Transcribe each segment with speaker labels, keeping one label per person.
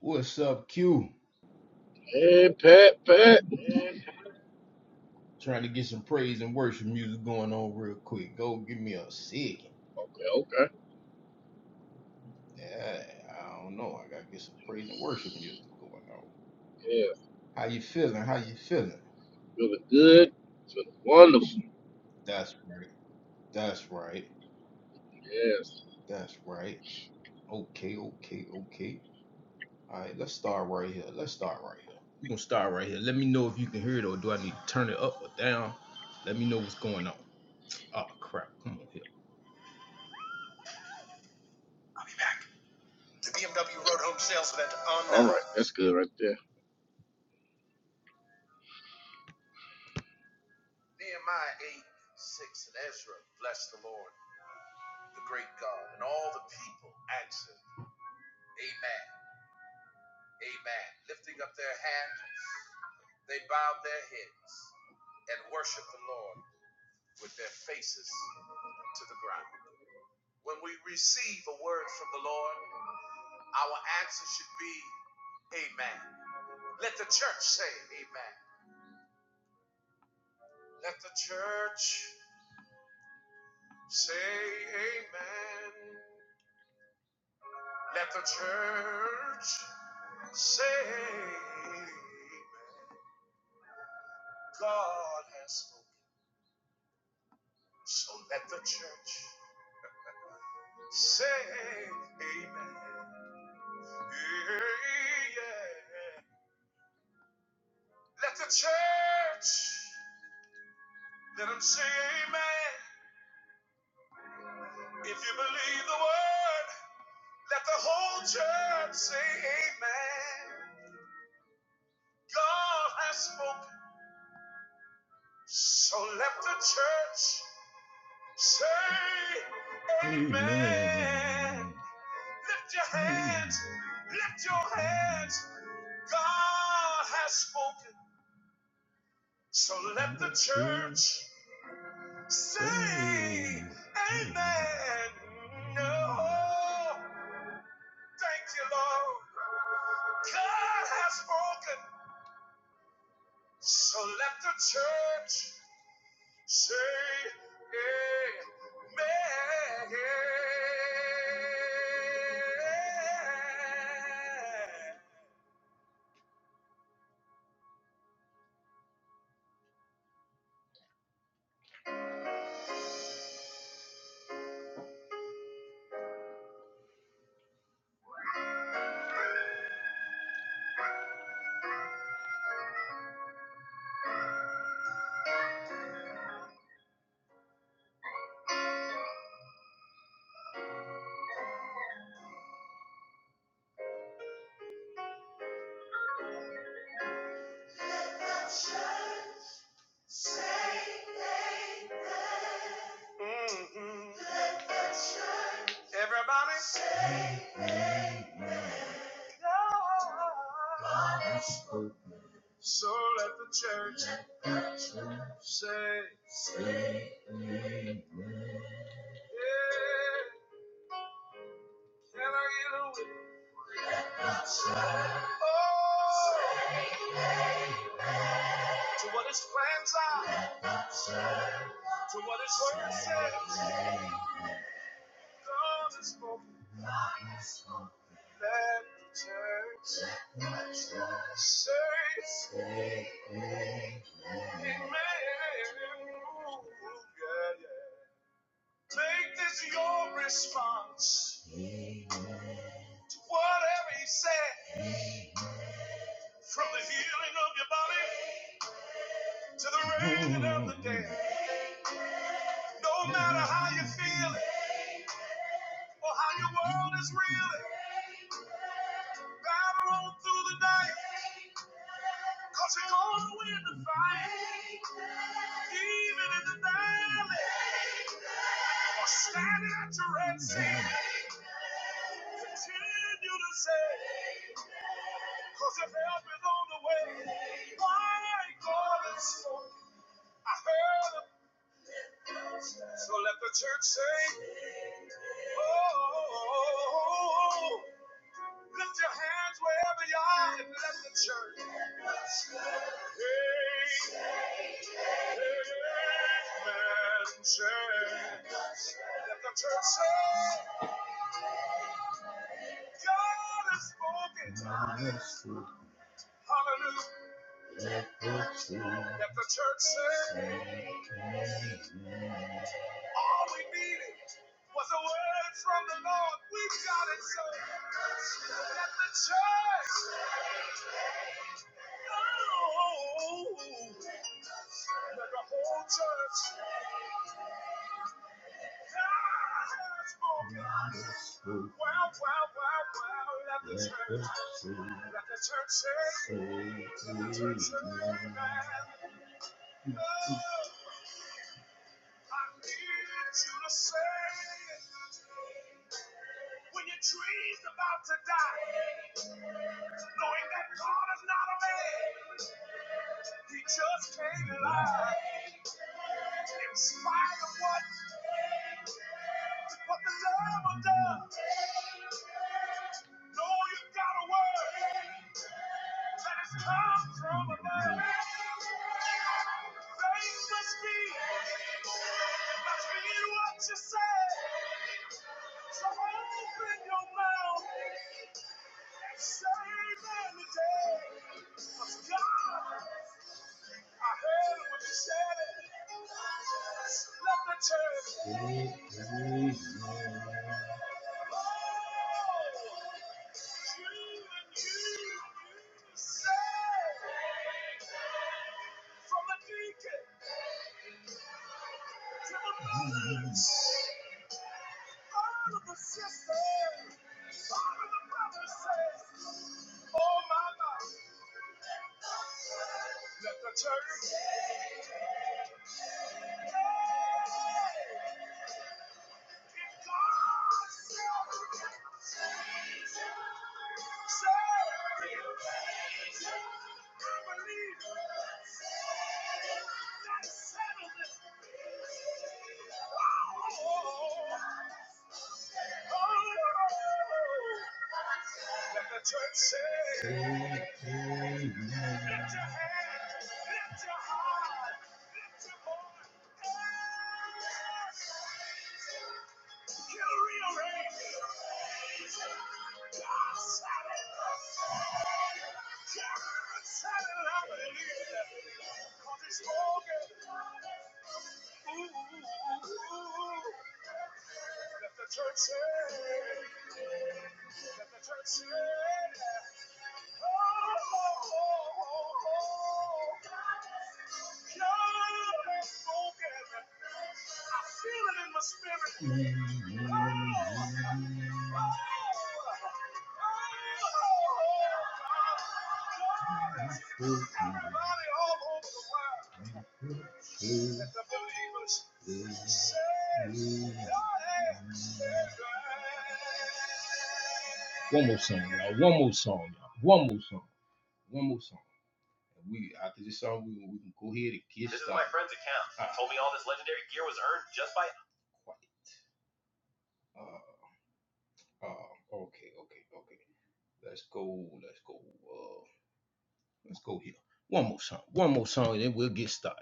Speaker 1: What's up, Q?
Speaker 2: Hey, Pat, Pat.
Speaker 1: Trying to get some praise and worship music going on real quick. Go give me a second.
Speaker 2: Okay, okay.
Speaker 1: Yeah, I don't know. I gotta get some praise and worship music going on.
Speaker 2: Yeah,
Speaker 1: How you feeling? How you feeling?
Speaker 2: feeling good. Feeling wonderful.
Speaker 1: That's right. That's right.
Speaker 2: Yes.
Speaker 1: That's right. Okay, okay, okay. All right, let's start right here. Let's start right here. We're gonna start right here. Let me know if you can hear it or do I need to turn it up or down? Let me know what's going on. Oh crap, come on here. The BMW Road Home Sales Event on now.
Speaker 2: All right, that's good
Speaker 1: Skip.
Speaker 2: right there.
Speaker 1: Nehemiah 8, 6, and Ezra blessed the Lord, the great God, and all the people answered, Amen, Amen. Lifting up their hand, they bowed their heads and worshiped the Lord with their faces to the ground. When we receive a word from the Lord, our answer should be, Amen. Let the church say, Amen. Let the church say, Amen. Let the church Say, God has spoken. So let the church say, Amen. Yeah. Let the church, let them say, Amen. If you believe the word, let the whole church say, Amen. God has spoken. So let the church say, Amen. Amen. Lift your hands, lift your hands. God has spoken. So let the church say, Amen. No, thank you, Lord. God has spoken. So let the church say, Amen. Mhm. Everybody say God. God is good. So let the church say, say yeah. Can I get a witness? Oh, to what his plans are, to what his word says. God is spoken. Let the church say, Amen. Yeah, yeah. Make this your response to whatever he said. From the healing of your body to the raging of the day. No matter how you feel it or how your world is reeling, battle on through the night. Cause you're gonna win the fight, even in the valley. Or standing at your red sea, continue to say, cause your help is on the way. My God is so, I heard him. So let the church say, oh. oh, oh, oh. Lift your hands wherever you are and let the church. Amen. Church. Let the church say, God has spoken. Hallelujah. Let the church say, all we needed was a word from the Lord. We've got it, so let the church. Oh, let the whole church. Let Let Let the the the the church church church say, amen. I need you to to say when your dream's about to die. Knowing that God is not can't a man, He just can't lie. In spite of what, what the devil does, Know you got a word that has come from above. Faith must be, must be what you say. So open your mouth and say amen today. 'Cause God, I heard what you said. Let the church. Amen. Oh, from a deacon. Wow! Let the church say, lift your hand, lift your heart, lift your voice. He'll rearrange. it. God said it. God said it, I Cause it. 'Cause it's spoken. Ooh, ooh, ooh. Let the church say, let the church say, oh, oh, oh, oh, oh. God has spoken. I feel it in my spirit. Oh, oh, oh, oh, God. God. Everybody all over the world. Who is me? One more song, y'all. One more song, y'all. One more song. One more song. And we after this song, we, we can go ahead and get This started. This is my started. friend that told me I'll fight. Quiet. Uh, uh, okay, okay, okay. Let's go. Let's go. Uh, let's go here. One more song. One more song, and then we'll get started.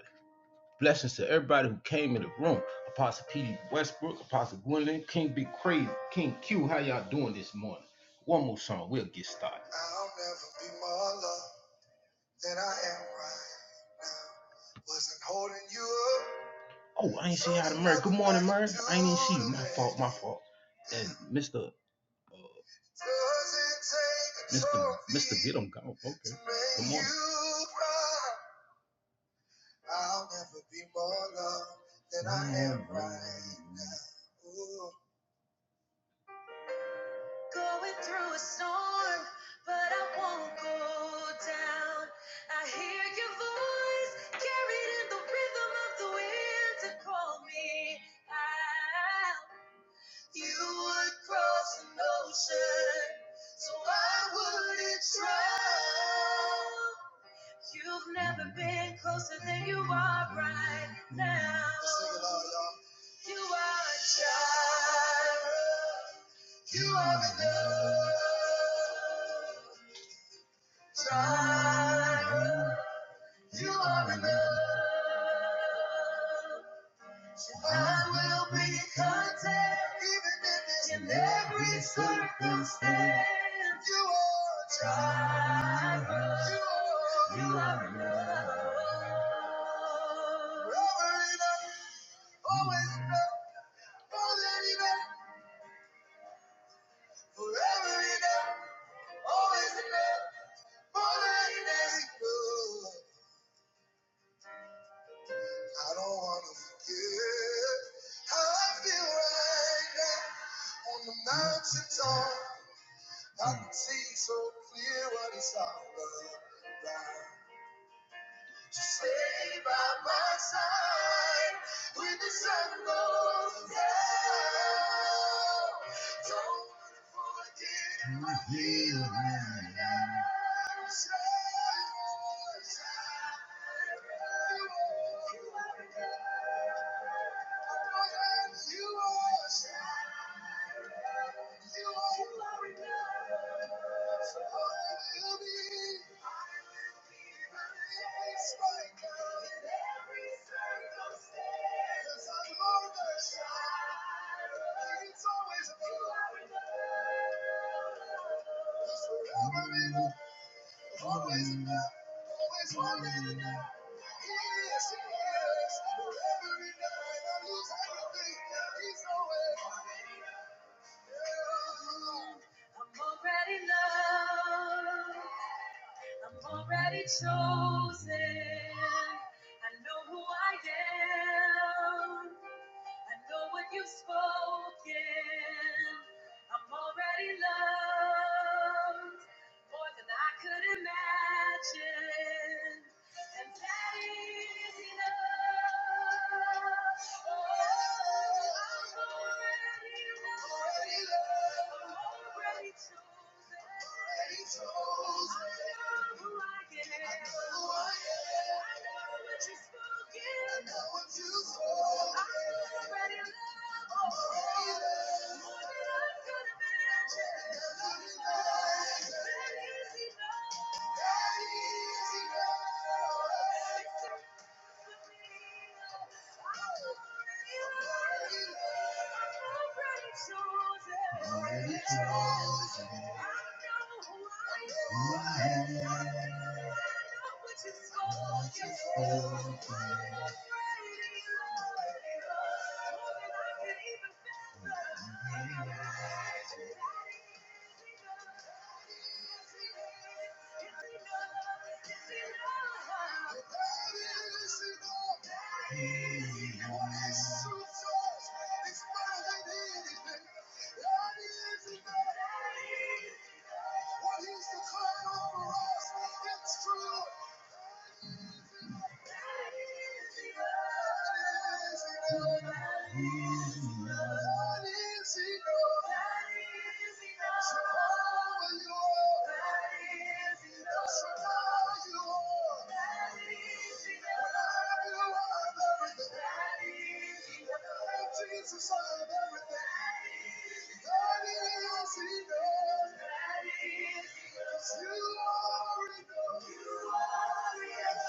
Speaker 1: Blessings to everybody who came in the room. Apostle P.D. Westbrook, Apostle Gwendolyn, King Big Crazy, King Q. How y'all doing this morning? One more song, we'll get started. I'll never be more loved than I am right now. Wasn't holding you up. Oh, I ain't see how to Murray. Good morning, Murray. I ain't even see you. My fault, my fault. And Mr. Uh, Mr. trophy Mr. Get 'em gone. Okay. Good morning. I'll never be more loved than I am right now. Ooh. but I won't go down. I hear your voice carried in the rhythm of the wind to call me out. You would cross an ocean, so I wouldn't drown. You've never been closer than you are right now. Sing it all, y'all. You are a child. You are enough. Child. You are enough. I will be content even if it's in every circumstance. You are a child. You are enough. Forever enough. Always enough. More than enough. Forever enough. Always enough. More than enough. I don't wanna forget how I feel right now on the mountain top. I can see so clear what it's all about. Just stay by my side when the sun goes down. Don't wanna forget how I feel right now. Stay by my side. It's always a Always enough. Always more than enough. He is, he is. Forever enough. When I lose everything, he's always. Yeah. I'm already loved. I'm already chosen. I know who I am. I know what you've spoken. I'm already loved more than I could imagine. And that is enough. Oh, I'm already loved. I'm already chosen. I know who I am. I know what you've done. I know you've already loved more than I could've imagined. Ain't it easy now? Ain't it easy now? Already chosen. Who I am. I know what you're for. You're for. Supply you. Jesus, I have everything. God is, He knows. Cause you are enough.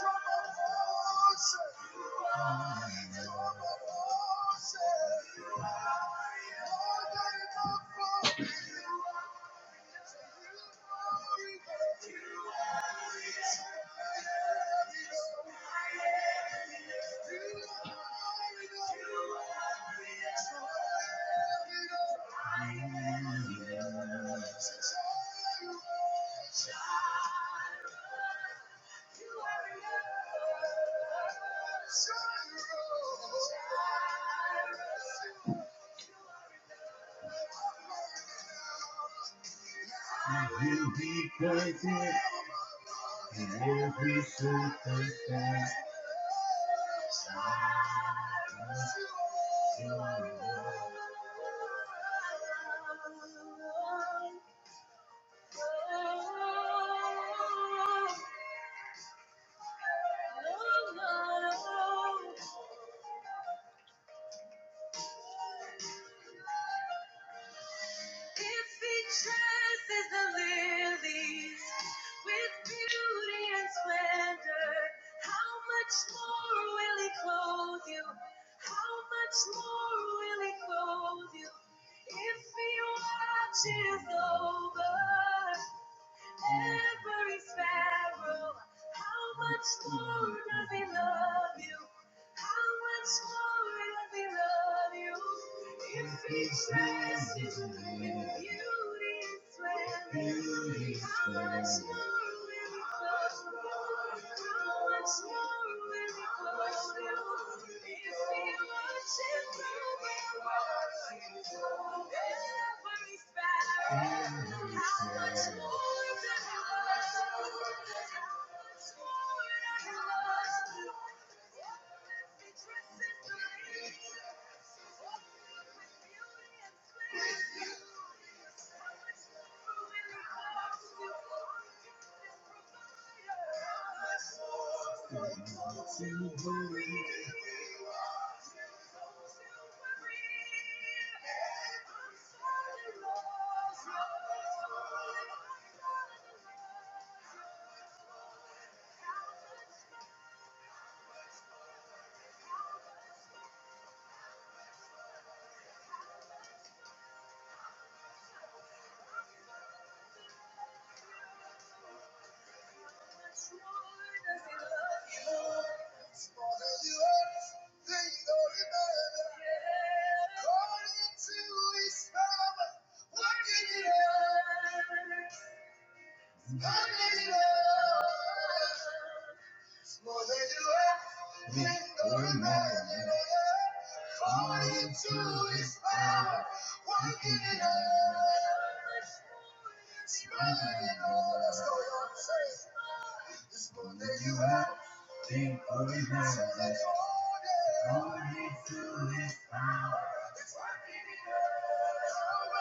Speaker 1: From above, say. From above, say. More than enough for me. You are I Will be praised. In every circumstance, I still If he dresses the lilies with beauty and splendor, how much more will he clothe you? How much more will he clothe you? If he watches over, every sparrow. How much more does he love you? How much more does he love you? If he dresses you in beauty and splendor, how much more will he clothe you? How much more will he clothe you? If we he watches over you, every sparrow. I'm the one who's fallen. I'm the one who's fallen. I'm the one who's fallen. What a messy dress this lady wears. All wrapped up with beauty and sweet lies. I'm the one who's fallen. According to his power. Making it up, living on the streets. All that you had, ain't worth a damn. All we do is fight. It's like making it up,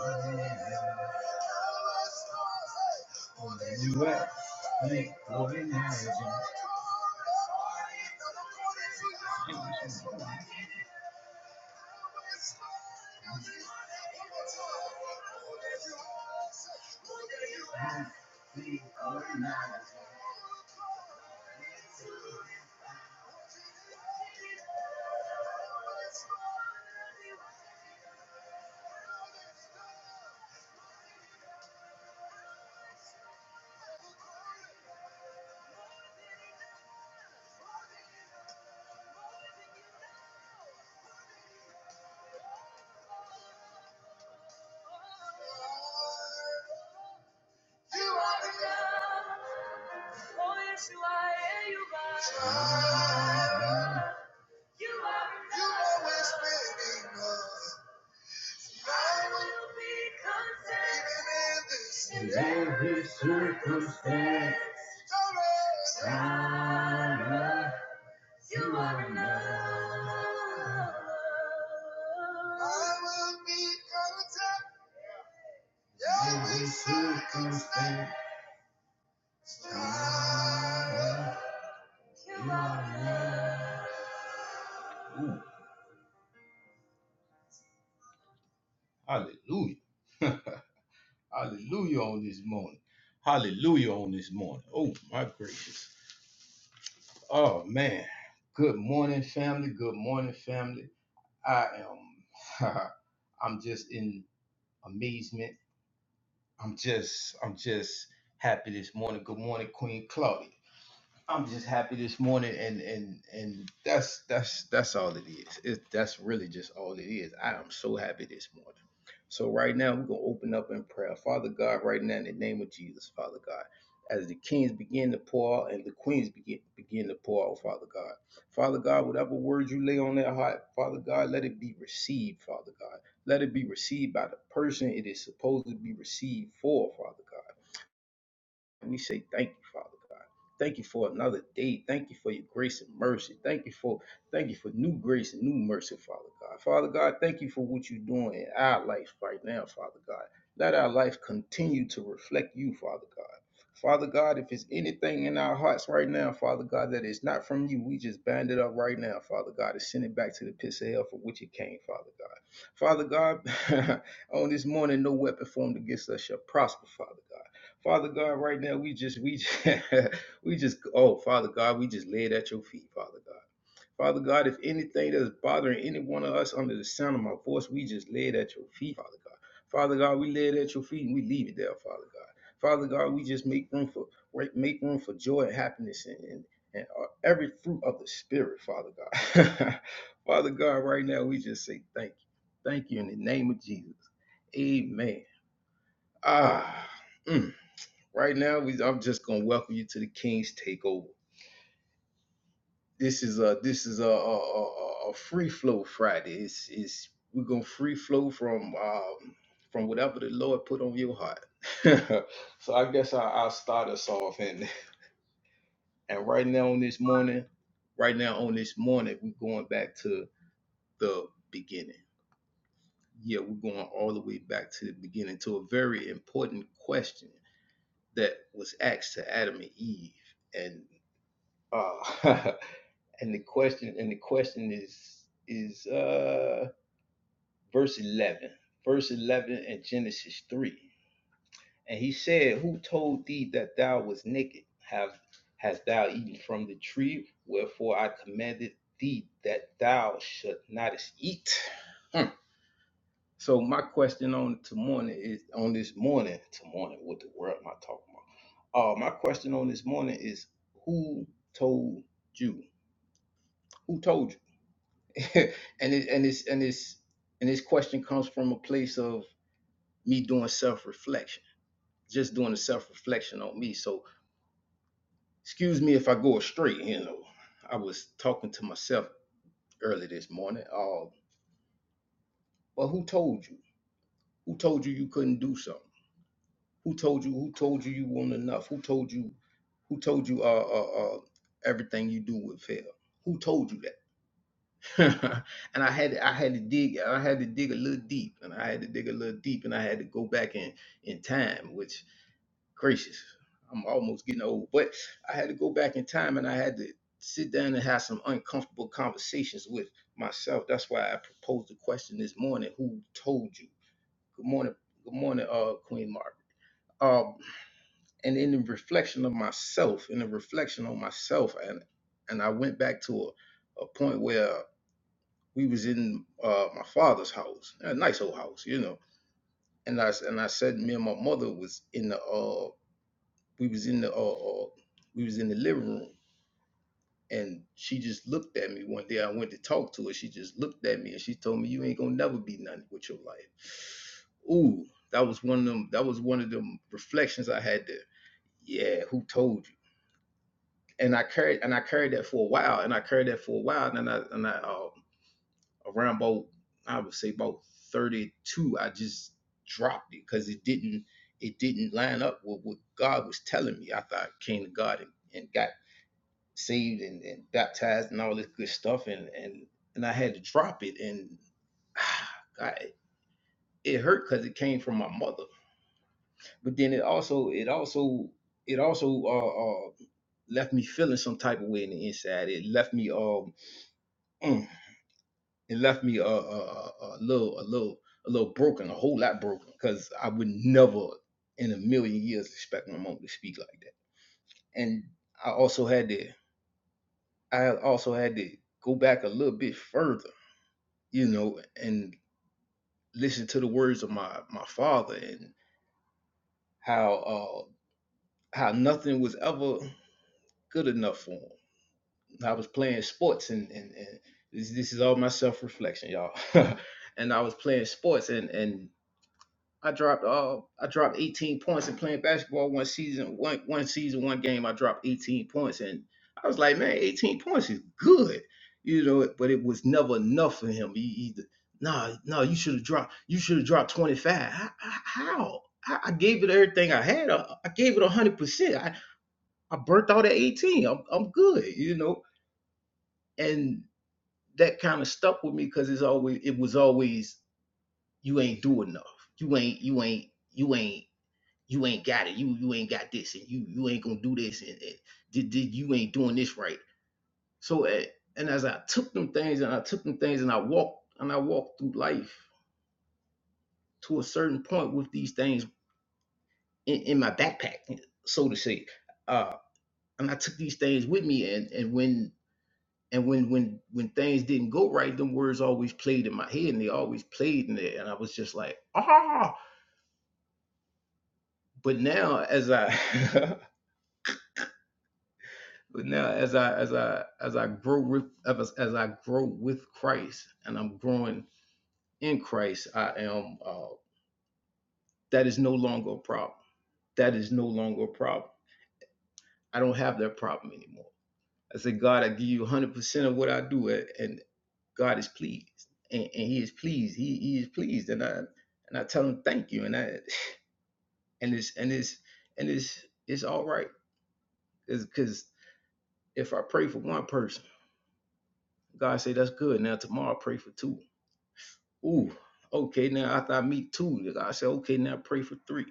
Speaker 1: living on the streets. All that you had, ain't worth a damn. You are enough. you always been enough. in every circumstance. Tyler, you are enough. I will be content. Every circumstance. Tyler. Hallelujah. Hallelujah on this morning. Hallelujah on this morning. Oh, my gracious. Oh man. Good morning, family. Good morning, family. I am I'm just in amazement. I'm just I'm just happy this morning. Good morning, Queen Claudia. I'm just happy this morning, and and and that's that's that's all it is. It, that's really just all it is. I am so happy this morning. So right now we're gonna open up in prayer, Father God. Right now, in the name of Jesus, Father God, as the kings begin to pour out and the queens begin begin to pour out, Father God, Father God, whatever words you lay on their heart, Father God, let it be received, Father God. Let it be received by the person it is supposed to be received for, Father God. And we say, Thank you, Father God. Thank you for another day. Thank you for your grace and mercy. Thank you for thank you for new grace and new mercy, Father God. Father God, thank you for what you're doing in our life right now, Father God. Let our life continue to reflect you, Father God. Father God, if it's anything in our hearts right now, Father God, that is not from you, we just bind it up right now, Father God, and send it back to the pits of hell from which it came, Father God. Father God, on this morning, no weapon formed against us shall prosper, Father God. Father God, right now we just we just, we just oh Father God, we just lay it at your feet, Father God. Father God, if anything that is bothering any one of us under the sound of my voice, we just lay it at your feet, Father God. Father God, we lay it at your feet and we leave it there, Father God. Father God, we just make room for right- make room for joy and happiness and and, and uh, every fruit of the spirit, Father God. Father God, right now we just say thank you, thank you in the name of Jesus. Amen. Ah. mm. Right now, we, I'm just gonna welcome you to the King's Takeover. This is a this is a, a, a, a free flow Friday. It's, it's we're gonna free flow from um, from whatever the Lord put on your heart. so I guess I, I'll start us off and and right now on this morning, right now on this morning, we're going back to the beginning. Yeah, we're going all the way back to the beginning to a very important question that was asked to Adam and Eve. and. Uh, and the question and the question is is uh verse 11 verse 11 in genesis 3 and he said who told thee that thou was naked have hast thou eaten from the tree wherefore i commanded thee that thou should not eat Hmm. so my question on to morning is on this morning to morning what the world am i talking about uh my question on this morning is who told you who told you and it, and it's and it's and this question comes from a place of me doing self reflection, just doing a self reflection on me. So excuse me if I go astray. You know, I was talking to myself early this morning. Oh, but who told you? Who told you you couldn't do something? Who told you? Who told you you weren't enough? Who told you? Who told you? Uh, uh, uh, everything you do would fail. Who told you that? and I had I had to dig I had to dig a little deep and I had to dig a little deep and I had to go back in in time which gracious I'm almost getting old but I had to go back in time and I had to sit down and have some uncomfortable conversations with myself that's why I proposed the question this morning who told you good morning good morning uh Queen Margaret um and in the reflection of myself in the reflection on myself and and I went back to a, a point where we was in uh, my father's house, a nice old house, you know. And I and I said, me and my mother was in the uh, we was in the uh, uh, we was in the living room, and she just looked at me one day. I went to talk to her. She just looked at me and she told me, "You ain't gonna never be nothing with your life." Ooh, that was one of them. That was one of them reflections I had there. Yeah, who told you? And I carried and I carried that for a while, and I carried that for a while, and I and I uh, around about I would say about 32, I just dropped it because it didn't it didn't line up with what God was telling me I thought I came to God and, and got saved and, and baptized and all this good stuff and and and I had to drop it and ah, God, it it hurt because it came from my mother. But then it also it also it also uh, uh left me feeling some type of way in the inside. It left me um mm, It left me a, a, a, little, a little, a little broken, a whole lot broken, because I would never in a million years expect my mom to speak like that. And I also had to, I also had to go back a little bit further, you know, and listen to the words of my my father and how uh how nothing was ever good enough for him. I was playing sports and and, and this, this is all my self reflection, y'all. and I was playing sports and and I dropped uh I dropped 18 points in playing basketball one season one one season one game I dropped 18 points and I was like man 18 points is good you know but it was never enough for him he, he nah nah you should have dropped you should have dropped 25 how, how? I, I gave it everything I had I, I gave it 100 percent I I burnt out at 18 I'm I'm good you know and that kind of stuck with me because it's always it was always you ain't do enough you ain't you ain't you ain't you ain't got it. You you ain't got this, and you you ain't gonna do this, and, and did, did you ain't doing this right. So eh, and as I took them things, and I took them things, and I walked and I walked through life to a certain point with these things in, in my backpack, so to say. Uh, and I took these things with me, and and when and when when when things didn't go right, them words always played in my head, and they always played in there, and I was just like ah. But now as I But now, as I as I as I grow with as as I grow with Christ, and I'm growing in Christ, I am. Uh, that is no longer a problem. That is no longer a problem. I don't have that problem anymore. I say, God, I give you 100 percent of what I do, and and God is pleased, and, and He is pleased. He He is pleased, and I and I tell Him thank you, and I and it's and it's and it's it's all right, because if I pray for one person, God say that's good. Now tomorrow I pray for two Ooh, okay. Now after I meet two, I said, okay, now pray for three.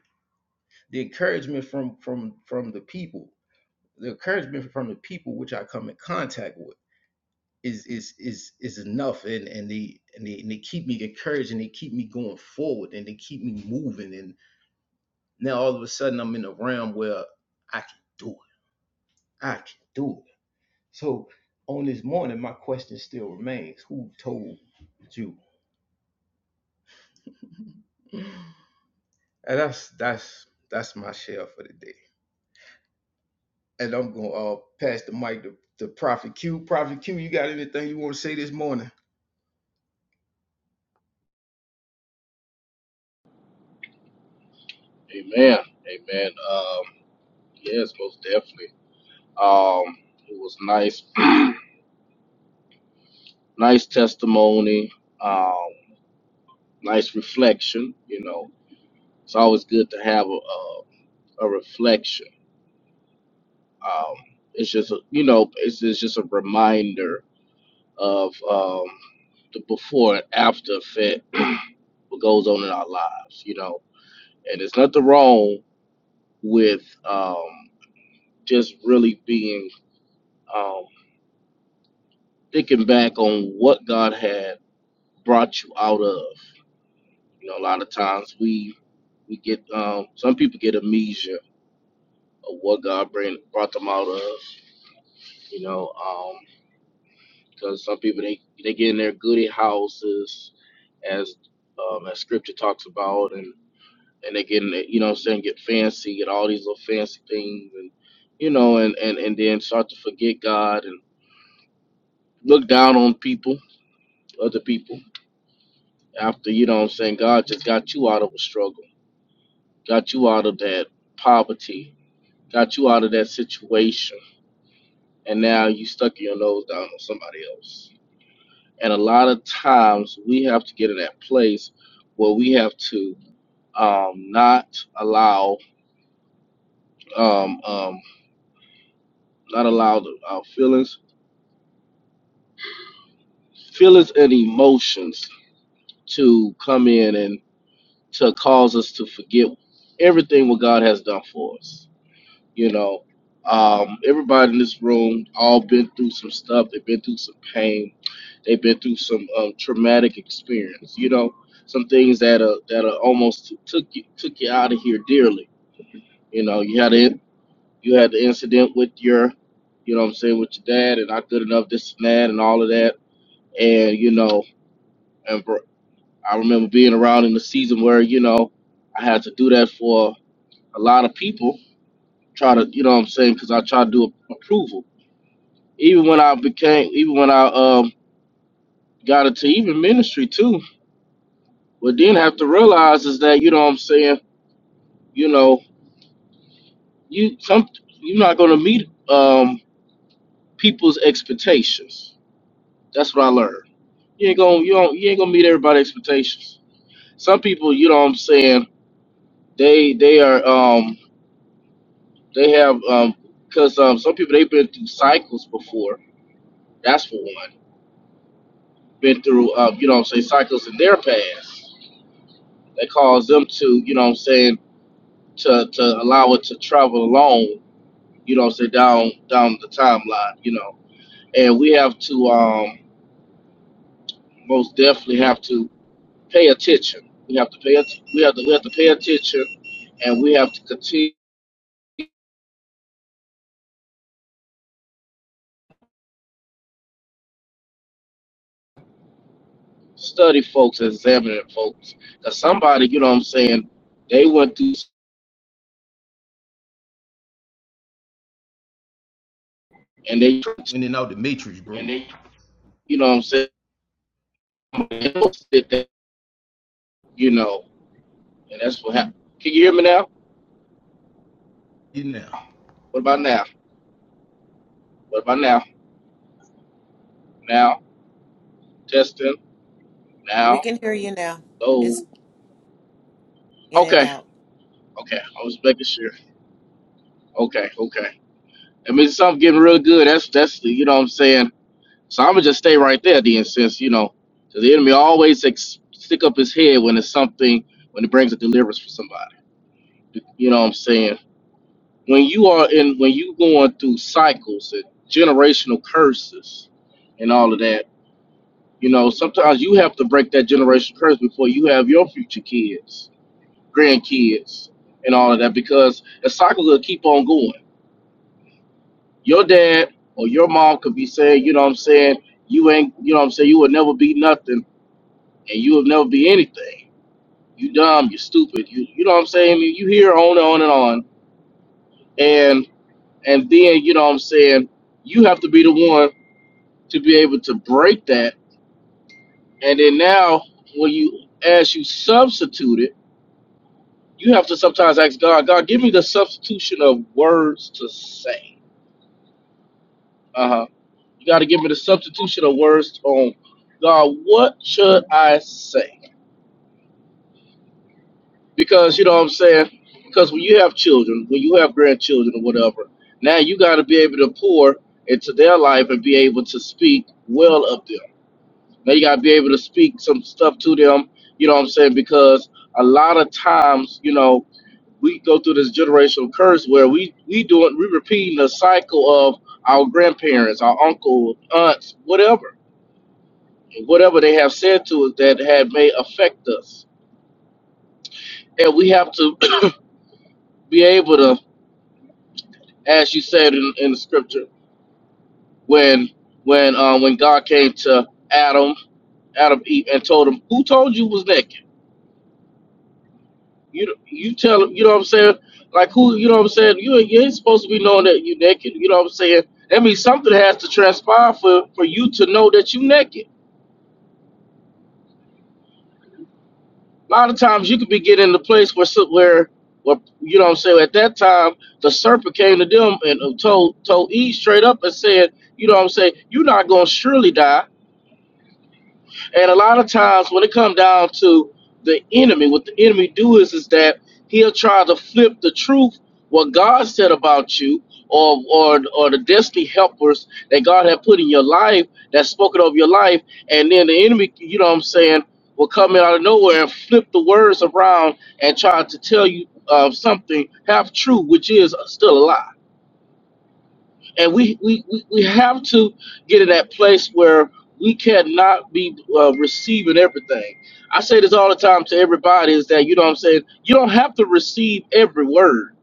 Speaker 1: The encouragement from from from the people, the encouragement from the people which I come in contact with is is is is enough, and and they and they, and they keep me encouraged, and they keep me going forward, and they keep me moving. And now all of a sudden, I'm in a realm where I can do it. I can do it. So on this morning, my question still remains: Who told you? And that's that's that's my share for the day. and I'm gonna uh, pass the mic to, to Prophet Q. Prophet Q, you got anything you want to say this morning?
Speaker 2: Amen. Amen. Um, yes, most definitely. Um, it was nice, nice testimony. Um, nice reflection. You know, it's always good to have a a, a reflection. Um, it's just a, you know, it's, it's just a reminder of um, the before and after effect what goes on in our lives, you know. And there's nothing wrong with um, just really being um, thinking back on what God had brought you out of. You know, a lot of times we we get um, some people get amnesia of what God bring, brought them out of. You know, because some people they they get in their goody houses, as um, as Scripture talks about, and. and they get in it, you know what I'm saying, get fancy, get all these little fancy things and you know, and, and, and then start to forget God and look down on people, other people, after, you know what I'm saying, God just got you out of a struggle, got you out of that poverty, got you out of that situation, and now you stuck your nose down on somebody else. And a lot of times we have to get in that place where we have to um, not allow um, um, not allow the, our feelings feelings and emotions to come in and to cause us to forget everything what God has done for us. You know, um, everybody in this room all been through some stuff. They've been through some pain. They've been through some um, traumatic experience. You know, some things that are that are almost took you took you out of here dearly. You know, you had it. You had the incident with your, you know, what I'm saying with your dad and not good enough this and that and all of that. And you know, and br- I remember being around in the season where, you know, I had to do that for a lot of people, try to, you know what I'm saying, because I tried to do approval. Even when I became, even when I um, got into even ministry too, what then have to realize is that, you know what I'm saying, you know, you some you're not gonna meet um, people's expectations. That's what I learned. You ain't gonna you don't you ain't gonna meet everybody's expectations. Some people, you know what I'm saying, they they are um They have because um because um some people they've been through cycles before. That's for one. Been through um you know what I'm saying cycles in their past that caused them to you know what I'm saying to to allow it to travel along you know what I'm saying down down the timeline you know and we have to um most definitely have to pay attention. We have to pay att- we have to we have to pay attention and we have to continue study folks and examine folks. Cause somebody, you know what I'm saying, they went through and they
Speaker 1: Winning out the matrix, bro. And they-
Speaker 2: You know what I'm saying? Somebody else did that, you know, and that's what happened. Can you hear me now?
Speaker 1: You now,
Speaker 2: What about now? What about now? Now, testing,
Speaker 3: We
Speaker 2: now,
Speaker 3: can hear you now. It's
Speaker 2: oh.
Speaker 3: in and
Speaker 2: Okay,
Speaker 3: out.
Speaker 2: okay. I was making sure. Okay, okay. I mean, something getting real good. That's, that's, the, you know what I'm saying? So I'm going to just stay right there then, since, you know, 'cause the enemy always ex- stick up his head when it's something, when it brings a deliverance for somebody. You know what I'm saying? when you are in when you going through cycles and generational curses and all of that you know sometimes you have to break that generational curse before you have your future kids grandkids and all of that because the cycle will keep on going your dad or your mom could be saying you know what i'm saying you ain't you know what i'm saying you will never be nothing and you will never be anything you dumb you stupid you you know what i'm saying you hear on and on and on and and then you know what i'm saying you have to be the one to be able to break that. And then now, when you as you substitute it, you have to sometimes ask God, God, give me the substitution of words to say. Uh huh. You got to give me the substitution of words on God. What should I say? Because you know what I'm saying. Because when you have children, when you have grandchildren or whatever, now you got to be able to pour into their life and be able to speak well of them Now you gotta be able to speak some stuff to them, you know what I'm saying? Because a lot of times, you know, we go through this generational curse where we we doing we repeating the cycle of our grandparents, our uncle, aunts, whatever, whatever they have said to us that had may affect us, and we have to be able to, as you said in, in the scripture, when when uh, when God came to Adam, Adam Eve, and told him, "Who told you was naked?" You you tell them, you know what I'm saying? Like who, you know what I'm saying? You you ain't supposed to be knowing that you naked. You know what I'm saying? That means something has to transpire for for you to know that you naked. A lot of times you could be getting in the place where some- where where you know what I'm saying. At that time, the serpent came to them and uh, told told Eve straight up and said, you know what I'm saying? You're not gonna surely die. And a lot of times when it comes down to the enemy, what the enemy do is is that he'll try to flip the truth, what God said about you, or or or the destiny helpers that God had put in your life, that spoken over your life, and then the enemy, you know what I'm saying, will come out of nowhere and flip the words around and try to tell you uh, something half true, which is still a lie and we, we, we, we have to get in that place where we cannot be uh, receiving everything. I say this all the time to everybody is that you know what I'm saying you don't have to receive every word.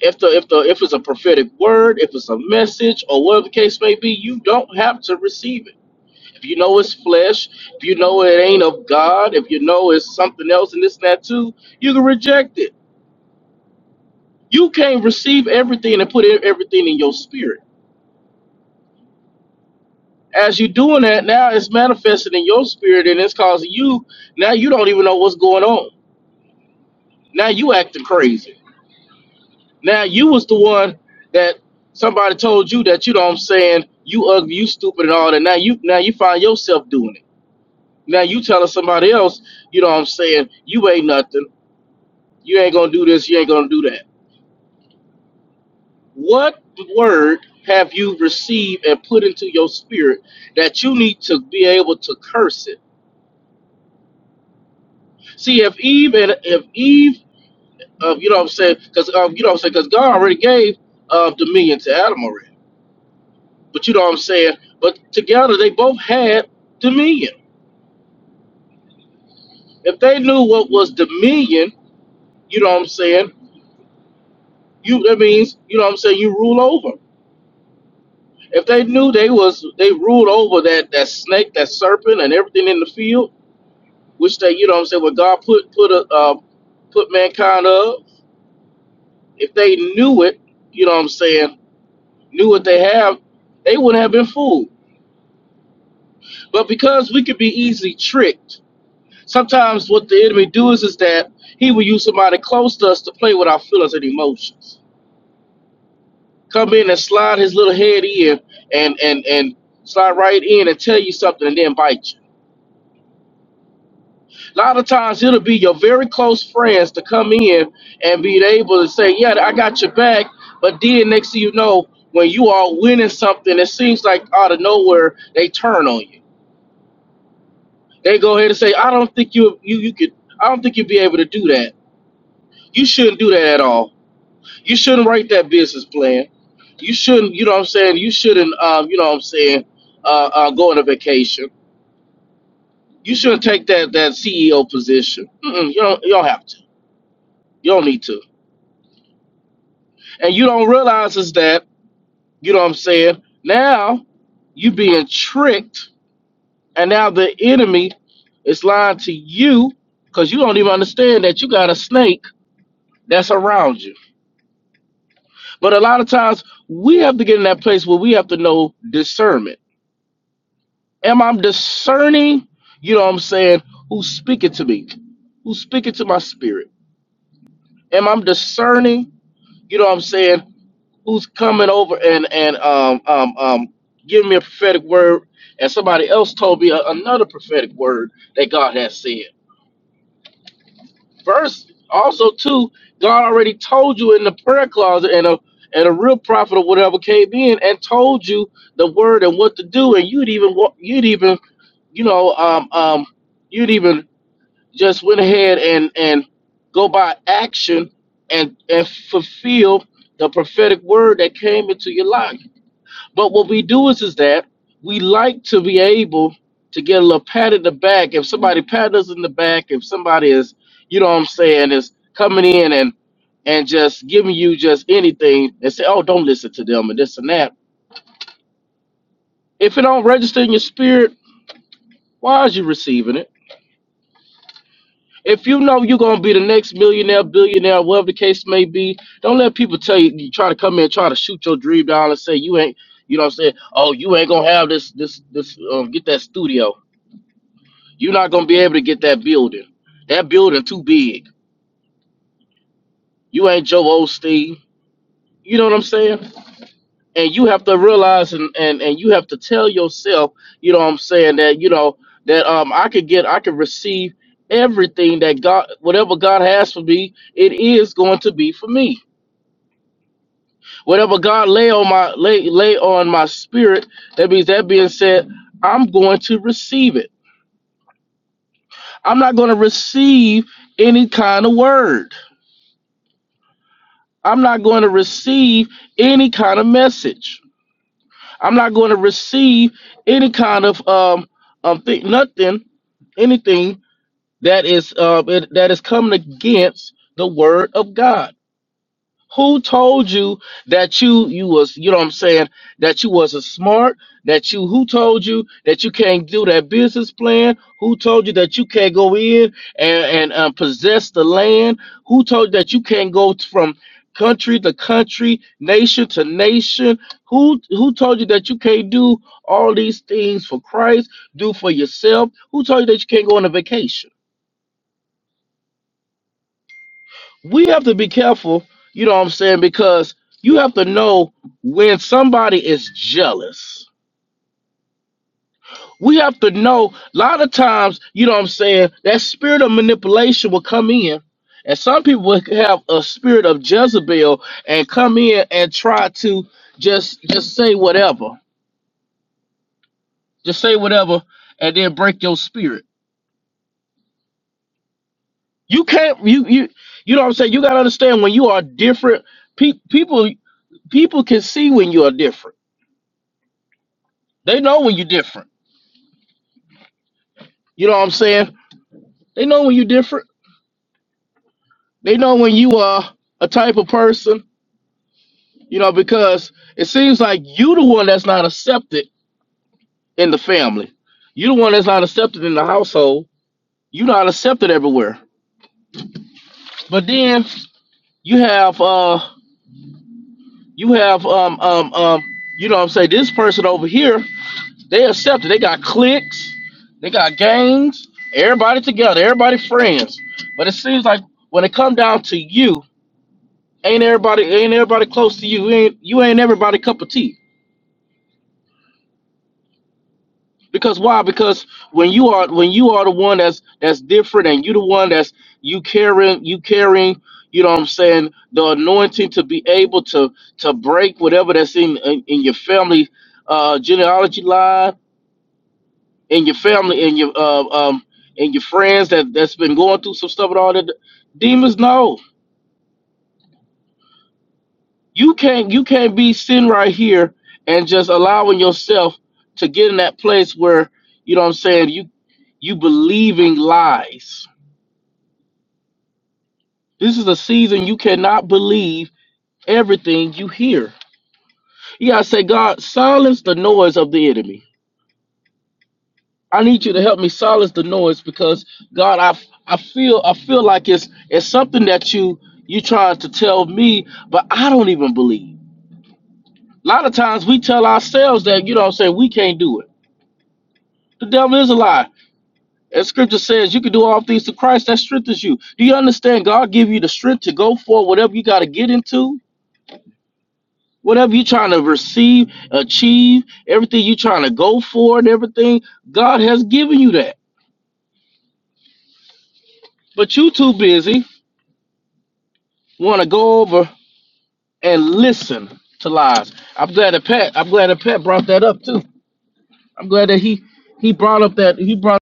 Speaker 2: If the if the if it's a prophetic word, if it's a message or whatever the case may be, you don't have to receive it. If you know it's flesh, if you know it ain't of God, if you know it's something else and this and that too, you can reject it. You can't receive everything and put everything in your spirit as you're doing that, now it's manifesting in your spirit and it's causing you now you don't even know what's going on. Now you acting crazy. Now you was the one that somebody told you that you know what I'm saying, you ugly, you stupid and all that. Now you now you find yourself doing it. Now you telling somebody else, you know what I'm saying, you ain't nothing. You ain't gonna do this, you ain't gonna do that. What word have you received and put into your spirit that you need to be able to curse it? See, if Eve and if Eve Uh, you know what I'm saying? Because um, you know what I'm saying? Because God already gave uh, dominion to Adam already. But you know what I'm saying? But together they both had dominion. If they knew what was dominion, you know what I'm saying? You that means you know what I'm saying? You rule over. If they knew they was they ruled over that that snake, that serpent, and everything in the field, which they you know what I'm saying? What God put put a uh, put mankind of. If they knew it, you know what I'm saying? Knew what they have, they wouldn't have been fooled But because we could be easily tricked, sometimes what the enemy do is, is that he will use somebody close to us to play with our feelings and emotions. Come in and slide his little head in and and and slide right in and tell you something and then bite you. A lot of times it'll be your very close friends to come in and be able to say, Yeah, I got your back, but then next thing you know, when you are winning something, it seems like out of nowhere they turn on you. They go ahead and say, I don't think you you you could I don't think you'd be able to do that You shouldn't do that at all. You shouldn't write that business plan. You shouldn't, you know what I'm saying? You shouldn't, um, you know what I'm saying, uh, uh, go on a vacation. You shouldn't take that, that CEO position. Mm-mm, you, don't, you don't have to. You don't need to. And you don't realize is that, you know what I'm saying? Now you being tricked, and now the enemy is lying to you because you don't even understand that you got a snake that's around you. But a lot of times we have to get in that place where we have to know discernment Am I discerning, you know what I'm saying, who's speaking to me? Who's speaking to my spirit? Am I discerning, you know what I'm saying, who's coming over and and um um um giving me a prophetic word and somebody else told me a- another prophetic word that God has said. First, also too, God already told you in the prayer closet and a and a real prophet or whatever came in and told you the word and what to do and you'd even wa- you'd even you know um um you'd even just went ahead and and go by action and and fulfill the prophetic word that came into your life. But what we do is is that we like to be able to get a little pat in the back. If somebody pat us in the back, if somebody is, you know what I'm saying, is coming in and and just giving you just anything and say, oh, don't listen to them and this and that. If it don't register in your spirit, why is you receiving it? If you know you're gonna be the next millionaire, billionaire, whatever the case may be, don't let people tell you, you try to come in and try to shoot your dream down and say you ain't, you know, what I'm saying, oh, you ain't gonna have this, this, this, um, get that studio. You're not gonna be able to get that building. That building too big. You ain't Joe Osteen. You know what I'm saying? And you have to realize and and and you have to tell yourself, you know what I'm saying, that you know that um I could get, I could receive everything that God, whatever God has for me, it is going to be for me Whatever God lay on my lay lay on my spirit, that means that being said, I'm going to receive it. I'm not going to receive any kind of word. I'm not going to receive any kind of message. I'm not going to receive any kind of um um thing, nothing, anything that is uh it- that is coming against the word of God. Who told you that you you was you know what I'm saying that you wasn't smart? That you who told you that you can't do that business plan? Who told you that you can't go in and and um, possess the land? Who told you that you can't go t- from country to country, nation to nation? Who who told you that you can't do all these things for Christ? Do for yourself? Who told you that you can't go on a vacation? we have to be careful, you know what I'm saying? Because you have to know when somebody is jealous. We have to know a lot of times, you know what I'm saying, that spirit of manipulation will come in. And some people will have a spirit of Jezebel and come in and try to just just say whatever. Just say whatever and then break your spirit. You can't you you you know what I'm saying? You gotta understand when you are different, pe- people people can see when you are different They know when you're different. You know what I'm saying? They know when you're different. They know when you are a type of person. You know because it seems like you the one that's not accepted in the family. You the one that's not accepted in the household. You're not accepted everywhere. But then you have uh you have um um um you know what I'm saying this person over here they accepted. They got cliques. They got gangs. Everybody together. Everybody friends. But it seems like when it come down to you. ain't everybody ain't everybody close to you. You ain't you ain't everybody cup of tea. Because why? Because when you are when you are the one that's that's different and you the one that's you carrying you carrying, you know what I'm saying, the anointing to be able to to break whatever that's in in, in your family uh genealogy line, in your family, in your uh, um and your friends that that's been going through some stuff and all that demons no. You can't you can't be sitting right here and just allowing yourself to get in that place where you know what I'm saying you you believing lies. This is a season you cannot believe everything you hear. You gotta say, God, silence the noise of the enemy. I need you to help me silence the noise because God, I I feel I feel like it's it's something that you you trying to tell me, but I don't even believe. A lot of times we tell ourselves that you know what I'm saying we can't do it The devil is a lie. As scripture says, you can do all things to Christ that strengthens you. Do you understand? God give you the strength to go for whatever you got to get into, whatever you're trying to receive, achieve, everything you're trying to go for, and everything. God has given you that. But you too busy want to go over and listen to lies. I'm glad that Pat. I'm glad that Pat brought that up too. I'm glad that he he brought up that he brought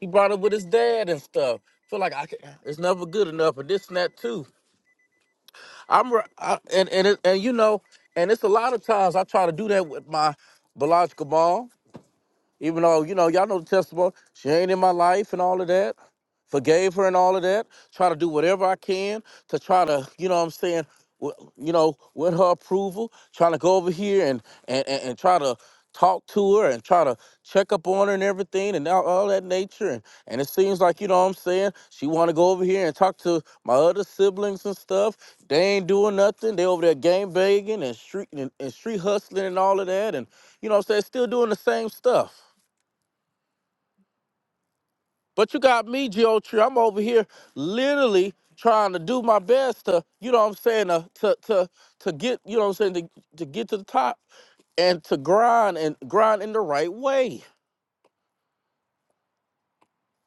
Speaker 2: he brought up with his dad and stuff. Feel like I can, it's never good enough, and this and that too. I'm re- I, and and it, and you know, and it's a lot of times I try to do that with my biological mom. Even though, you know, y'all know the testimony, she ain't in my life and all of that. Forgave her and all of that. Try to do whatever I can to try to, you know what I'm saying, w- you know, with her approval, trying to go over here and and, and, and try to talk to her and try to check up on her and everything and all, all that nature and, and it seems like you know what i'm saying she want to go over here and talk to my other siblings and stuff they ain't doing nothing they over there game begging and street and, and street hustling and all of that and you know what i'm saying still doing the same stuff but you got me, Geo Tree. I'm over here literally trying to do my best to, you know what I'm saying, to to to, to get, you know what I'm saying, to, to get to the top and to grind and grind in the right way.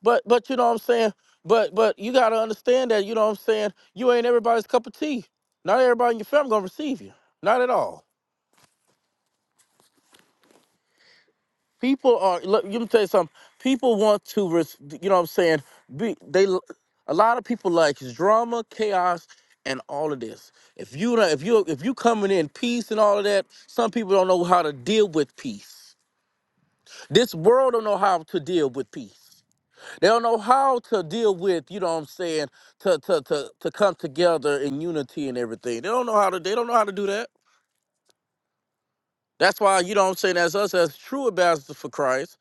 Speaker 2: But but you know what I'm saying? But but you gotta understand that, you know what I'm saying, you ain't everybody's cup of tea. Not everybody in your family gonna receive you. Not at all. people are look let me tell you something people want to res, you know what i'm saying be they A lot of people like drama chaos and all of this if you don't if you if you coming in peace and all of that some people don't know how to deal with peace this world don't know how to deal with peace they don't know how to deal with you know what i'm saying to to to, to come together in unity and everything they don't know how to they don't know how to do that that's why you know what i'm saying as us as true ambassadors for christ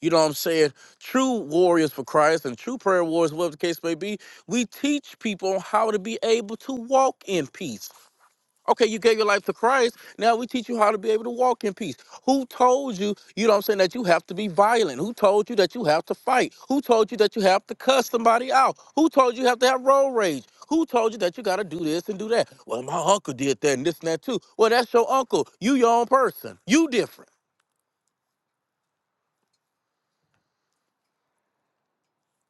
Speaker 2: You know what I'm saying? True warriors for Christ and true prayer warriors, whatever the case may be, we teach people how to be able to walk in peace. Okay, you gave your life to Christ. Now we teach you how to be able to walk in peace. Who told you, you know what I'm saying, that you have to be violent? Who told you that you have to fight? Who told you that you have to cuss somebody out? Who told you you have to have road rage? Who told you that you got to do this and do that? Well, my uncle did that and this and that too. Well, that's your uncle. You your own person. You different.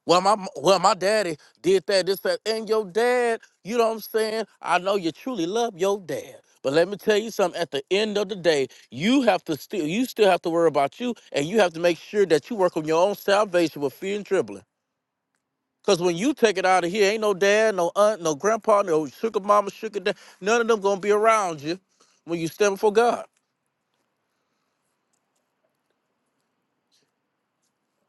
Speaker 2: Well, my well, my daddy did that, this, that, and your dad, you know what I'm saying? I know you truly love your dad. But let me tell you something, at the end of the day, you have to still you still have to worry about you and you have to make sure that you work on your own salvation with fear and trembling. Cause when you take it out of here, ain't no dad, no aunt, no grandpa, no sugar mama, sugar dad, none of them gonna be around you when you stand before God.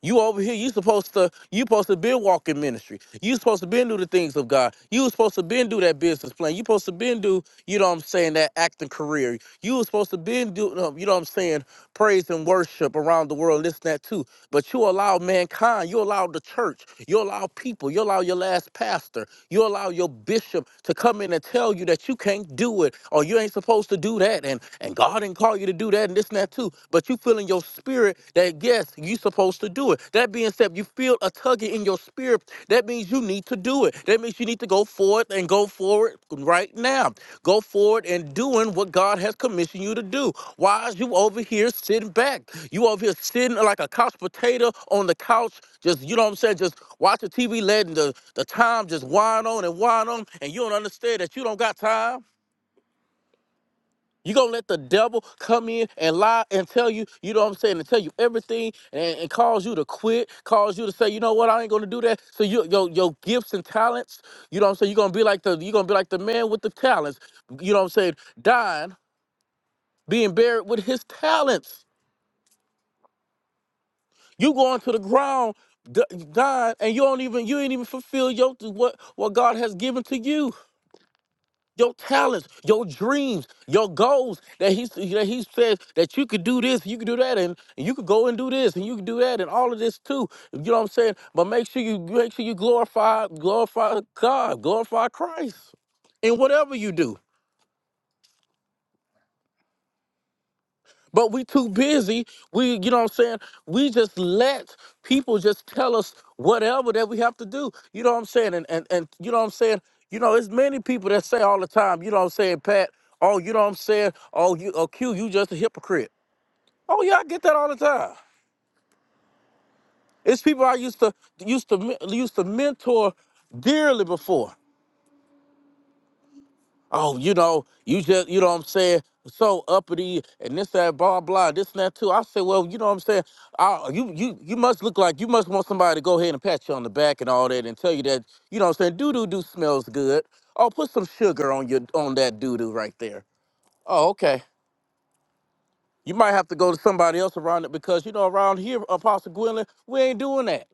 Speaker 2: You over here, you supposed to, you supposed to been walking ministry. You supposed to been do the things of God. You was supposed to been do that business plan. You supposed to been do, you know what I'm saying, that acting career. You was supposed to been do, uh, you know what I'm saying, praise and worship around the world, this and that too. But you allow mankind, you allow the church, you allow people, you allow your last pastor, you allow your bishop to come in and tell you that you can't do it or you ain't supposed to do that and, and God didn't call you to do that and this and that too. But you feel in your spirit that yes, you supposed to do it. That being said, you feel a tugging in your spirit. That means you need need to do it. That means you need to go forth and go forward right now. Go forward and doing what God has commissioned you to do. Why is you over here sitting back? You over here sitting like a couch potato on the couch, just you know what I'm saying, just watching TV letting the, the time just wind on and wind on, and you don't understand that you don't got time. You gonna let the devil come in and lie and tell you, you know what I'm saying, and tell you everything and, and cause you to quit, cause you to say, you know what, I ain't gonna do that. So your your your gifts and talents, you know what I'm saying, you're gonna be like the you're gonna be like the man with the talents, you know what I'm saying, dying, being buried with his talents. You going to the ground d- dying and you don't even you ain't even fulfill your what what God has given to you. your talents, your dreams, your goals that he that he says that you could do this, you could do that, and you could go and do this, and you could do that, and all of this too. You know what I'm saying? But make sure you make sure you glorify glorify God, glorify Christ in whatever you do. But we too busy. We, you know what I'm saying? We just let people just tell us whatever that we have to do. You know what I'm saying? And and, and you know what I'm saying? You know, it's many people that say all the time, you know what I'm saying, Pat, oh, you know what I'm saying? Oh, you oh Q, you just a hypocrite. Oh yeah, I get that all the time. It's people I used to used to men- used to mentor dearly before. oh, you know, you just, you know what I'm saying? So uppity and this, that, blah, blah, this and that too. I said, well, you know what I'm saying? I, you, you, you must look like you must want somebody to go ahead and pat you on the back and all that and tell you that, you know what I'm saying? Doo doo doo smells good. Oh, put some sugar on your, on that doo doo right there. Oh, okay. You might have to go to somebody else around it because, you know, around here, Apostle Gwendolyn, we ain't doing that.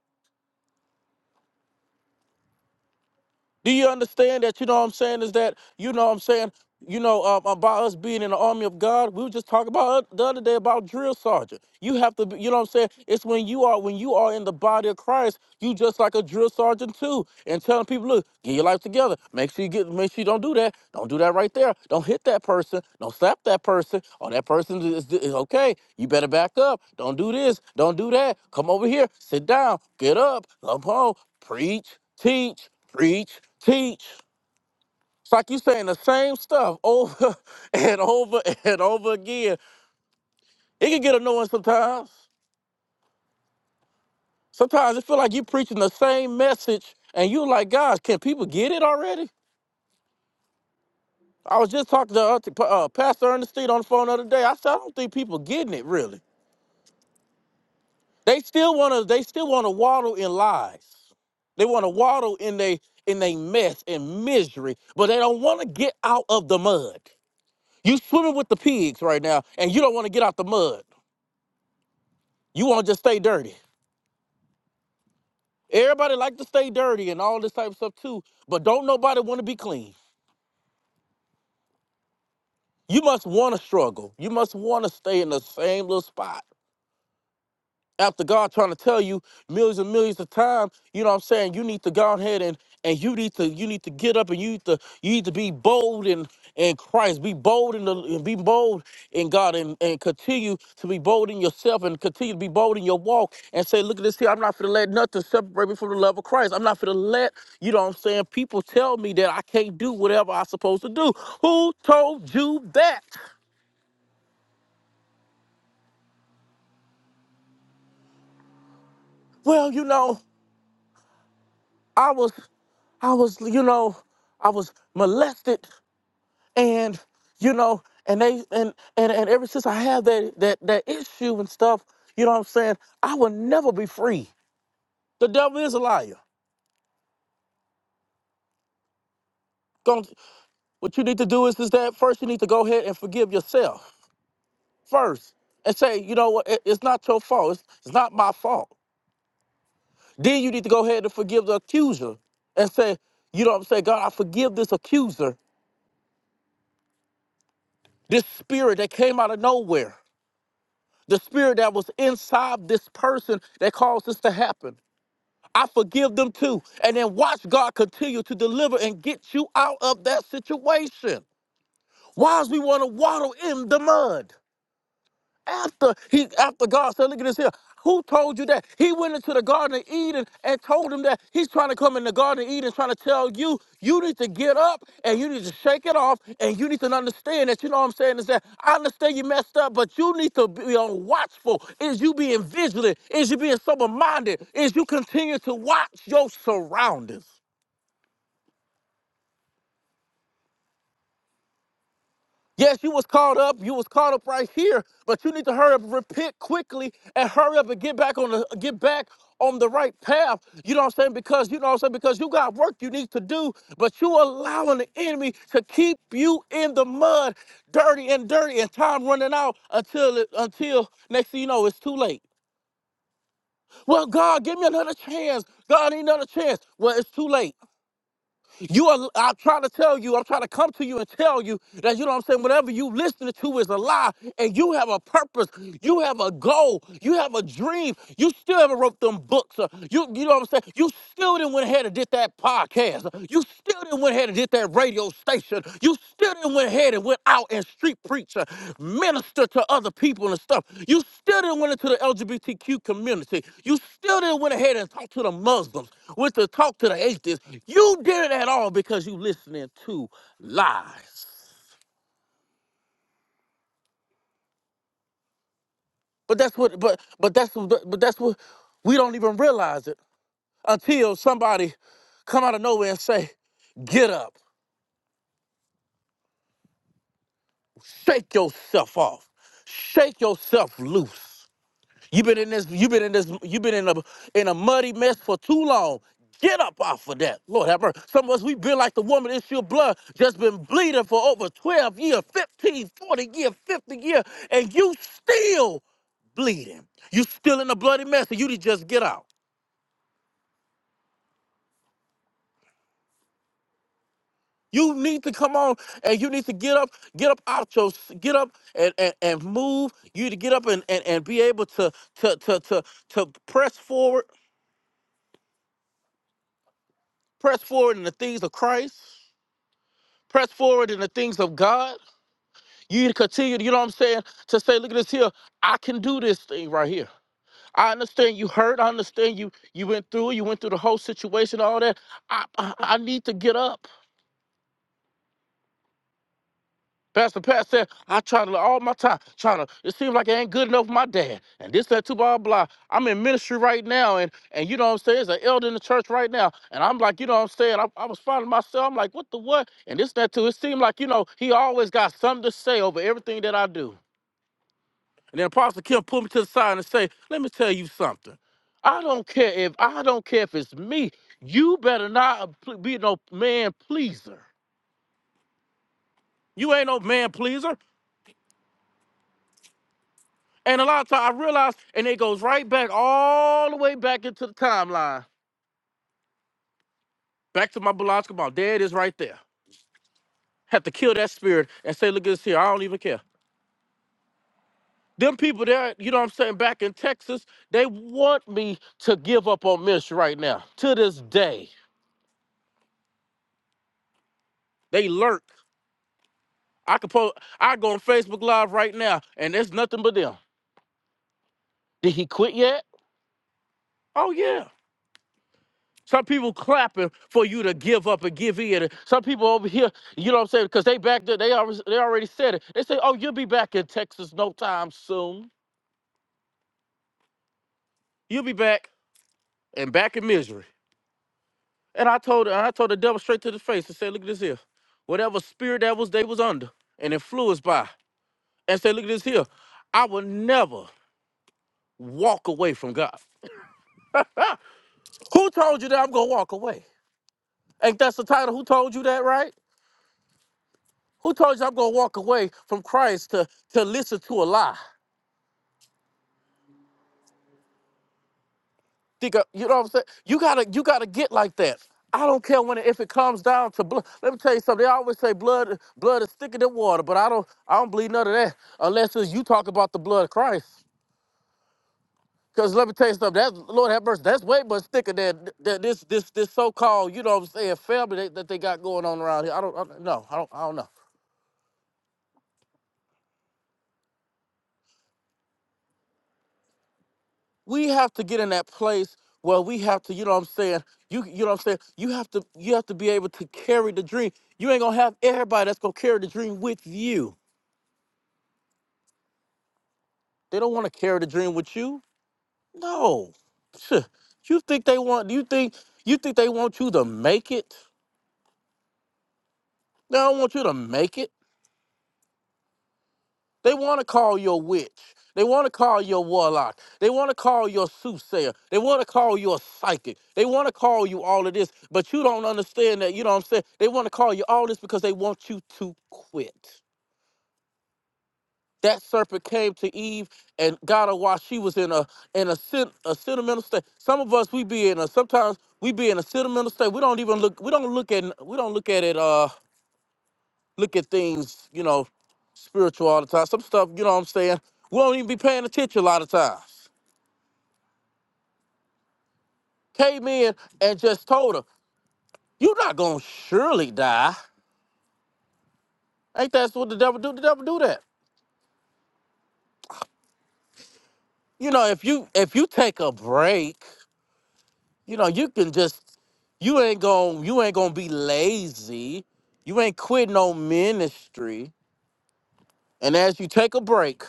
Speaker 2: Do you understand that? You know what I'm saying? Is that, you know what I'm saying? You know, um, about us being in the army of God, we were just talking about the other day about drill sergeant. You have to, be, you know what I'm saying? It's when you are when you are in the body of Christ, you just like a drill sergeant too, and telling people, look, get your life together. Make sure you get, make sure you don't do that. Don't do that right there. Don't hit that person. Don't slap that person. Oh, that person is, is okay. You better back up. Don't do this. Don't do that. Come over here. Sit down. Get up. Come home. Preach. Teach. Preach. Teach. It's like you saying the same stuff over and over and over again. It can get annoying sometimes. Sometimes it feel like you preaching the same message, and you like, guys, can people get it already? I was just talking to uh, to, uh, Pastor Ernestine on the phone the other day. I said, I don't think people getting it really. They still wanna, they still wanna waddle in lies. They wanna waddle in they in they mess and misery, but they don't wanna get out of the mud. You swimming with the pigs right now, and you don't wanna get out the mud. You want to just stay dirty. Everybody like to stay dirty and all this type of stuff too, but don't nobody want to be clean. You must want to struggle. You must want to stay in the same little spot. after God trying to tell you millions and millions of times, you know what I'm saying, you need to go ahead and and you need to you need to get up and you need to you need to be bold in in Christ, be bold in the and be bold in God and, and continue to be bold in yourself and continue to be bold in your walk and say, look at this here, I'm not gonna let nothing separate me from the love of Christ. I'm not gonna let, you know what I'm saying, people tell me that I can't do whatever I'm supposed to do. Who told you that? Well, you know, I was I was, you know, I was molested and, you know, and they and and, and ever since I had that, that that issue and stuff, you know what I'm saying, I will never be free. The devil is a liar. Gon- what you need to do is is that first you need to go ahead and forgive yourself first and say, you know what, it- it's not your fault. It's, it's not my fault. Then you need to go ahead and forgive the accuser and say, you know what I'm saying, God, I forgive this accuser, this spirit that came out of nowhere the spirit that was inside this person that caused this to happen. I forgive them too. And then watch God continue to deliver and get you out of that situation. Why is we want to waddle in the mud? After he, after God said, look at this here. Who told you that? He went into the Garden of Eden and told him that he's trying to come in the Garden of Eden, trying to tell you, you need to get up and you need to shake it off and you need to understand that, you know what I'm saying, is that I understand you messed up, but you need to be on watchful. Is you being vigilant? Is you being sober-minded? Is you continue to watch your surroundings? Yes, you was caught up. You was caught up right here, but you need to hurry up, repent quickly, and hurry up and get back on the get back on the right path. You know what I'm saying? Because you know what I'm saying? Because you got work you need to do, but you allowing the enemy to keep you in the mud, dirty and dirty, and time running out until it, until next thing you know, it's too late. Well, God, give me another chance. God, I need another chance. Well, it's too late. You are I'm trying to tell you, I'm trying to come to you and tell you that you know what I'm saying, whatever you listening to is a lie, and you have a purpose, you have a goal, you have a dream, you still haven't wrote them books. uh, You you know what I'm saying? You still didn't went ahead and did that podcast. uh, You still didn't went ahead and did that radio your station. You still didn't went ahead and went out and street preach, uh, minister to other people and stuff. You still didn't went into the LGBTQ community. You still didn't went ahead and talk to the Muslims, went to talk to the atheists. You did it at all because you listening to lies. But that's what. But but that's but that's what we don't even realize it until somebody come out of nowhere and say, "Get up, shake yourself off, shake yourself loose." You've been in this, you've been in this, you've been in a in a muddy mess for too long. Get up off of that. Lord have mercy. Some of us, we've been like the woman in your blood, just been bleeding for over 12 years, 15, 40 years, 50 years, and you still bleeding. You still in a bloody mess, and you need to just get out. You need to come on and you need to get up, get up out your get up and, and, and move. You need to get up and, and, and be able to to to to to press forward, press forward in the things of Christ press forward in the things of God. You need to continue, you know what I'm saying, to say, look at this here. I can do this thing right here. I understand you hurt. I understand you you went through, you went through the whole situation, all that. I I, I need to get up. Pastor Pat said, I try to all my time, trying to, it seems like it ain't good enough for my dad. And this, that, too, blah, blah. I'm in ministry right now, and and you know what I'm saying? There's an elder in the church right now. And I'm like, you know what I'm saying? I, I was finding myself, I'm like, what the what? And this, that, too. It seemed like, you know, he always got something to say over everything that I do. And then Apostle Kim pulled me to the side and say, "Let me tell you something. I don't care if I don't care if it's me. You better not be no man pleaser. You ain't no man pleaser." And a lot of times I realize, and it goes right back all the way back into the timeline, back to my biological mom. There it is, right there. Have to kill that spirit and say, "Look at this here. I don't even care." Them people there, you know what I'm saying, back in Texas, they want me to give up on ministry right now. To this day, they lurk I could post. I go on Facebook Live right now, and there's nothing but them. Did he quit yet? Oh yeah. Some people clapping for you to give up and give in. Some people over here, you know what I'm saying, because they back there, they already they already said it. They say, "Oh, you'll be back in Texas no time soon. You'll be back and back in misery." And I told her, I told the devil straight to the face and said, "Look at this here. Whatever spirit that was they was under and influenced by, and say, look at this here. I will never walk away from God. Who told you that I'm gonna walk away? Ain't that the title? Who told you that, right? Who told you I'm gonna walk away from Christ to to listen to a lie? Think I- you know what I'm saying? You gotta you gotta get like that. I don't care when it, if it comes down to blood. Let me tell you something. They always say blood blood is thicker than water, but I don't I don't believe none of that unless it's you talk about the blood of Christ. Cause let me tell you something. That's Lord have mercy. That's way much thicker than, than this this this so called you know what I'm saying family that, that they got going on around here. I don't I, don't- no I don't I don't know. we have to get in that place where we have to, you know what I'm saying? You you know what I'm saying? You have to you have to be able to carry the dream. You ain't gonna have everybody that's gonna carry the dream with you. They don't wanna carry the dream with you. No. Phew. You think they want you think you think they want you to make it? They don't want you to make it. They want to call you a witch. They want to call you a warlock. They want to call you a soothsayer. They want to call you a psychic. They want to call you all of this, but you don't understand that. You know what I'm saying? They want to call you all this because they want you to quit. That serpent came to Eve and got her while she was in a in a, sen- a sentimental state. Some of us we be in a sometimes we be in a sentimental state. We don't even look. We don't look at. We don't look at it. Uh, look at things, you know, spiritual all the time. Some stuff, you know what I'm saying, we don't even be paying attention a lot of times. Came in and just told her, You're not gonna surely die. Ain't that what the devil do? The devil do that. You know, if you if you take a break, you know, you can just you ain't gonna you ain't gonna be lazy. You ain't quitting no ministry. And as you take a break,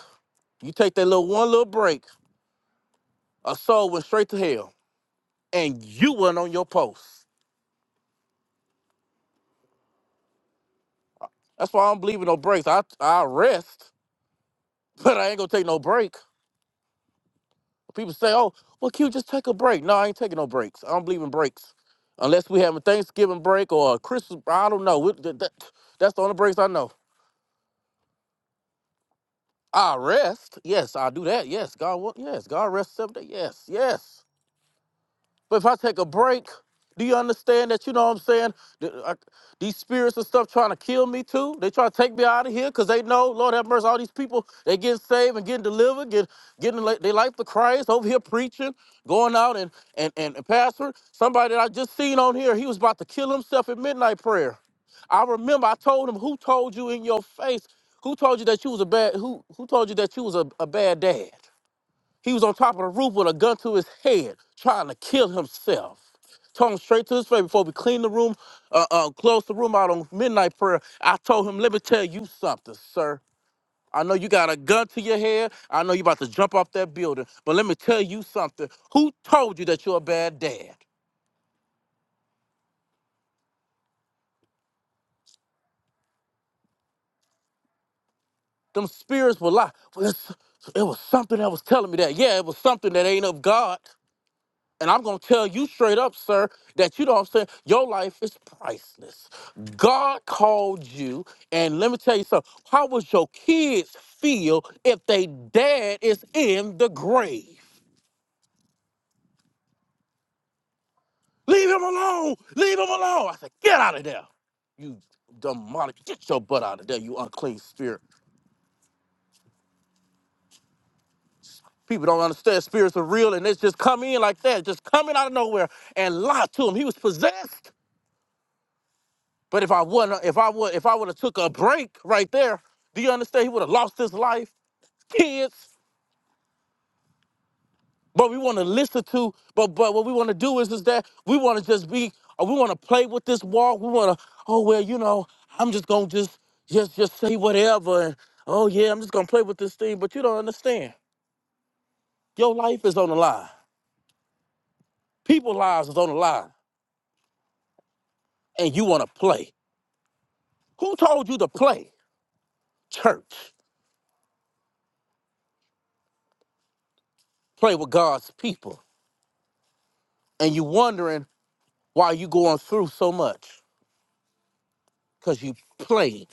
Speaker 2: you take that little one little break, a soul went straight to hell. And you went on your post. That's why I don't believe in no breaks. I I rest, but I ain't gonna take no break. People say, "Oh, well, Q, just take a break." No, I ain't taking no breaks. I don't believe in breaks, unless we having Thanksgiving break or a Christmas. I don't know. We- that- that- that's the only breaks I know. I rest. Yes, I do that. Yes, God. wa- Yes, God rest seven days. Yes, yes. But if I take a break, do you understand that? You know what I'm saying? Th- I- these spirits and stuff trying to kill me too. They trying to take me out of here because they know, Lord have mercy, all these people they getting saved and getting delivered, get getting like they life to Christ over here preaching, going out and and and, and pastor. Somebody that I just seen on here, he was about to kill himself at midnight prayer. I remember I told him, who told you in your face? Who told you that you was a bad? Who who told you that you was a, a bad dad? He was on top of the roof with a gun to his head, trying to kill himself. Told him straight to his face before we cleaned the room, uh, uh, closed the room out on midnight prayer. I told him, let me tell you something, sir. I know you got a gun to your head. I know you about to jump off that building, but let me tell you something. Who told you that you're a bad dad? Them spirits will lie. It was something that was telling me that. Yeah, it was something that ain't of God. And I'm gonna tell you straight up, sir, that you know what I'm saying, your life is priceless. God called you, and let me tell you something. How would your kids feel if they dad is in the grave? Leave him alone! Leave him alone! I said, get out of there. You demonic, get your butt out of there, you unclean spirit. People don't understand spirits are real and it's just come in like that, just coming out of nowhere and lie to him. He was possessed. But if I wouldn't, if I would, if I would have took a break right there, do you understand? He would have lost his life, kids. But we want to listen to, but but what we want to do is is that we want to just be, uh, we want to play with this walk. We want to, oh well, you know, I'm just gonna just just just say whatever, and oh yeah, I'm just gonna play with this thing. But you don't understand. Your life is on the line. People lives is on the line, and you want to play. Who told you to play? Church. Play with God's people, and you wondering while you going through so much because you playing.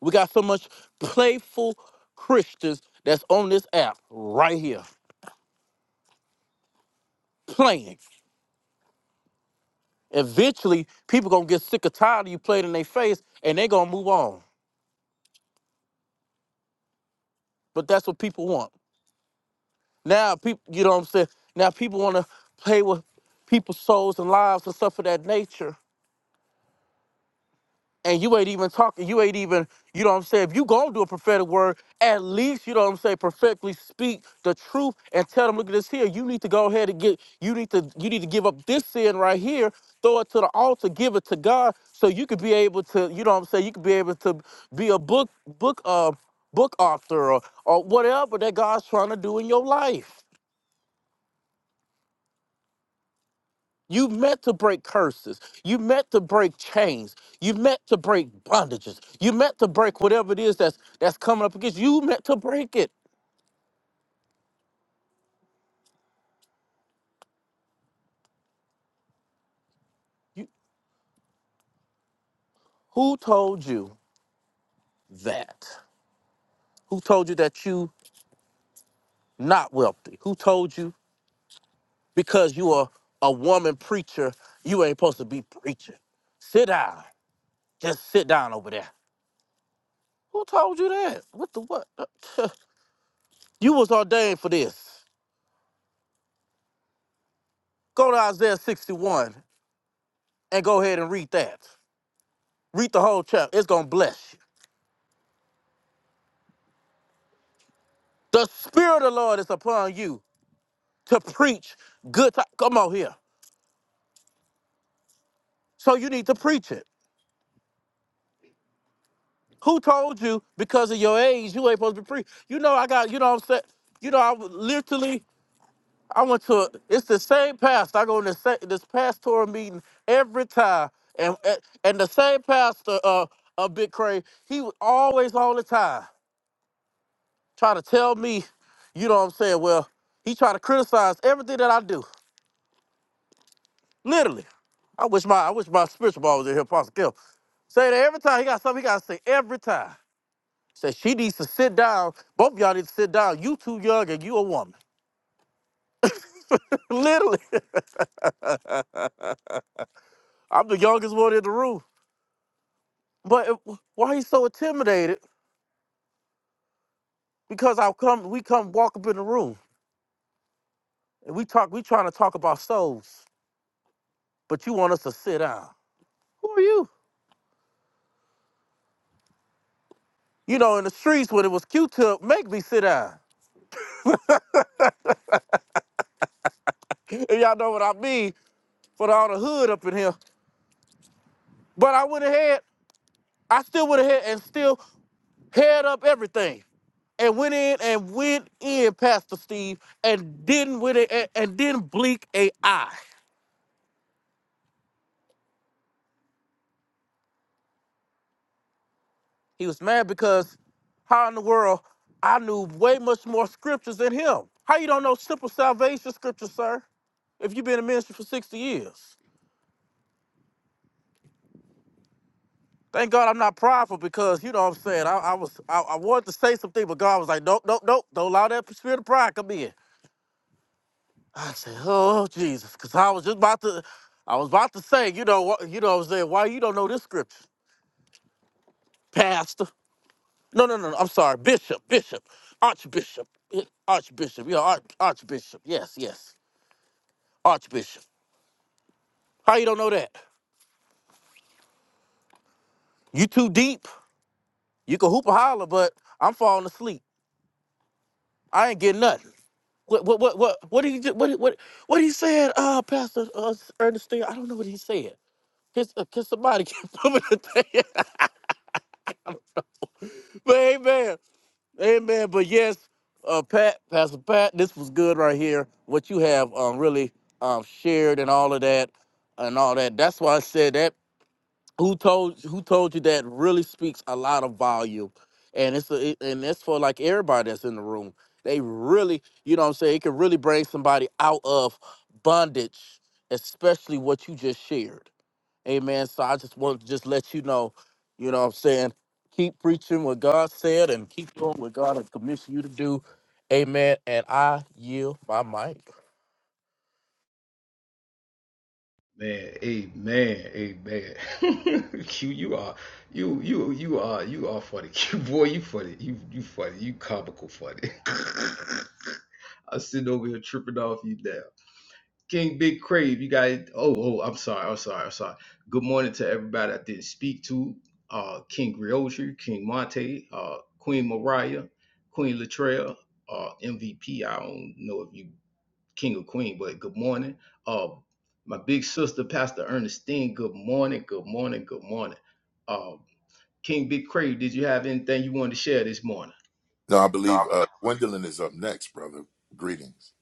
Speaker 2: We got so much playful Christians that's on this app right here playing. Eventually, people gonna get sick or tired of you playing in their face, and they gonna move on. But that's what people want. Now, people, you know what I'm saying. Now, people wanna play with people's souls and lives and stuff of that nature. and you ain't even talking, you ain't even, you know what I'm saying? If you gonna do a prophetic word, at least, you know what I'm saying, perfectly speak the truth and tell them, look at this here. You need to go ahead and get, you need to, you need to give up this sin right here, throw it to the altar, give it to God, so you could be able to, you know what I'm saying, you could be able to be a book, book, uh, book author or, or whatever that God's trying to do in your life. You meant to break curses. You meant to break chains. You meant to break bondages. You meant to break whatever it is that's that's coming up against you. You meant to break it. You, who told you that? Who told you that you not wealthy? Who told you because you are a woman preacher, you ain't supposed to be preaching? Sit down. Just sit down over there. Who told you that? What the what? You was ordained for this. Go to Isaiah 61 and go ahead and read that. Read the whole chapter. It's gonna bless you. The spirit of the Lord is upon you to preach good. T- Come on here. So you need to preach it. Who told you because of your age you ain't supposed to be preach? You know I got. You know what I'm saying. You know I was literally I went to. a, It's the same pastor. I go in this this pastoral meeting every time, and eh, and the same pastor uh of Big Cray. He was always all the time trying to tell me, you know what I'm saying. Well, he tried to criticize everything that I do. Literally. I wish my I wish my spiritual ball was in here, Pastor Kim. Say that every time he got something he gotta say every time. Say she needs to sit down. Both of y'all need to sit down. You too young and you a woman. Literally. I'm the youngest one in the room. But it- why he so intimidated? Because I come we come walk up in the room and we talk we trying to talk about souls. But you want us to sit down. Who are you? You know, in the streets when it was Q tip, make me sit down. And y'all know what I mean for all the hood up in here. But I went ahead I still would have had and still held up everything and went in and went in, Pastor Steve, and didn't with it and, and didn't blink a eye. He was mad because how in the world I knew way much more scriptures than him. How you don't know simple salvation scriptures, sir? If you've been in ministry for 60 years. Thank God I'm not prideful because you know what I'm saying. I, I was I, I wanted to say something, but God was like, nope, nope, nope, don't allow that spirit of pride come in. I say, "Oh Jesus," because I was just about to, I was about to say, you know, what, you know, I was saying, why you don't know this scripture, Pastor? No, no, no, no, I'm sorry, Bishop, Bishop, Archbishop, eh, Archbishop, yeah, Arch, Archbishop, yes, yes, Archbishop. How you don't know that? You too deep. You can hoop and holler, but I'm falling asleep. I ain't getting nothing. What, what, what, what, what did he, ju- what, he- what, what he said, uh, Pastor uh, Ernestine? I don't know what he said. Can, uh, can somebody give him a thing? But amen. Amen. But yes, uh, Pat, Pastor Pat, this was good right here. What you have um, really um, shared and all of that, and all that. That's why I said that. Who told Who told you that really speaks a lot of volume, and it's a, it- and that's for like everybody that's in the room. They really, you know, what I'm saying it can really bring somebody out of bondage, especially what you just shared. Amen. So I just wanted to just let you know, you know what I'm saying? Keep preaching what God said and keep doing what God has commissioned you to do. Amen. And I yield my mic.
Speaker 1: man. Amen. Amen. Q, you are you you you are you are funny. Q, boy, you funny. You you funny. You comical funny. i sit over here tripping off you now. King Big Crave, you guys. Oh, oh, I'm sorry. I'm sorry. I'm sorry. Good morning to everybody I didn't speak to. Uh, King Griotri, King Monte, uh, Queen Mariah, Queen Latrell, uh, MVP. I don't know if you King or Queen, but good morning. Uh, my big sister, Pastor Ernestine. Good morning. Good morning. Good morning. Uh, King Big Crave, did you have anything you wanted to share this morning?
Speaker 4: No, I believe uh, Gwendolyn is up next, brother. Greetings.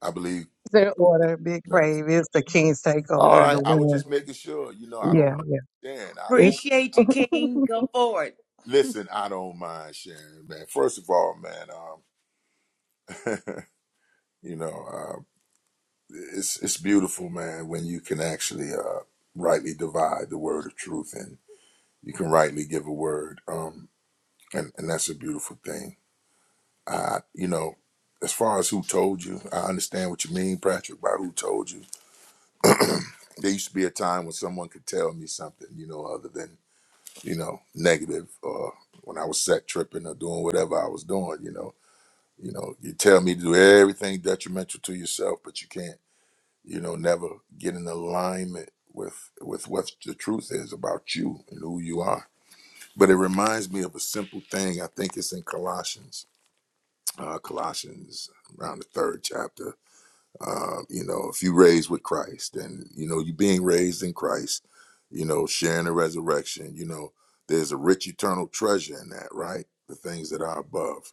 Speaker 4: I believe
Speaker 5: their order, Big
Speaker 4: next.
Speaker 5: Crave. It's the King's
Speaker 4: All
Speaker 5: Takeover and the
Speaker 4: right. I was
Speaker 5: winner.
Speaker 4: just making sure. You know, I
Speaker 5: Yeah,
Speaker 4: don't mind sharing. I
Speaker 5: it's,
Speaker 4: don't
Speaker 3: Appreciate you, King. Go forward.
Speaker 4: listen. I don't mind sharing, man. First of all, man, um, you know, uh, it's it's beautiful, man, when you can actually uh, rightly divide the word of truth and you can rightly give a word, um, and and that's a beautiful thing. I, you know, as far as who told you, I understand what you mean, Patrick, by who told you there used to be a time when someone could tell me something, you know, other than, you know, negative or when I was set tripping or doing whatever I was doing, you know, you know, you tell me to do everything detrimental to yourself, but you can't, you know, never get in alignment with with what the truth is about you and who you are. But it reminds me of a simple thing. I think it's in Colossians, uh, Colossians around the third chapter um, you know, if you raised with Christ and, you know, you being raised in Christ, you know, sharing the resurrection, you know, there's a rich eternal treasure in that, right? The things that are above.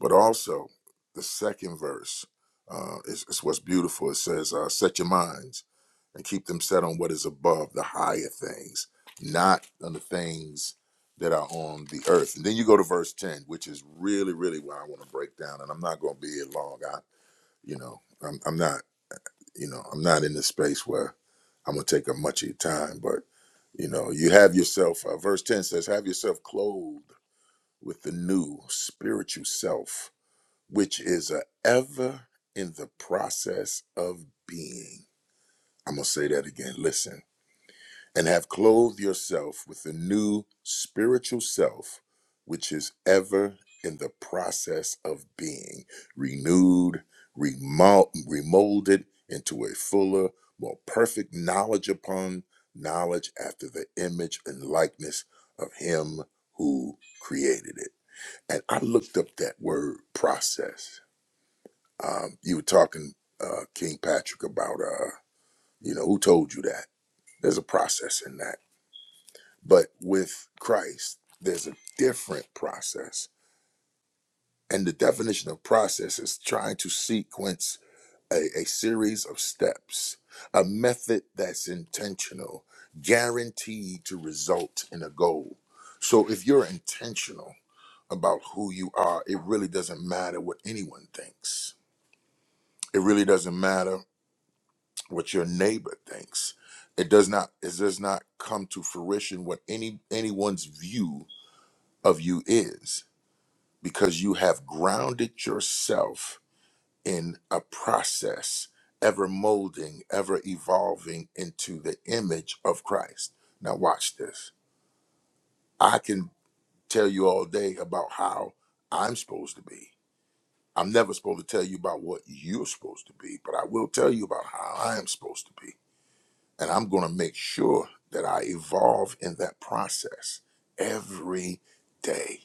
Speaker 4: But also, the second verse uh, is, is what's beautiful. It says, uh, set your minds and keep them set on what is above, the higher things, not on the things that are on the earth. And then you go to verse 10, which is really, really what I want to break down. And I'm not going to be here long. I, you know, I'm, I'm not. You know, I'm not in the space where I'm gonna take up much of your time, but you know, you have yourself. Uh, verse ten says, "Have yourself clothed with the new spiritual self, which is a ever in the process of being." I'm gonna say that again. Listen and have clothed yourself with the new spiritual self, which is ever in the process of being renewed, remol- remolded into a fuller, more perfect knowledge upon knowledge after the image and likeness of Him who created it. And I looked up that word process. Um, you were talking, uh, King Patrick, about, uh, you know, who told you that? There's a process in that but with Christ, there's a different process. And the definition of process is trying to sequence a, a series of steps, a method that's intentional, guaranteed to result in a goal. So if you're intentional about who you are, it really doesn't matter what anyone thinks. It really doesn't matter what your neighbor thinks. It does not it does not come to fruition what any anyone's view of you is because you have grounded yourself in a process, ever molding, ever evolving into the image of Christ. Now, watch this. I can tell you all day about how I'm supposed to be. I'm never supposed to tell you about what you're supposed to be, but I will tell you about how I am supposed to be. And I'm going to make sure that I evolve in that process every day.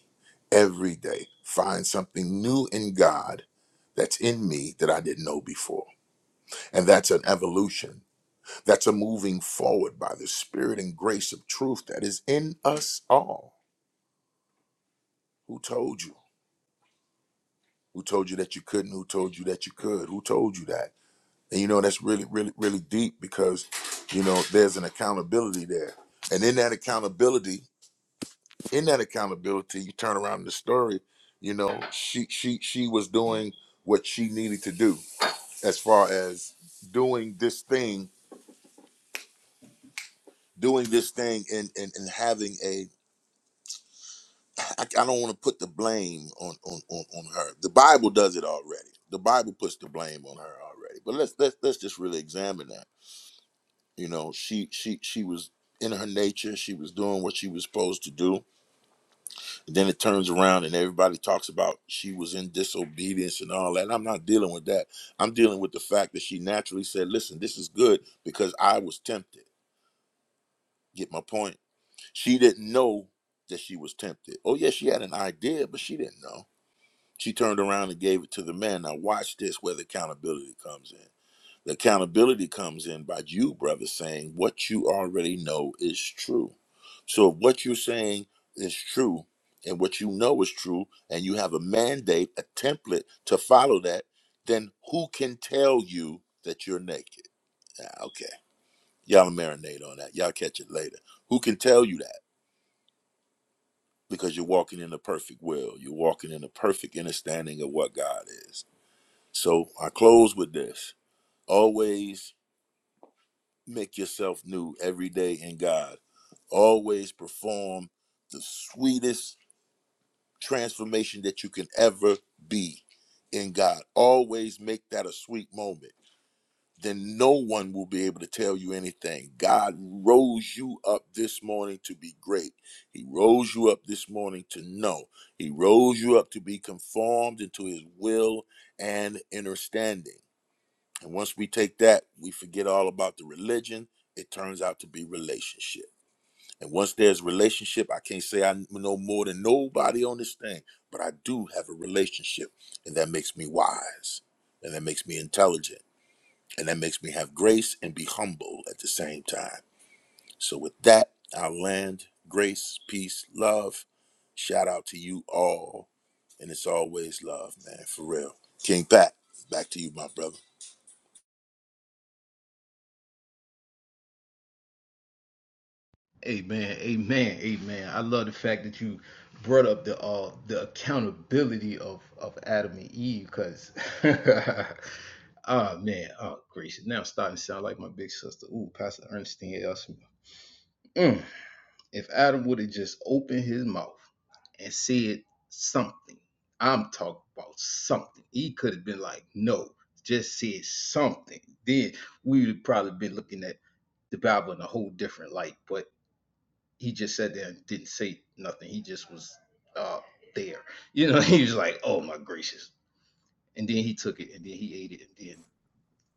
Speaker 4: every day find something new in God that's in me that I didn't know before. And that's an evolution. That's a moving forward by the spirit and grace of truth that is in us all. Who told you? Who told you that you couldn't? Who told you that you could? Who told you that? And you know, that's really, really, really deep because, you know, there's an accountability there. And in that accountability, in that accountability, you turn around the story, you know, she she she was doing what she needed to do as far as doing this thing doing this thing and and, and having a I, I don't want to put the blame on, on on on her the bible does it already the bible puts the blame on her already but let's let's let's just really examine that you know she she she was in her nature she was doing what she was supposed to do And then it turns around and everybody talks about she was in disobedience and all that and i'm not dealing with that i'm dealing with the fact that she naturally said listen this is good because i was tempted get my point She didn't know that she was tempted. Oh, yeah, she had an idea, but she didn't know. She turned around and gave it to the man. Now, watch this where the accountability comes in. The accountability comes in by you, brother, saying what you already know is true. So, if what you're saying is true and what you know is true, and you have a mandate, a template to follow that, then who can tell you that you're naked? Ah, okay. Y'all marinate on that. Y'all catch it later. Who can tell you that? because you're walking in the perfect will. You're walking in the perfect understanding of what God is. So I close with this. Always make yourself new every day in God. Always perform the sweetest transformation that you can ever be in God. Always make that a sweet moment then no one will be able to tell you anything. God rose you up this morning to be great. He rose you up this morning to know. He rose you up to be conformed into his will and understanding. And once we take that, we forget all about the religion. It turns out to be relationship. And once there's relationship, I can't say I know more than nobody on this thing, but I do have a relationship, and that makes me wise, and that makes me intelligent and that makes me have grace and be humble at the same time. So, with that, I'll land. Grace, peace, love. Shout out to you all. And it's always love, man, for real. King Pat, back to you, my brother.
Speaker 1: Amen, amen, amen. I love the fact that you brought up the uh the accountability of of Adam and Eve, because oh man, oh gracious, now I'm starting to sound like my big sister. Ooh, Pastor Ernestine Elson. Mm. If Adam would have just opened his mouth and said something, I'm talking about something. He could have been like, no, just said something. Then we would have probably been looking at the Bible in a whole different light. But he just sat there and didn't say nothing. He just was uh, there. You know, he was like, "Oh my gracious!" And then he took it, and then he ate it, and then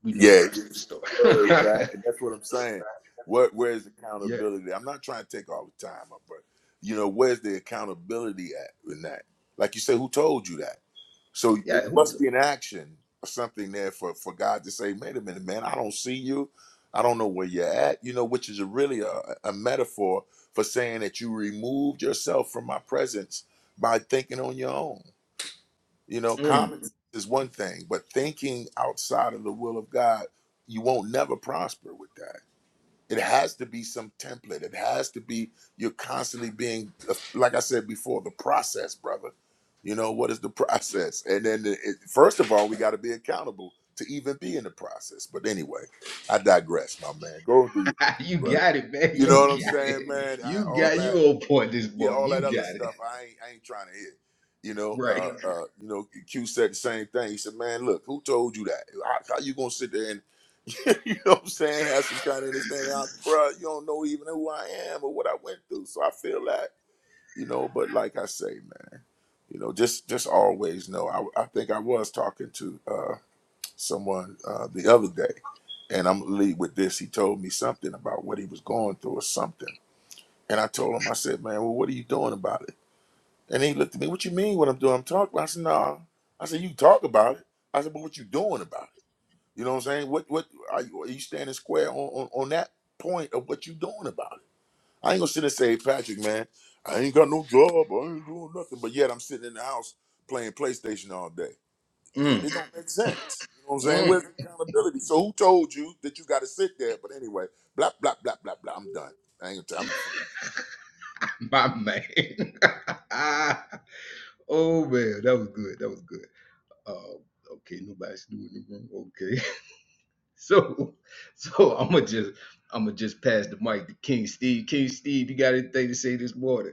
Speaker 1: we know the
Speaker 4: Yeah,
Speaker 1: rest of the
Speaker 4: word, Pat,
Speaker 1: story.
Speaker 4: and that's what I'm saying. Where where's
Speaker 1: yeah,
Speaker 4: accountability? I'm not trying to take all the time, my brother. You know, where's the accountability at in that? Like you said, who told you that? So it
Speaker 1: yeah. Who
Speaker 4: must
Speaker 1: t-
Speaker 4: be an action or something there for, for God to say, wait a minute, man, I don't see you. I don't know where you're at, you know, which is a really a, a metaphor for saying that you removed yourself from my presence by thinking on your own. You know,
Speaker 1: mm.
Speaker 4: common is one thing, but thinking outside of the will of God, you won't never prosper with that. It has to be some template. It has to be you're constantly being, uh, like I said before, the process, brother. You know what is the process? And then it, it- first of all, we got to be accountable to even be in the process. But anyway, I digress, my man. Go do your thing,
Speaker 1: you
Speaker 4: brother.
Speaker 1: got it, man.
Speaker 4: You
Speaker 1: You
Speaker 4: know what I'm
Speaker 1: got
Speaker 4: saying,
Speaker 1: it.
Speaker 4: man? I,
Speaker 1: You
Speaker 4: all
Speaker 1: got you
Speaker 4: that,
Speaker 1: on point this
Speaker 4: yeah,
Speaker 1: morning.
Speaker 4: all
Speaker 1: You
Speaker 4: that other
Speaker 1: got it
Speaker 4: stuff. I ain't, I ain't trying to hear. You know,
Speaker 1: right.
Speaker 4: uh, uh, you know, Q said the same thing. He said, "Man, look, who told you that? How, how you gonna sit there and you know what I'm saying? That's just trying to understand out, bruh, you don't know even who I am or what I went through. So I feel that, you know, but like I say, man, you know, just just always know. I, I think I was talking to uh someone uh the other day, and I'm gonna lead with this. He told me something about what he was going through or something. And I told him, I said, Man, well, what are you doing about it? And he looked at me, What you mean what I'm doing? I'm talking. I said, No. I said, You talk about it. I said, But what you doing about it? You know what I'm saying? What what are you, are you standing square on, on on that point of what you doing about it? I ain't gonna sit and say, Patrick, man, I ain't got no job, I ain't doing nothing, but yet I'm sitting in the house playing PlayStation all day. It,
Speaker 1: Mm.
Speaker 4: it don't make sense. You know what I'm saying?
Speaker 1: Mm.
Speaker 4: Where's the accountability? So who told you that you got to sit there? But anyway, blah blah blah blah blah. I'm done. I ain't. gonna
Speaker 1: My man. Ah. oh man, that was good. That was good. Uh, okay, nobody's doing the room. Okay. So, so I'm gonna just I'm gonna just pass the mic to King Steve. King Steve, you got anything to say this morning?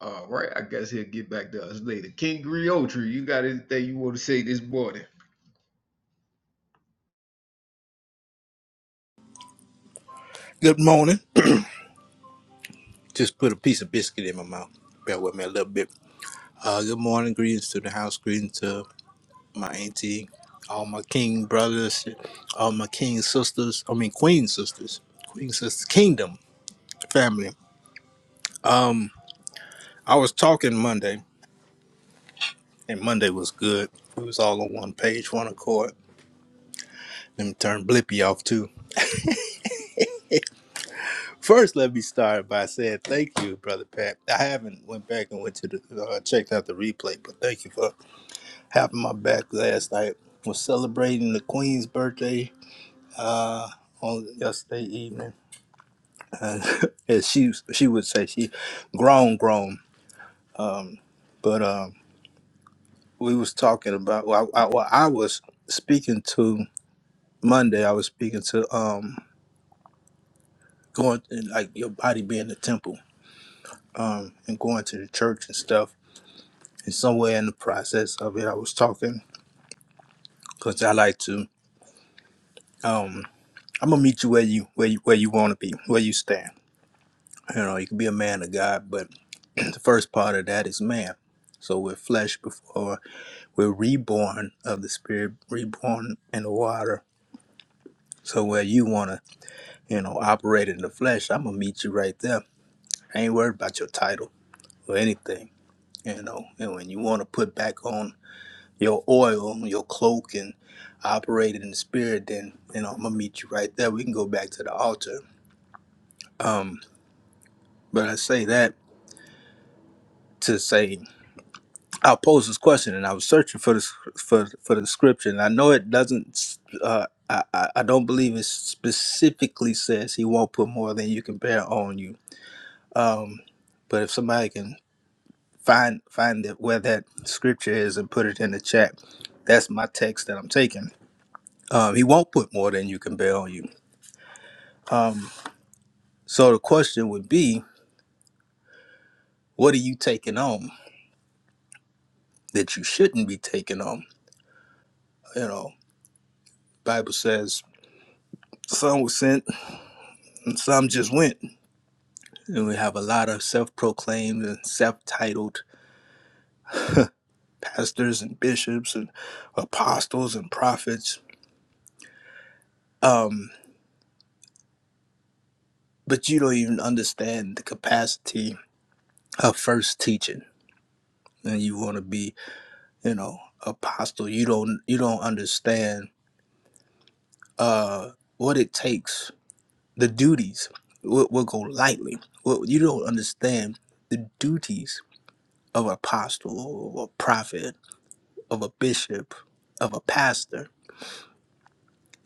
Speaker 1: All right, I guess he'll get back to us later. King Griotri, you got anything you want to say this morning?
Speaker 6: Good morning. Just put a piece of biscuit in my mouth. Bear with me a little bit. Uh, good morning. Greetings to the house. Greetings to my auntie, all my king brothers, all my king sisters. I mean, queen sisters, queen sisters, kingdom family. Um, I was talking Monday, and Monday was good. We was all on one page, one accord. Let me turn Blippy off too. First, let me start by saying thank you, brother Pat. I haven't went back and went to the uh, checked out the replay, but thank you for happened my back last night. Was celebrating the Queen's birthday uh, on yesterday evening, and, and she she would say she grown grown, but um, we was talking about well I, I, well, I was speaking to Monday. I was speaking to um going like your body being the temple um and going to the church and stuff. And somewhere in the process of it, I was talking because I like to um I'm gonna meet you where you where you where you want to be, where you stand. You know, you can be a man of God, but the first part of that is man. So we're flesh before we're reborn of the spirit, reborn in the water. So where you wanna, you know, operate in the flesh, I'm gonna meet you right there. I ain't worried about your title or anything. You know, and when you wanna put back on your oil, your cloak and operate in the spirit, then you know, I'm gonna meet you right there. We can go back to the altar. Um, but I say that to say I posed this question and I was searching for this for for the scripture, and I know it doesn't. Uh, I I I don't believe it specifically says he won't put more than you can bear on you. Um, but if somebody can find find that where that scripture is and put it in the chat, that's my text that I'm taking. Um, he won't put more than you can bear on you. Um, so the question would be, what are you taking on that you shouldn't be taking on? You know, Bible says some were sent and some just went And we have a lot of self proclaimed and self titled pastors and bishops and apostles and prophets. Um, but you don't even understand the capacity of first teaching. And you want to be, you know, apostle. You don't you don't understand uh, what it takes, the duties. We'll, we'll go lightly. Well, you don't understand the duties of an apostle, or a prophet, of a bishop, of a pastor.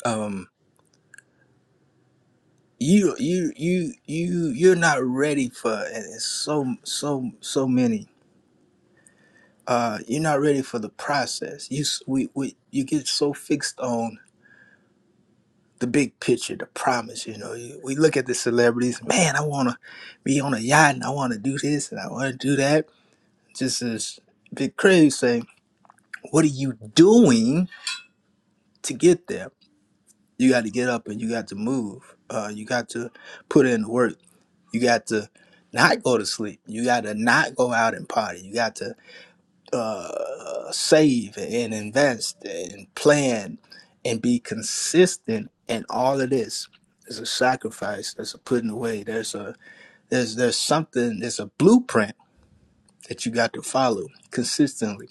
Speaker 6: Um, you you you you you're not ready for and it's so so so many uh you're not ready for the process you s- we, we you get so fixed on the big picture the promise you know you, we look at the celebrities man i want to be on a yacht and i want to do this and i want to do that just as big crazy saying what are you doing to get there you got to get up and you got to move uh you got to put in the work You got to not go to sleep. You got to not go out and party. You got to uh, save and invest and plan and be consistent in all of this. There's a sacrifice. There's a putting away. There's a there's there's something. There's a blueprint that you got to follow consistently,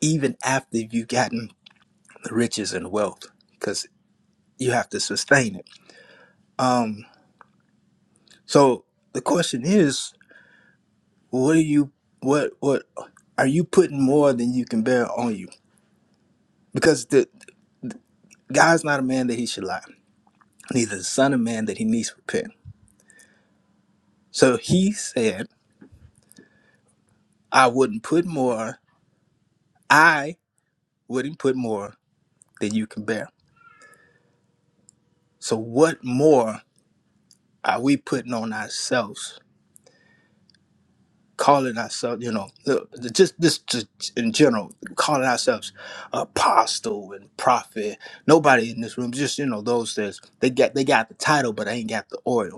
Speaker 6: even after you've gotten the riches and wealth, because you have to sustain it. Um. So the question is, what are you what what are you putting more than you can bear on you because the god's not a man that he should lie neither the son of man that he needs to repent so he said i wouldn't put more i wouldn't put more than you can bear so what more are we putting on ourselves calling ourselves you know the- just this just in general calling ourselves apostle and prophet nobody in this room just you know those that they got they got the title but they ain't got the oil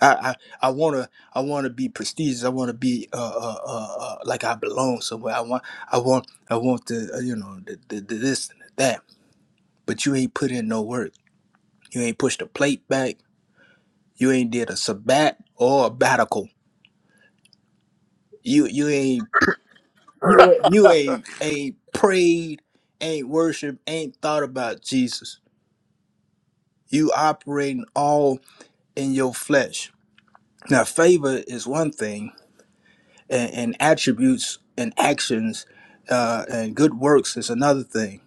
Speaker 6: I I want to I want to be prestigious. I want to be uh, uh, uh, uh, like I belong somewhere. I want I want I want the uh, you know the, the, the this and the that. But you ain't put in no work. You ain't pushed a plate back. You ain't did a sabbat or a batical. You you ain't
Speaker 4: t-
Speaker 6: you
Speaker 4: I'm.
Speaker 6: you ain't ain't prayed, ain't worship, ain't thought about Jesus. You operating all in your flesh. Now favor is one thing and, and attributes and actions uh, and good works is another thing.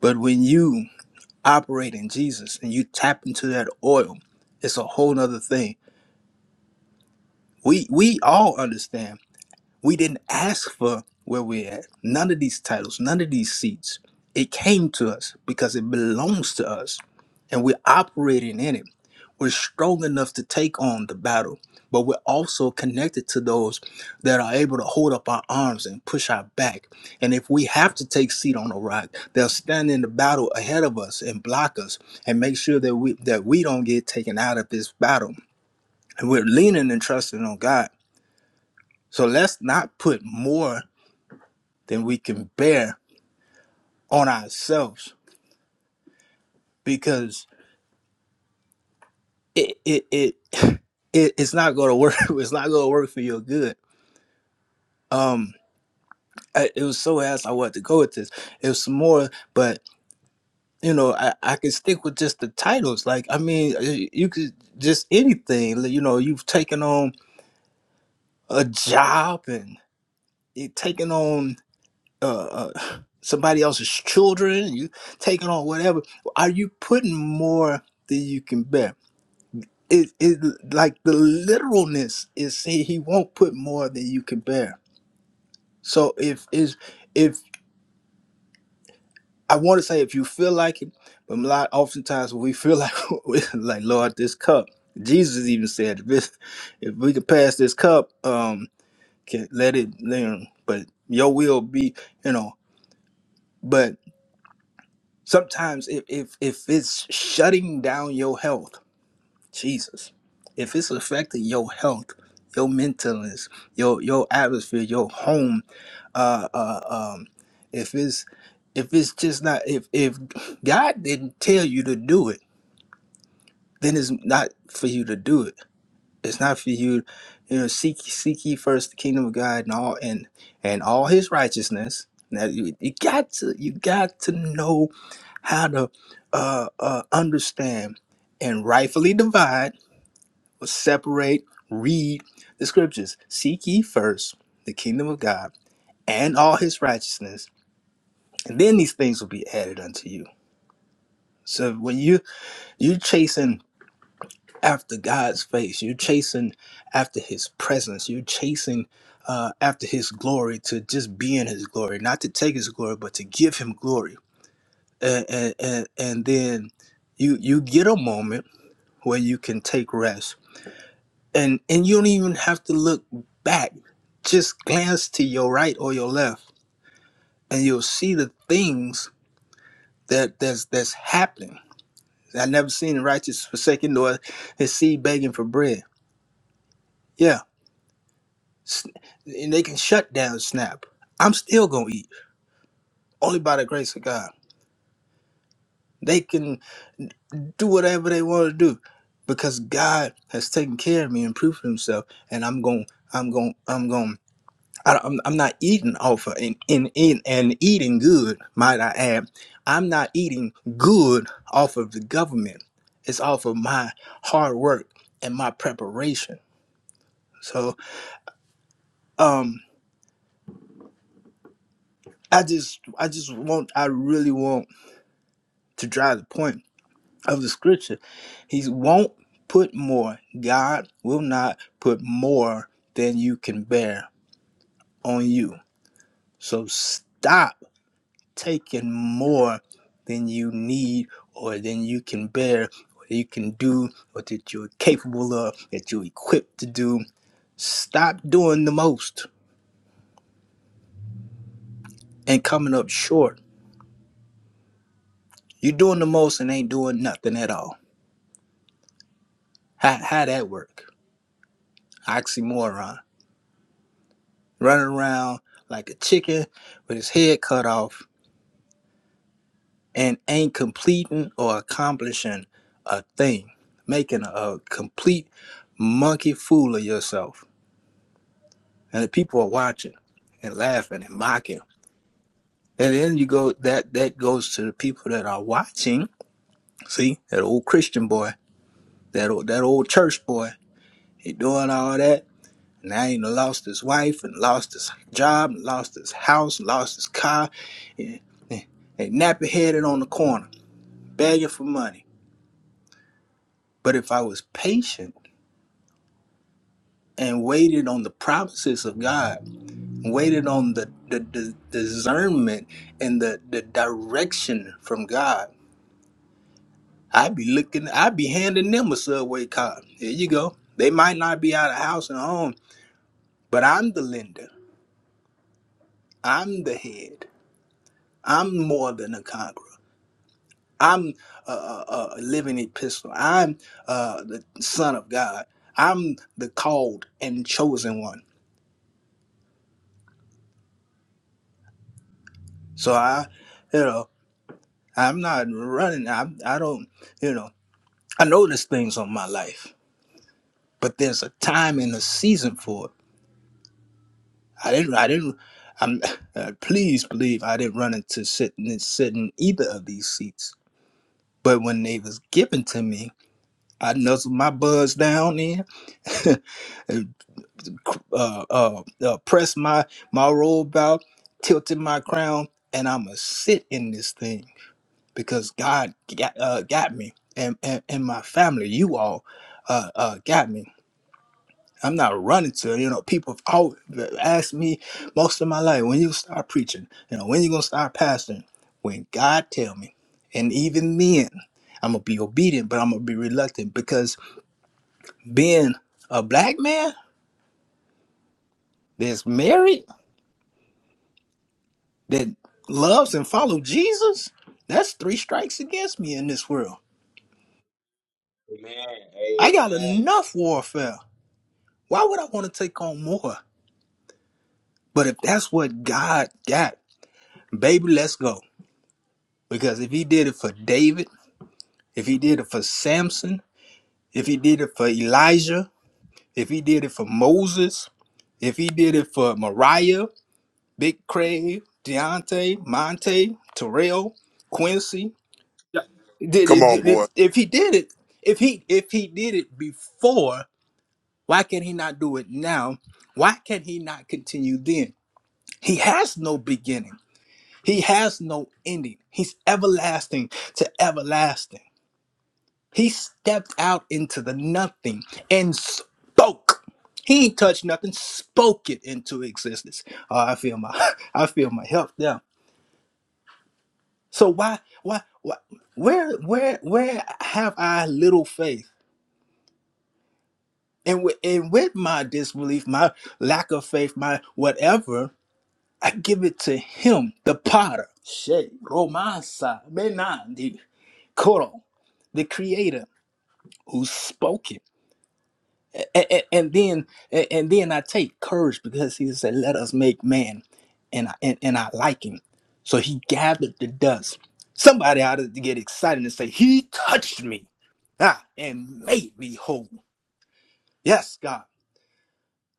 Speaker 6: But when you operate in Jesus and you tap into that oil, it's a whole nother thing. We we all understand. We didn't ask for where we're at. None of these titles, none of these seats. It came to us because it belongs to us and we're operating in it. We're strong enough to take on the battle, but we're also connected to those that are able to hold up our arms and push our back. And if we have to take seat on a rock, they'll stand in the battle ahead of us and block us and make sure that we that we don't get taken out of this battle. And we're leaning and trusting on God. So let's not put more than we can bear on ourselves because it it it, it it's not going to work. It's not going to work for your good. Um, I, it was so ass I wanted to go with this. It was some more, but you know I I can stick with just the titles. Like I mean, you could just anything. like, You know, you've taken on a job and you taking on uh, uh somebody else's children. You taking on whatever. Are you putting more than you can bear? it, it like the literalness is he, he won't put more than you can bear. So if is if I want to say if you feel like it, but a lot oftentimes when we feel like we're like Lord, this cup. Jesus even said if this, if we could pass this cup, um, can let it learn, but your will be, you know. But sometimes if if if it's shutting down your health Jesus. If it's affecting your health, your mentalness, your your atmosphere, your home, uh, uh, um, if it's if it's just not if if God didn't tell you to do it, then it's not for you to do it. It's not for you, you know. Seek seek ye first the kingdom of God and all and and all His righteousness. Now you, you got to you got to know how to uh, uh, understand and rightfully divide separate, read the scriptures. Seek ye first the kingdom of God and all his righteousness, and then these things will be added unto you. So when you you're chasing after God's face, you're chasing after his presence, you're chasing uh, after his glory to just be in his glory, not to take his glory, but to give him glory. And and and, and then you you get a moment where you can take rest and and you don't even have to look back just glance to your right or your left and you'll see the things that that's that's happening i never seen the righteous forsaken nor his seed begging for bread yeah and they can shut down snap i'm still gonna eat only by the grace of god they can do whatever they want to do because god has taken care of me and proved himself and i'm gonna i'm gonna i'm gonna I, I'm, I'm not eating off of and, and, and, and eating good, might I add. I'm not eating good off of the government. It's off of my hard work and my preparation. So um, I just I just want I really want to drive the point of the scripture. He won't put more. God will not put more than you can bear on you. So stop taking more than you need or than you can bear or you can do or that you're capable of, that you're equipped to do. Stop doing the most and coming up short. You're doing the most and ain't doing nothing at all. How, how that work? Oxymoron. Running around like a chicken with his head cut off and ain't completing or accomplishing a thing. Making a a complete monkey fool of yourself and the people are watching and laughing and mocking. And then you go that that goes to the people that are watching. See that old Christian boy, that old, that old church boy. He doing all that. Now he done lost his wife and lost his job and lost his house and lost his car. And, and, and nappy headed on the corner, begging for money. But if I was patient and waited on the promises of God, waited on the, the, the discernment and the, the direction from God I'd be looking, I'd be handing them a subway card. Here you go. They might not be out of house and home, but I'm the lender. I'm the head. I'm more than a conqueror. I'm a, a, a living epistle. I'm uh, the son of God. I'm the called and chosen one. So I, you know, I'm not running. I, I don't, you know, I know there's things on my life, but there's a time and a season for it I didn't. I didn't. I'm. Uh, please believe I didn't run into sitting sitting either of these seats. But when they was given to me, I nuzzled my buds down in, and, uh, uh, uh, pressed my my robe out, tilted my crown, and I'ma sit in this thing because God got uh, got me and, and and my family. You all uh, uh, got me. I'm not running to it. You know, people have always asked me most of my life, when you start preaching, you know, when you gonna start pastoring? When God tell me. And even then, I'm gonna be obedient, but I'm gonna be reluctant because being a black man that's married, that loves and follows Jesus, that's three strikes against me in this world.
Speaker 7: Amen.
Speaker 6: I got
Speaker 7: Amen.
Speaker 6: enough warfare. Why would I want to take on more? But if that's what God got, baby, let's go. Because if he did it for David, If he did it for Samson, if he did it for Elijah, if he did it for Moses, if he did it for Mariah, Big Craig, Deontay, Monte, Terrell, Quincy, did
Speaker 4: Come
Speaker 6: it,
Speaker 4: on,
Speaker 6: did
Speaker 4: boy.
Speaker 6: it- if he did it, if he if he did it before, why can he not do it now? Why can he not continue then? He has no beginning. He has no ending. He's everlasting to everlasting. He stepped out into the nothing and spoke. He ain't touched nothing, spoke it into existence. Oh, I feel my I feel my help now. So why why why where where where have I little faith? And with, and with my disbelief, my lack of faith, my whatever, I give it to him, the potter. She Romasa Menandi Koro, the creator who spoke it. and, and, and then and, and then I take courage because he said, "Let us make man," and I and, and I like him. So he gathered the dust. Somebody ought to get excited and say, "He touched me, ah, and made me whole." Yes, God.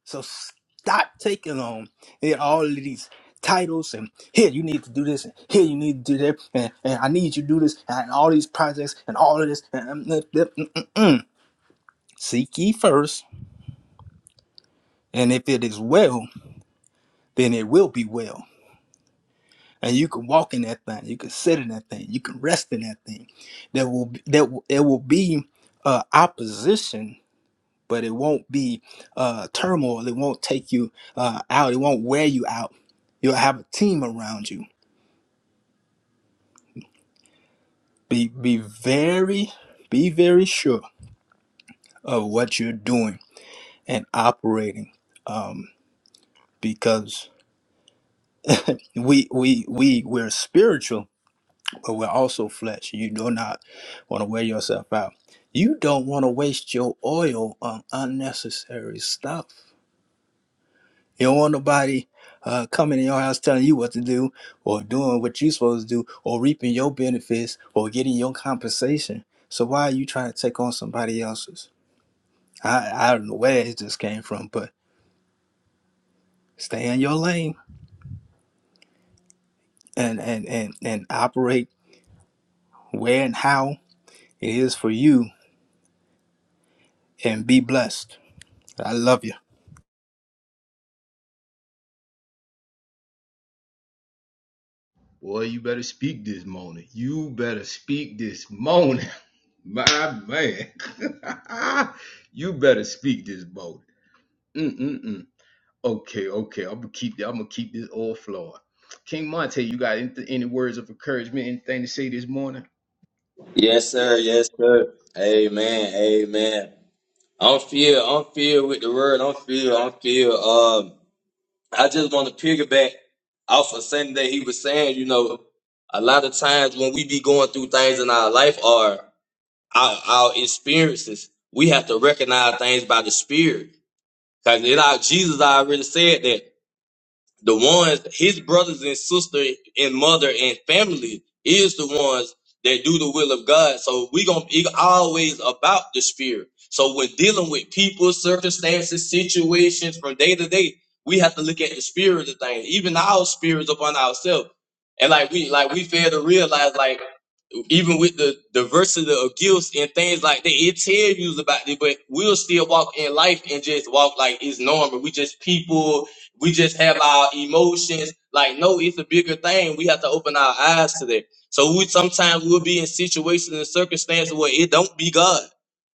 Speaker 6: So stop taking on eh, all of these titles and here you need to do this and here you need to do that and, and I need you to do this and all these projects and all of this and, and, and, and, and, and. seek ye first and if it is well then it will be well. And you can walk in that thing, you can sit in that thing, you can rest in that thing. There will be, that will, it will be uh, opposition, but it won't be uh, turmoil. It won't take you uh, out. It won't wear you out. You'll have a team around you. Be be very be very sure of what you're doing and operating, um, because we we we we're spiritual but we're also flesh. You do not want to wear yourself out. You don't want to waste your oil on unnecessary stuff. You don't want nobody uh, coming in your house telling you what to do or doing what you're supposed to do or reaping your benefits or getting your compensation. So why are you trying to take on somebody else's? I, I don't know where it just came from, but stay in your lane and, and, and, and operate where and how it is for you and be blessed. I love you.
Speaker 1: Boy, you better speak this morning. You better speak this morning, my man. you better speak this morning. Mm-mm-mm. Okay, okay. I'm gonna keep I'm gonna keep this all flowing. King Monte, you got any, any words of encouragement, anything to say this morning?
Speaker 7: Yes, sir. Yes, sir. Amen. Amen. I'm filled. I'm filled with the word. I'm filled. I'm filled. Um, I just want to piggyback off of something that he was saying. You know, a lot of times when we be going through things in our life or our, our experiences, we have to recognize things by the Spirit. Because it, our, Jesus already said that. the ones his brothers and sister and mother and family is the ones that do the will of God. So we gonna it always about the spirit. So when dealing with people, circumstances, situations from day to day, we have to look at the spirit of things, even our spirits upon ourselves. And like we like we fail to realize like even with the diversity of gifts and things like that, it tells you about it, but we'll still walk in life and just walk like it's normal. We just people, we just have our emotions. Like, no, it's a bigger thing. We have to open our eyes to that. So we sometimes we'll be in situations and circumstances where it don't be God.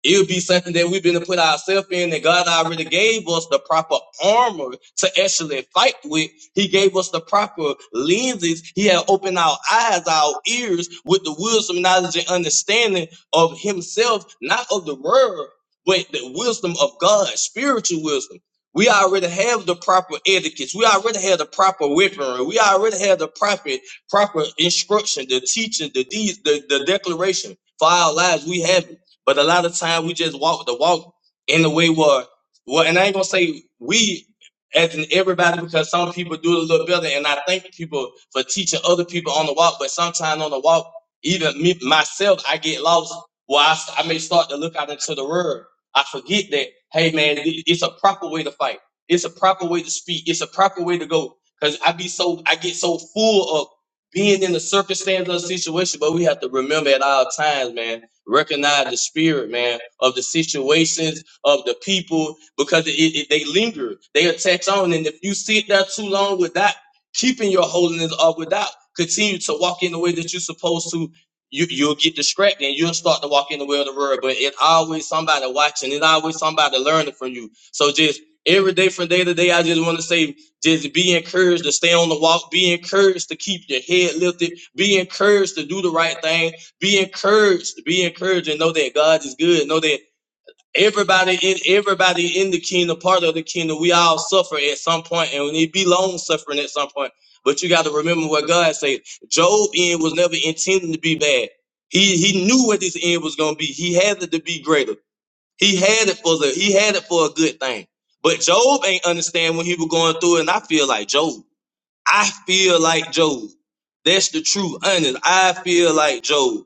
Speaker 7: It'll be something that we've been to put ourselves in, and God already gave us the proper armor to actually fight with he gave us the proper lenses. He had opened our eyes, our ears with the wisdom, knowledge, and understanding of himself, not of the world, but the wisdom of God, spiritual wisdom. We already have the proper etiquettes. We already have the proper weaponry. We already have the proper proper instruction, the teaching, the deeds, the, the declaration for our lives. We have it. But a lot of time we just walk the walk in the way where well, and I ain't gonna say we. As in everybody because some people do it a little better. And I thank people for teaching other people on the walk, but sometimes on the walk, even me myself, I get lost. Well, I I may start to look out into the world. I forget that, hey man, it- it's a proper way to fight. It's a proper way to speak. It's a proper way to go. Cause I be so I get so full of being in the circumstance of the situation, but we have to remember at all times, man, recognize the spirit, man, of the situations of the people because it, it, they linger, they attach on. And if you sit there too long without keeping your holiness or without continue to walk in the way that you're supposed to, you, you'll get distracted and you'll start to walk in the way of the world. But it's always somebody watching, it's always somebody learning from you. So just every day from day to day, I just want to say, just be encouraged to stay on the walk, be encouraged to keep your head lifted, be encouraged to do the right thing, be encouraged, be encouraged, and know that God is good. Know that Everybody in everybody in the kingdom, part of the kingdom, we all suffer at some point, and we need to be long suffering at some point. But you got to remember what God said. Job end was never intended to be bad. He he knew what his end was gonna be. He had it to be greater. He had it for the he had it for a good thing. But Job ain't understand when he was going through it, and I feel like Job. I feel like Job. That's the truth, honest. I feel like Job.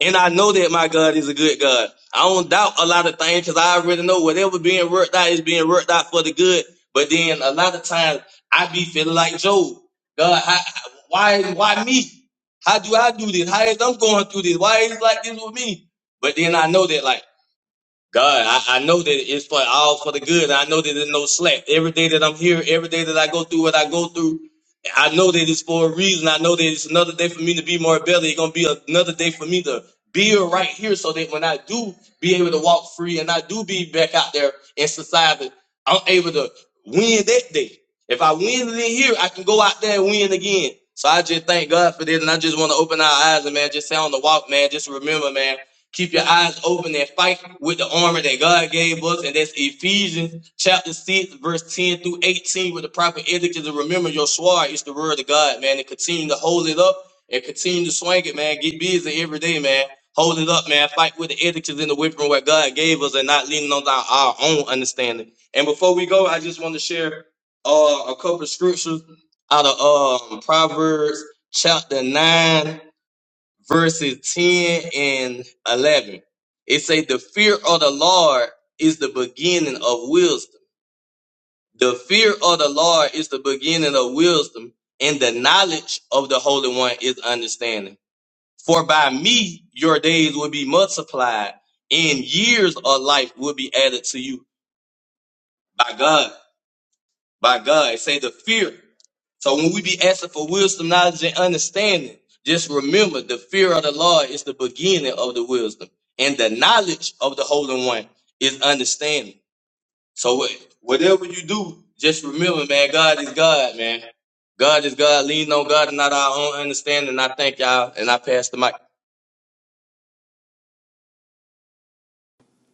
Speaker 7: And I know that my God is a good God. I don't doubt a lot of things because I already know whatever being worked out is being worked out for the good. But then a lot of times I be feeling like Job. God, how, why, why me? How do I do this? How is I'm going through this? Why is it like this with me? But then I know that like God, I, I know that it's for all for the good. I know that there's no slack. Every day that I'm here, every day that I go through what I go through, I know that it's for a reason. I know that it's another day for me to be more better. It's gonna be another day for me to be right here so that when I do be able to walk free and I do be back out there in society, I'm able to win that day. If I win it in here, I can go out there and win again. So I just thank God for this, and I just want to open our eyes and man, just say on the walk, man. Just remember, man. Keep your eyes open and fight with the armor that God gave us. And that's Ephesians chapter 6, verse 10 through 18, with the proper etiquette and remember your sword is the word of God, man. And continue to hold it up and continue to swing it, man. Get busy every day, man. Hold it up, man. Fight with the etiquette and the whipping what God gave us and not leaning on our, our own understanding. And before we go, I just want to share uh, a couple of scriptures out of um, Proverbs chapter 9 verses 10 and 11. It say the fear of the Lord is the beginning of wisdom. The fear of the Lord is the beginning of wisdom, and the knowledge of the Holy One is understanding. For by me your days will be multiplied, and years of life will be added to you by God. by God. It say the fear. So when we be asking for wisdom, knowledge, and understanding, just remember the fear of the Lord is the beginning of the wisdom, and the knowledge of the Holy One is understanding. So whatever you do, just remember, man, God is God, man. God is God. Lean on God and not our own understanding. I thank y'all, and I pass the mic.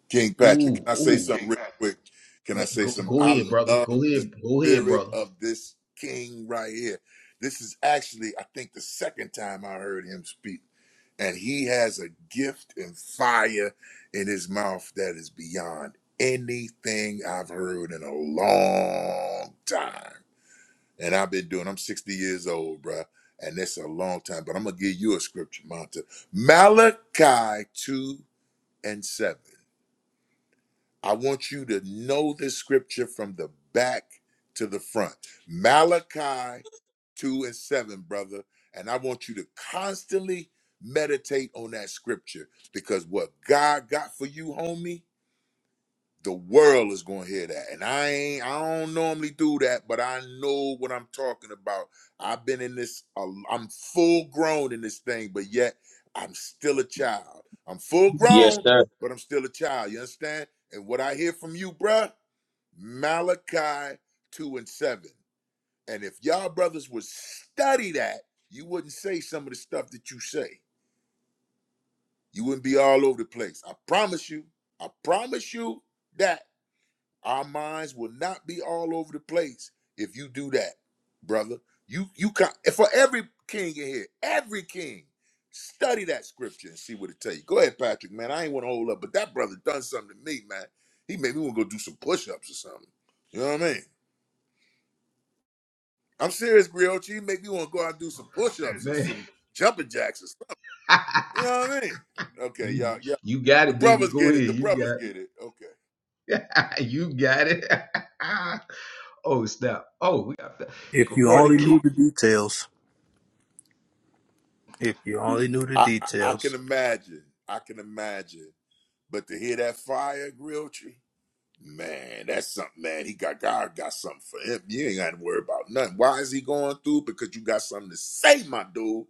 Speaker 4: King Patrick, can
Speaker 1: Ooh,
Speaker 4: I say
Speaker 1: ooh.
Speaker 4: something
Speaker 1: King.
Speaker 4: real quick? Can I say
Speaker 1: Go,
Speaker 4: something?
Speaker 1: go
Speaker 4: I
Speaker 1: ahead, brother. Go
Speaker 4: love the
Speaker 1: ahead. Go ahead,
Speaker 4: spirit
Speaker 1: brother.
Speaker 4: of this king right here. This is actually, I think, the second time I heard him speak. And he has a gift and fire in his mouth that is beyond anything I've heard in a long time. And I've been doing, I'm 60 years old, bruh. And that's a long time. But I'm going to give you a scripture, Monta. Malachi 2 and 7. I want you to know this scripture from the back to the front. Malachi 2 and 7, brother. And I want you to constantly meditate on that scripture because what God got for you, homie the world is gonna hear that. And I ain't I don't normally do that, but I know what I'm talking about. I've been in this i I'm full grown in this thing, but yet I'm still a child. I'm full
Speaker 7: Yes,
Speaker 4: grown,
Speaker 7: sir.
Speaker 4: but I'm still a child. You understand? And what I hear from you, bruh, Malachi 2 and 7. And if y'all brothers would study that, you wouldn't say some of the stuff that you say. You wouldn't be all over the place. I promise you. I promise you that. Our minds will not be all over the place if you do that, brother. You you can for every king in here, every king, study that scripture and see what it tell you. Go ahead, Patrick, man. I ain't want to hold up, but that brother done something to me, man. He made me want to go do some push-ups or something. You know what I mean? I'm serious, Griotchi. He made me want to go out and do some push-ups or
Speaker 1: Man,
Speaker 4: some jumping jacks or something. You know what I mean? Okay,
Speaker 1: you
Speaker 4: y'all, yeah.
Speaker 1: you got
Speaker 4: The
Speaker 1: it, baby.
Speaker 4: brothers
Speaker 1: Go
Speaker 4: get it.
Speaker 1: ahead.
Speaker 4: The
Speaker 1: You
Speaker 4: brothers
Speaker 1: got
Speaker 4: get it. Okay.
Speaker 1: it. you got it. oh, snap. Oh, we got that.
Speaker 6: If
Speaker 1: Good
Speaker 6: you
Speaker 1: morning,
Speaker 6: only
Speaker 1: King.
Speaker 6: knew the details. If you only knew the
Speaker 4: I, I I can
Speaker 6: details.
Speaker 4: imagine. I can imagine. But to hear that fire Grilltree, man, that's something, man. He got God got something for him. You ain't got to worry about nothing. Why is he going through? Because you got something to say, my dude.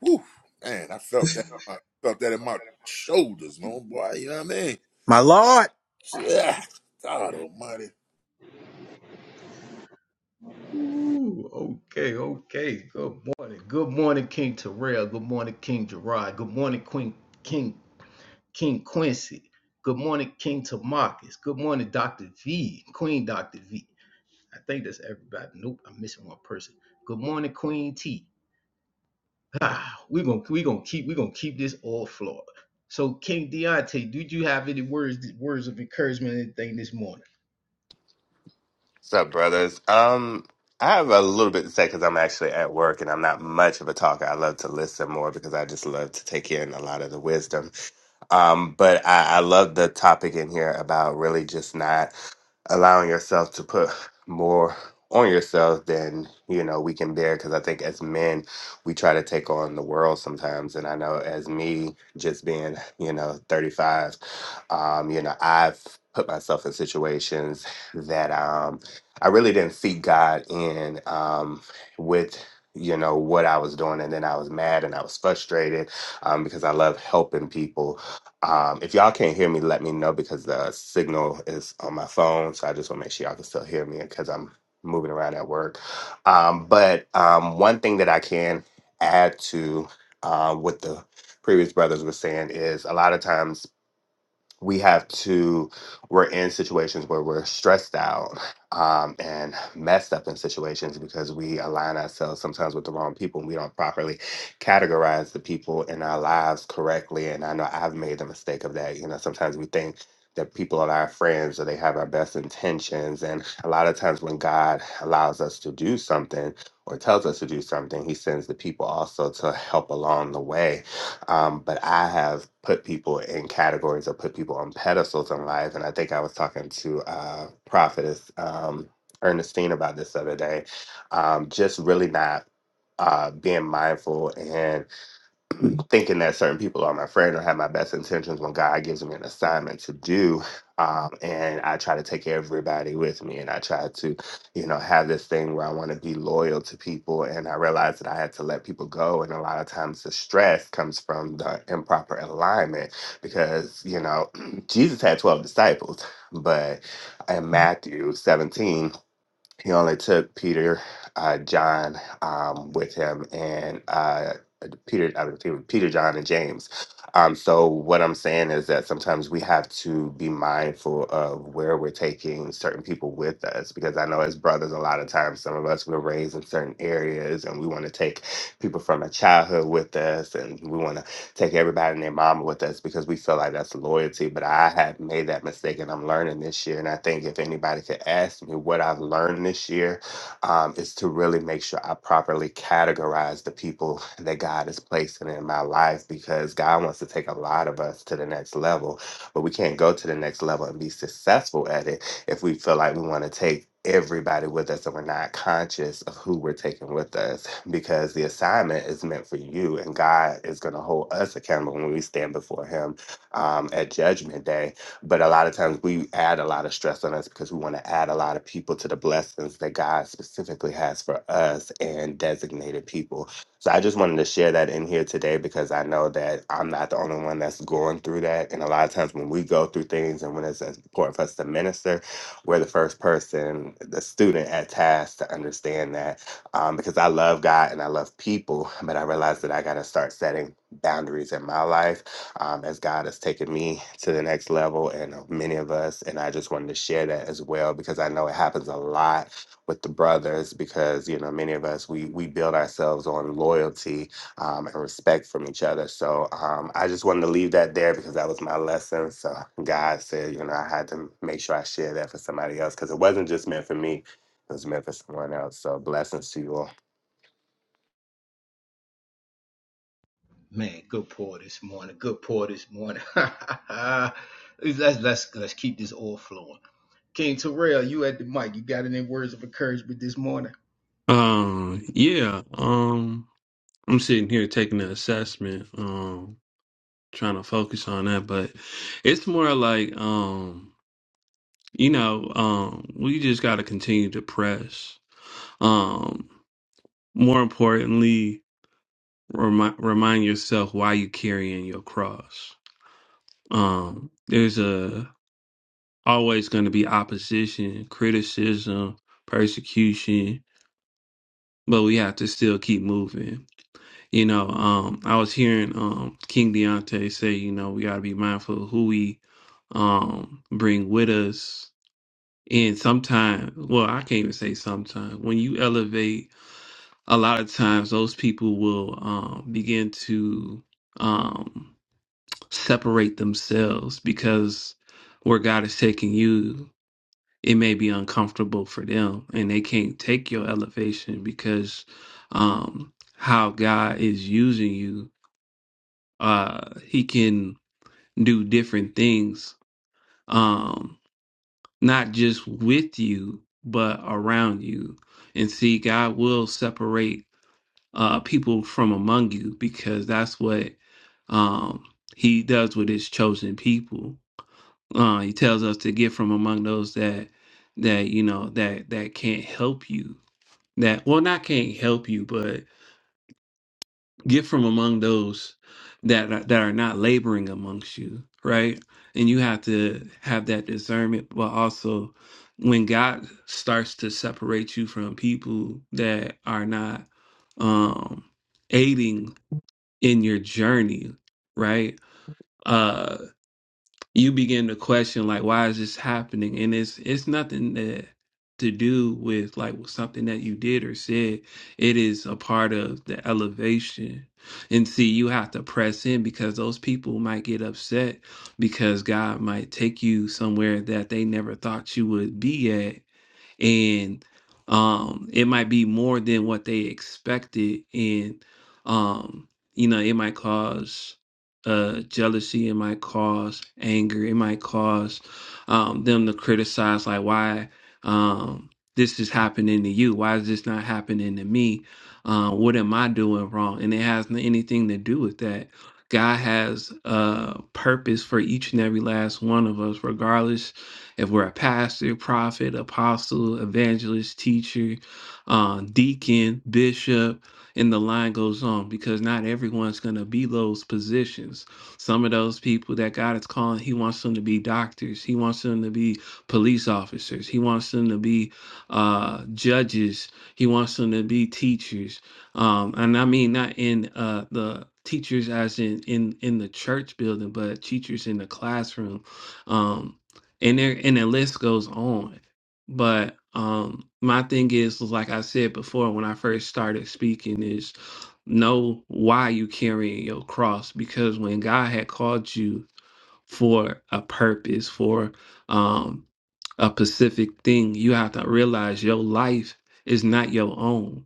Speaker 4: Whew, man, I felt that. I felt that in my shoulders, man, boy. You know what I mean?
Speaker 6: My Lord.
Speaker 4: Yeah, God Almighty.
Speaker 1: Ooh, okay, okay. Good morning. Good morning, King Terrell. Good morning, King Gerard. Good morning, Queen King King Quincy. Good morning, King Tamarcus. Good morning, Dr. V, Queen Dr. V. I think that's everybody. Nope, I'm missing one person. Good morning, Queen T. Ah, we're gonna we gonna keep we gonna keep this all flawed. So King Deontay, did you have any words words of encouragement or anything this morning?
Speaker 8: What's up, brothers? Um, I have a little bit to say because I'm actually at work and I'm not much of a talker. I love to listen more because I just love to take in a lot of the wisdom. Um, but I, I love the topic in here about really just not allowing yourself to put more on yourself than you know we can bear because i think as men we try to take on the world sometimes and i know as me just being you know 35 um you know i've put myself in situations that um i really didn't seek god in um with you know what i was doing and then i was mad and i was frustrated um because i love helping people um, if y'all can't hear me, let me know because the signal is on my phone. So I just want to make sure y'all can still hear me because I'm moving around at work. Um, but um, one thing that I can add to uh, what the previous brothers were saying is a lot of times we have to we're in situations where we're stressed out um, and messed up in situations because we align ourselves sometimes with the wrong people and we don't properly categorize the people in our lives correctly and i know i've made the mistake of that you know sometimes we think that people are our friends or they have our best intentions and a lot of times when god allows us to do something or tells us to do something he sends the people also to help along the way um, but I have put people in categories or put people on pedestals in life. And I think I was talking to uh, Prophetess um, Ernestine about this the other day. Um, just really not uh, being mindful. and thinking that certain people are my friend or have my best intentions when God gives me an assignment to do. Um, and I try to take everybody with me and I try to, you know, have this thing where I want to be loyal to people. And I realized that I had to let people go. And a lot of times the stress comes from the improper alignment because, you know, Jesus had 12 disciples, but in Matthew 17, he only took Peter, uh, John um, with him, and uh, Peter, I mean, Peter, Peter, John, and James. Um, so what I'm saying is that sometimes we have to be mindful of where we're taking certain people with us, because I know as brothers, a lot of times some of us were raised in certain areas, and we want to take people from a childhood with us, and we want to take everybody and their mama with us because we feel like that's loyalty. But I have made that mistake and I'm learning this year. And I think if anybody could ask me what I've learned this year, um, is to really make sure I properly categorize the people that God is placing in my life because God wants to take a lot of us to the next level, but we can't go to the next level and be successful at it if we feel like we want to take everybody with us and we're not conscious of who we're taking with us because the assignment is meant for you and God is going to hold us accountable when we stand before him um, at judgment day but a lot of times we add a lot of stress on us because we want to add a lot of people to the blessings that God specifically has for us and designated people so I just wanted to share that in here today because I know that I'm not the only one that's going through that and a lot of times when we go through things and when it's important for us to minister we're the first person, the student at task to understand that um, because I love God and I love people, but I realized that I got to start setting boundaries in my life um, as God has taken me to the next level and uh, many of us. And I just wanted to share that as well because I know it happens a lot with the brothers because, you know, many of us, we, we build ourselves on loyalty um, and respect from each other. So um, I just wanted to leave that there because that was my lesson. So God said, you know, I had to make sure I shared that for somebody else because it wasn't just meant for me, it was meant for someone else. So blessings to you all.
Speaker 1: Man, good pour this morning. Good pour this morning. let's let's let's keep this all flowing. King Terrell, you at the mic. You got any words of encouragement this morning?
Speaker 9: Um, yeah. Um, I'm sitting here taking the assessment, um, trying to focus on that, but it's more like, um, you know, um, we just got to continue to press. Um, more importantly, remind remind yourself why you're carrying your cross. Um, there's a always going to be opposition, criticism, persecution, but we have to still keep moving. You know, um, I was hearing um, King Deontay say, you know, we got to be mindful of who we um, bring with us. And sometimes, well, I can't even say sometimes, when you elevate, a lot of times those people will um, begin to um, separate themselves because where God is taking you, it may be uncomfortable for them and they can't take your elevation because um, how God is using you uh he can do different things um not just with you but around you and see god will separate uh people from among you because that's what um he does with his chosen people uh he tells us to get from among those that that you know that that can't help you that well not can't help you but. Get from among those that are, that are not laboring amongst you, right? And you have to have that discernment, but also when God starts to separate you from people that are not um aiding in your journey, right? Uh, you begin to question like why is this happening and it's it's nothing that to do with like with something that you did or said it is a part of the elevation and see you have to press in because those people might get upset because god might take you somewhere that they never thought you would be at and um it might be more than what they expected and um you know it might cause uh jealousy it might cause anger it might cause um them to criticize like why um this is happening to you why is this not happening to me uh, what am i doing wrong and it has n- anything to do with that god has a purpose for each and every last one of us regardless if we're a pastor, prophet, apostle, evangelist, teacher, uh, deacon, bishop, and the line goes on because not everyone's going to be those positions. Some of those people that God is calling, He wants them to be doctors, He wants them to be police officers, He wants them to be uh, judges, He wants them to be teachers. Um, and I mean, not in uh, the teachers as in, in in the church building but teachers in the classroom Um, and there and the list goes on. But um my thing is like I said before when I first started speaking is know why you carrying your cross because when God had called you for a purpose for um a Pacific thing. You have to realize your life is not your own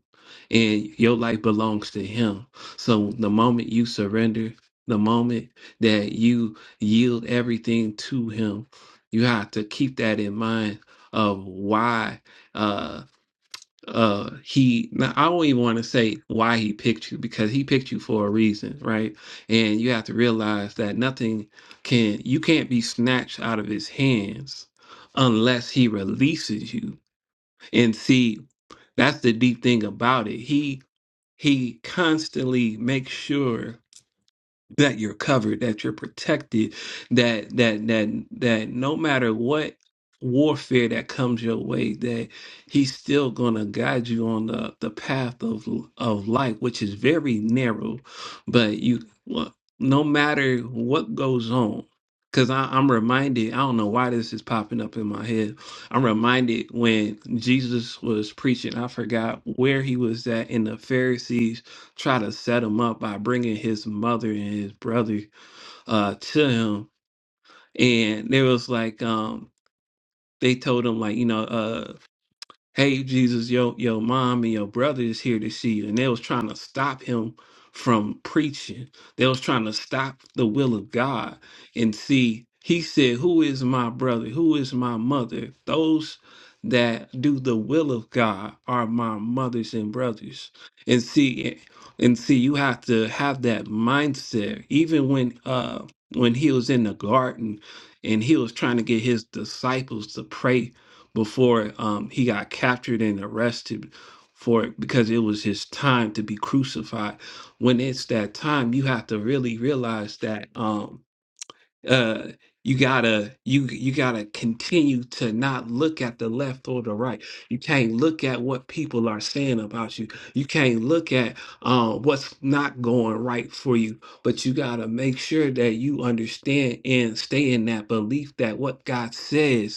Speaker 9: and your life belongs to Him. So the moment you surrender, the moment that you yield everything to Him, you have to keep that in mind of why. Uh, uh he now i don't even want to say why he picked you because he picked you for a reason right and you have to realize that nothing can you can't be snatched out of his hands unless he releases you and see that's the deep thing about it he he constantly makes sure that you're covered, that you're protected, that that that that no matter what warfare that comes your way, that he's still gonna guide you on the the path of of life, which is very narrow. But you, well, no matter what goes on, because I'm reminded, I don't know why this is popping up in my head. I'm reminded when Jesus was preaching, I forgot where he was at in the Pharisees try to set him up by bringing his mother and his brother uh to him and they was like um they told him like you know uh hey jesus yo your mom and your brother is here to see you and they was trying to stop him from preaching they was trying to stop the will of god and see he said who is my brother who is my mother those that do the will of god are my mothers and brothers and see and see you have to have that mindset even when uh when he was in the garden and he was trying to get his disciples to pray before um, he got captured and arrested for it because it was his time to be crucified. When it's that time, you have to really realize that um, uh, you gotta you you gotta continue to not look at the left or the right. You can't look at what people are saying about you. You can't look at um, what's not going right for you. But you gotta make sure that you understand and stay in that belief that what God says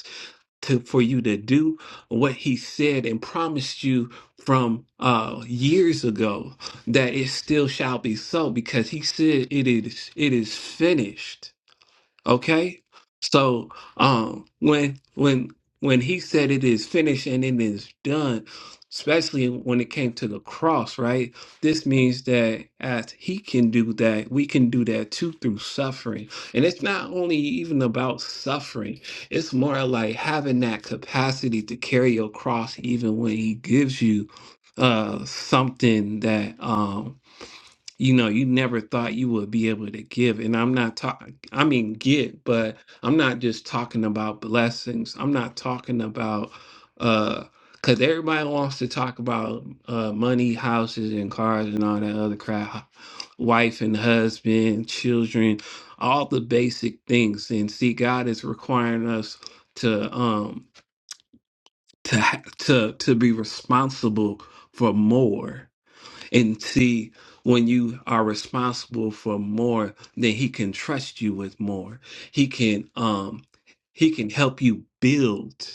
Speaker 9: to for you to do what he said and promised you from uh years ago that it still shall be so because he said it is it is finished Okay? So um when when when he said it is finished and it is done, especially when it came to the cross, right? This means that as he can do that, we can do that too through suffering. And it's not only even about suffering, it's more like having that capacity to carry your cross even when he gives you uh something that um you know you never thought you would be able to give and i'm not talking i mean get but i'm not just talking about blessings i'm not talking about uh because everybody wants to talk about uh money houses and cars and all that other crap wife and husband children all the basic things and see god is requiring us to um to ha- to to be responsible for more and see, when you are responsible for more, then he can trust you with more. He can um he can help you build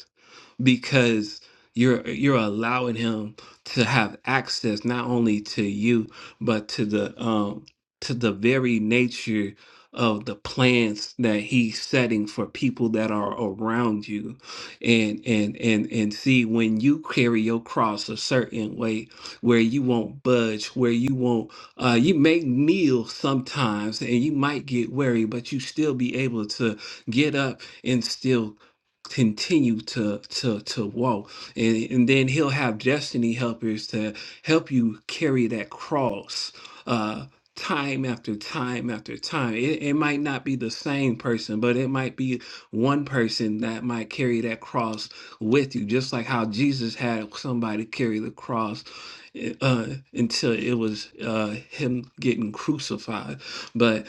Speaker 9: because you're you're allowing him to have access not only to you but to the um to the very nature of the plans that he's setting for people that are around you and and and and see when you carry your cross a certain way where you won't budge where you won't uh you may kneel sometimes and you might get weary but you still be able to get up and still continue to to to walk and, and then he'll have destiny helpers to help you carry that cross uh time after time after time it, it might not be the same person but it might be one person that might carry that cross with you just like how jesus had somebody carry the cross eh, uh until it was uh him getting crucified but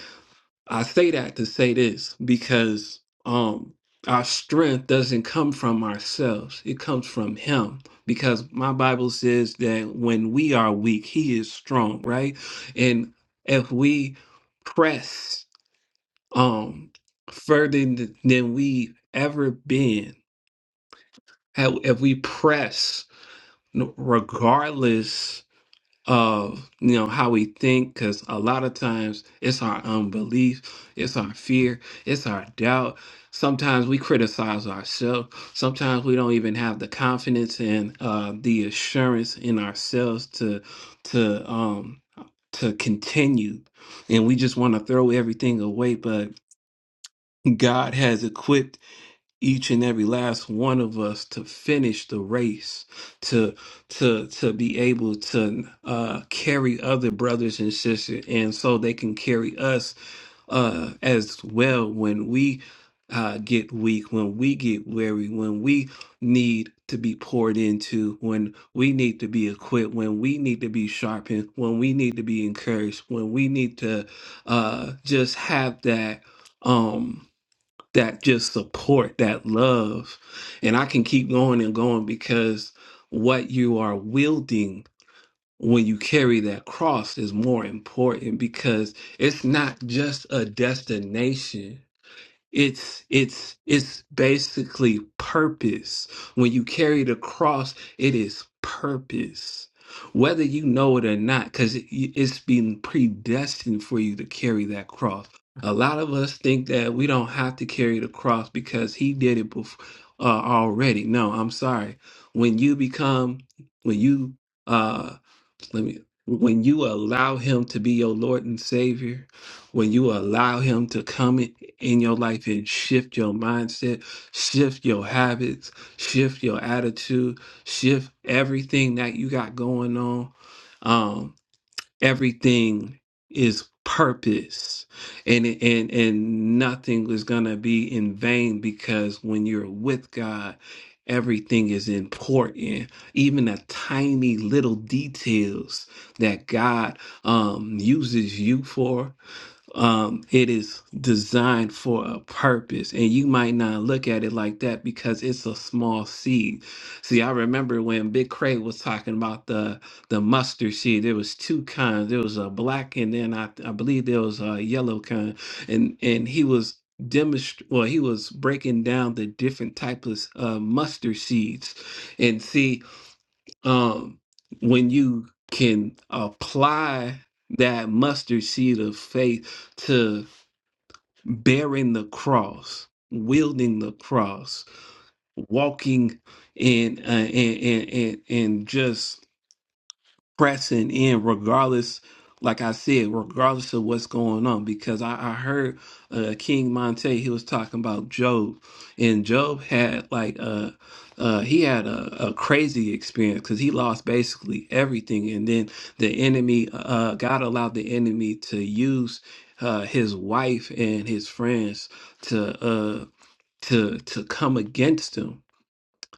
Speaker 9: I say that to say this because um our strength doesn't come from ourselves. It comes from him because my Bible says that when we are weak, he is strong, right? And if we press um further th- than we ever been, how- if we press n- regardless of you know how we think because a lot of times it's our unbelief it's our fear it's our doubt sometimes we criticize ourselves sometimes we don't even have the confidence and uh, the assurance in ourselves to to um to continue and we just want to throw everything away but god has equipped each and every last one of us to finish the race to to to be able to uh carry other brothers and sisters and so they can carry us uh as well when we uh get weak when we get weary when we need to be poured into when we need to be equipped when we need to be sharpened when we need to be encouraged when we need to uh just have that Um, that just support that love and i can keep going and going because what you are wielding when you carry that cross is more important because it's not just a destination it's it's it's basically purpose. When you carry the cross, it is purpose. Whether you know it or not, because it, it's been predestined for you to carry that cross. A lot of us think that we don't have to carry the cross because he did it before uh, already. No, I'm sorry. When you become, when you uh, let me, when you allow him to be your Lord and Savior, when you allow him to come in in your life and shift your mindset, shift your habits, shift your attitude, shift everything that you got going on. Um, everything is purpose and it- and and nothing is going to be in vain because when you're with God everything is important even the tiny little details that God um uses you for um, it is designed for a purpose. And you might not look at it like that because it's a small seed. See, I remember when Big Cray was talking about the the mustard seed. There was two kinds. There was a black, and then I, I believe there was a yellow kind. And and he was demonst well he was breaking down the different types of uh, mustard seeds and see um, when you can apply that mustard seed of faith to bearing the cross, wielding the cross, walking in uh, and, and and and just pressing in regardless like i said regardless of what's going on because i, I heard uh, king monte he was talking about job and job had like uh, uh he had a, a crazy experience because he lost basically everything and then the enemy uh uh, god allowed the enemy to use uh his wife and his friends to uh to to come against him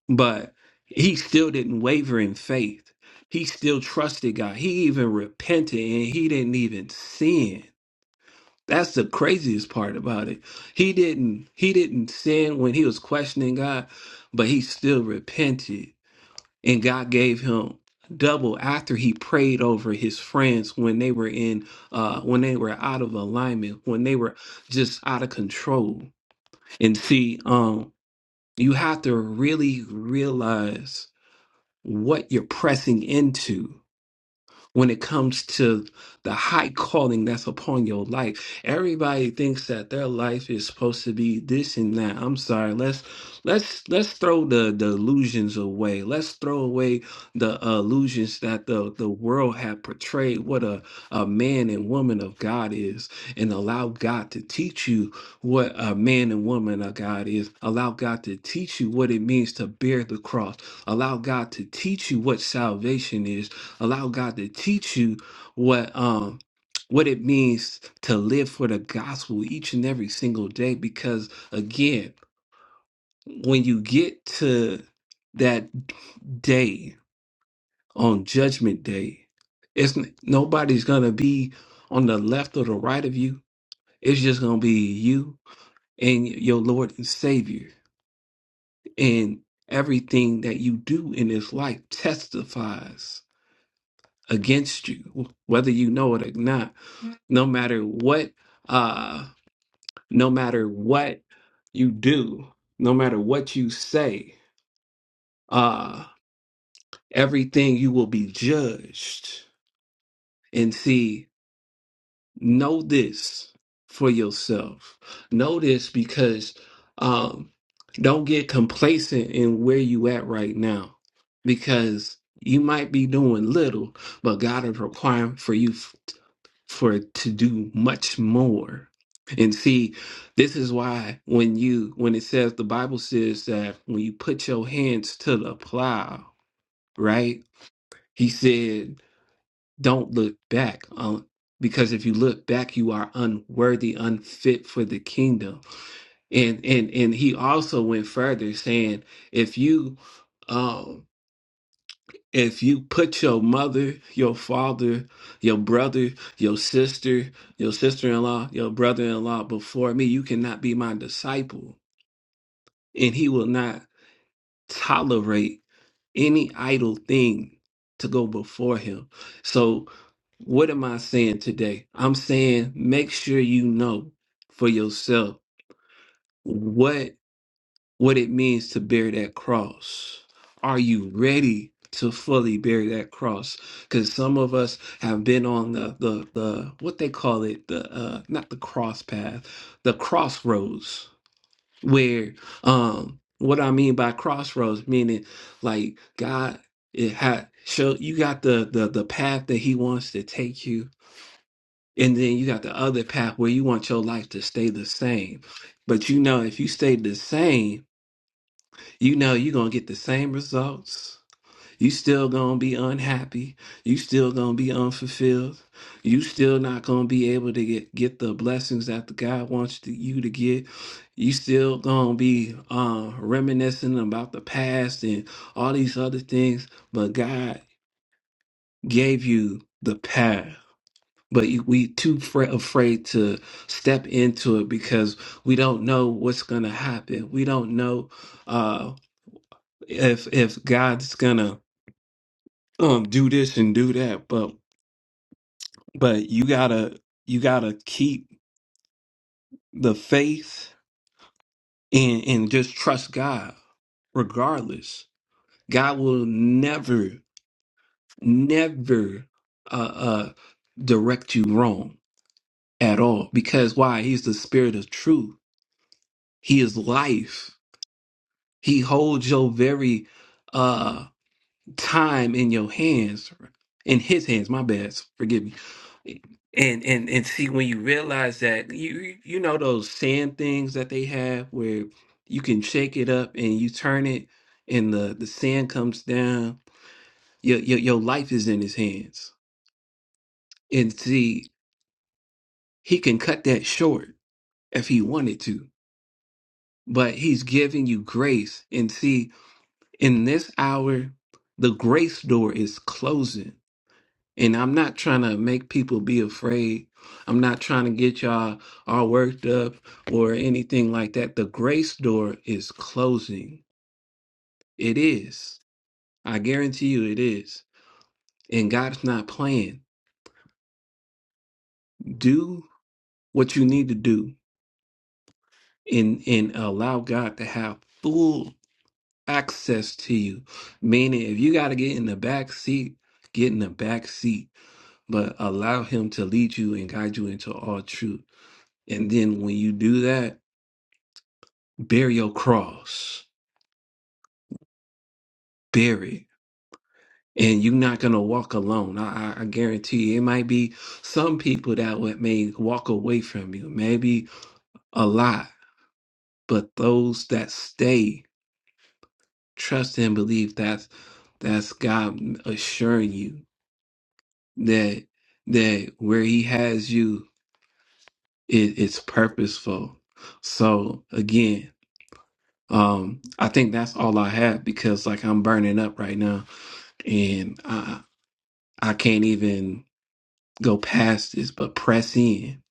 Speaker 9: but he still didn't waver in faith. He still trusted God. He even repented and he didn't even sin. That's the craziest part about it. He didn't he didn't sin when he was questioning God, but he still repented and God gave him double after he prayed over his friends when they were in uh when they were out of alignment, when they were just out of control. And see, um you have to really realize what you're pressing into when it comes to the high calling that's upon your life. Everybody thinks that their life is supposed to be this and that. I'm sorry. Let's let's let's throw the, the illusions away. Let's throw away the uh, illusions that the, the world have portrayed what a, a man and woman of God is and allow God to teach you what a man and woman of God is. Allow God to teach you what it means to bear the cross. Allow God to teach you what salvation is Allow God to teach you what um what it means to live for the gospel each and every single day because again, when you get to that day on judgment day, it's n- nobody's going to be on the left or the right of you. It's just going to be you and your Lord and Savior. And everything that you do in this life testifies against you, whether you know it or not no matter what uh no matter what you do no matter what you say uh everything you will be judged and see know this for yourself know this because um don't get complacent in where you at right now because you might be doing little but god is requiring for you for to do much more. And see, this is why when you when it says the Bible says that when you put your hands to the plow, right? He said, "Don't look back, um, because if you look back, you are unworthy, unfit for the kingdom." And and and he also went further, saying, "If you." um if you put your mother, your father, your brother, your sister, your sister in law, your brother in law before me, you cannot be my disciple. And he will not tolerate any idle thing to go before him. So, what am I saying today? I'm saying make sure you know for yourself what what it means to bear that cross. Are you ready to fully bear that cross? Because some of us have been on the, the the what they call it the uh, not the cross path, the crossroads. Where um, what I mean by crossroads meaning like God it had show you got the the the path that He wants to take you. And then you got the other path where you want your life to stay the same. But you know, if you stay the same, you know you're gonna get the same results you still gonna be unhappy you still gonna be unfulfilled you still not gonna be able to get, get the blessings that the god wants to, you to get you still gonna be uh, reminiscing about the past and all these other things but god gave you the path but you- we too fra- afraid to step into it because we don't know what's gonna happen we don't know uh, if if God's gonna um do this and do that, but but you gotta you gotta keep the faith and and just trust God regardless. God will never never uh uh direct you wrong at all because why? He's the spirit of truth. He is life. He holds your very uh. time in your hands, in his hands, my bad, forgive me. And and and see when you realize that you you know those sand things that they have where you can shake it up and you turn it and the the sand comes down. Your your, your life is in his hands. And see, he can cut that short if he wanted to. But he's giving you grace. And see, in this hour, the grace door is closing And I'm not trying to make people be afraid. I'm not trying to get y'all all worked up or anything like that. The grace door is closing. It is. I guarantee you it is. And God's not playing. Do what you need to do and, and allow God to have full access to you. Meaning, if you got to get in the back seat, get in the back seat, but allow Him to lead you and guide you into all truth. And then when you do that, bear your cross, bear it. And you're not gonna walk alone. I, I I guarantee you. It might be some people that would may walk away from you, maybe a lot, but those that stay, trust and believe that's that's God assuring you that that where He has you, it, it's purposeful. So again, um, I think that's all I have because like I'm burning up right now, and I I can't even. go past this, but press in,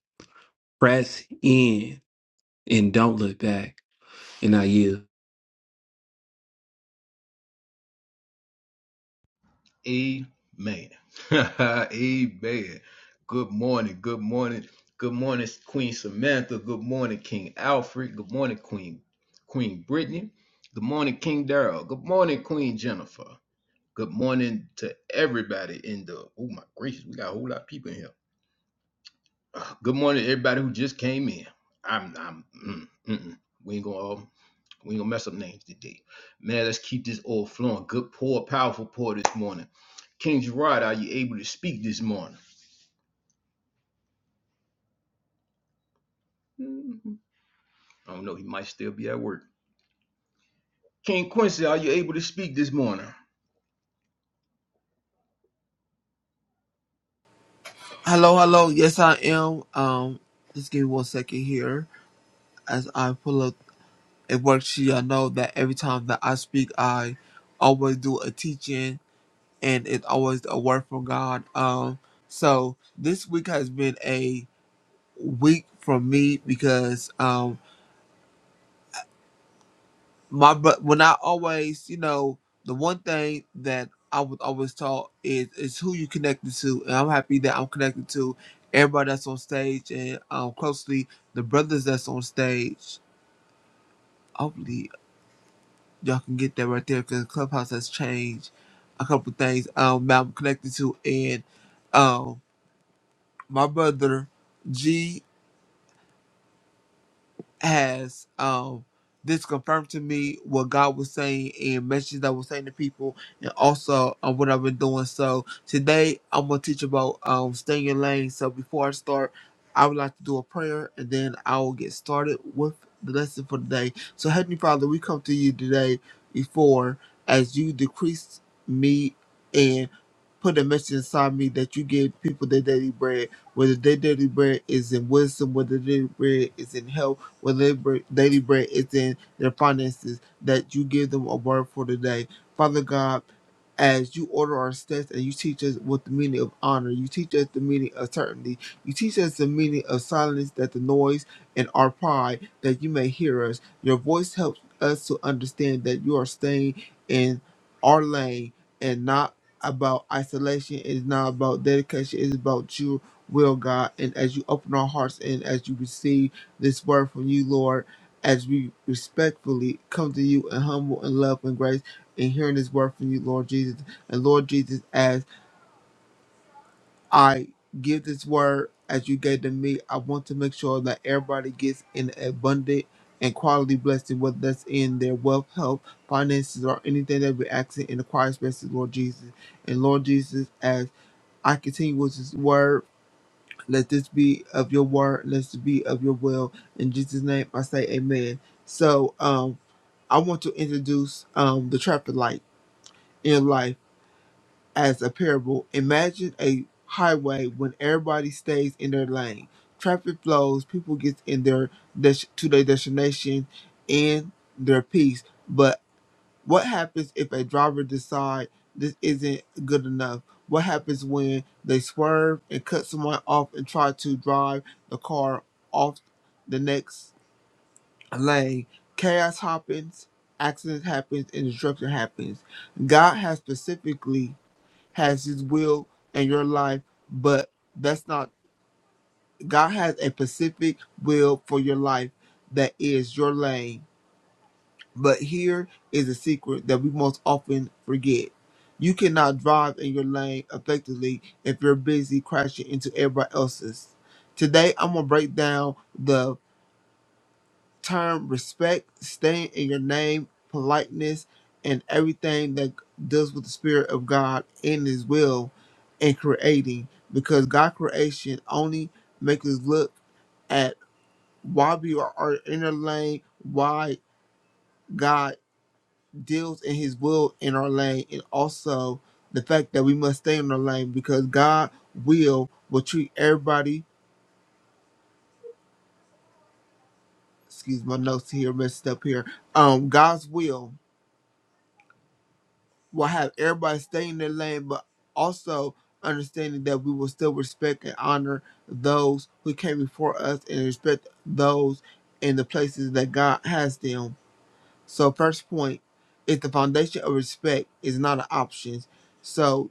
Speaker 9: press in, and don't look back. And I yield.
Speaker 1: Amen. Amen. Good morning. Good morning. Good morning, Queen Samantha. Good morning, King Alfred. Good morning, Queen Queen Brittany. Good morning, King Darrell. Good morning, Queen Jennifer. Good morning to everybody in the. Oh my gracious, we got a whole lot of people in here. Good morning, everybody who just came in. I'm. I'm. Mm, mm, mm. We ain't going. to we ain't gonna mess up names today. Man, let's keep this all flowing. Good pour, powerful pour this morning. King Gerard, are you able to speak this morning? Mhm. I don't know, he might still be at work. King Quincy, are you able to speak this morning?
Speaker 10: Hello, hello. Yes, I am. Um, just give me one second here as I pull up a worksheet. I know that every time that I speak, I always do a teaching, and it's always a word from God. Um, so this week has been a week for me because um my but when I always, you know, the one thing that I was always taught is is who you connected to, and I'm happy that I'm connected to everybody that's on stage and um closely the brothers that's on stage. Hopefully, y'all can get that right there because Clubhouse has changed a couple things um that I'm connected to, and um my brother G. has um this confirmed to me what God was saying and messages that was saying to people and also um, what I've been doing. So today I'm gonna teach about um stay in your lane. So before I start, I would like to do a prayer and then I will get started with the lesson for today. So Heavenly Father, we come to you today before as you decrease me and put a message inside me that you give people their daily bread, whether their daily bread is in wisdom, whether their daily bread is in health where their daily bread is in their finances, that you give them a word for today. Father God, as you order our steps and you teach us what the meaning of honor, you teach us the meaning of certainty, you teach us the meaning of silence, that the noise and our pride, that you may hear us. Your voice helps us to understand that you are staying in our lane and not about isolation, it is not about dedication, it is about your will, God. And as you open our hearts and as you receive, this word from you, Lord, as we respectfully come to you in humble and love and grace and hearing this word from you, Lord Jesus. And Lord Jesus, as I give this word as you gave to me, I want to make sure that everybody gets an abundant and quality blessing, whether that's in their wealth, health, finances, or anything that we're asking in the quiet spaces, Lord Jesus. And Lord Jesus, as I continue with this word, let this be of your word. Let this be of your will. In Jesus' name, I say amen. So um, I want to introduce um, the traffic light in life as a parable. Imagine a highway when everybody stays in their lane. Traffic flows, people get in their des- to their destination in their peace. but. What happens if a driver decide this isn't good enough? What happens when they swerve and cut someone off and try to drive the car off the next lane? Chaos happens, accidents happens, and destruction happens. God has specifically has his will in your life, but that's not God has a specific will for your life that is your lane but here is a secret that we most often forget. You cannot drive in your lane effectively if you're busy crashing into everybody else's. Today, I'm going to break down the term respect, staying in your name, politeness, and everything that deals with the Spirit of God in His will and creating. Because God creation only makes us look at why we are in our lane, why God deals in his will in our lane and also the fact that we must stay in our lane because God will will treat everybody excuse my notes here messed up here. Um God's will will have everybody stay in their lane but also understanding that we will still respect and honor those who came before us and respect those in the places that God has them. So first point is the foundation of respect is not an option. So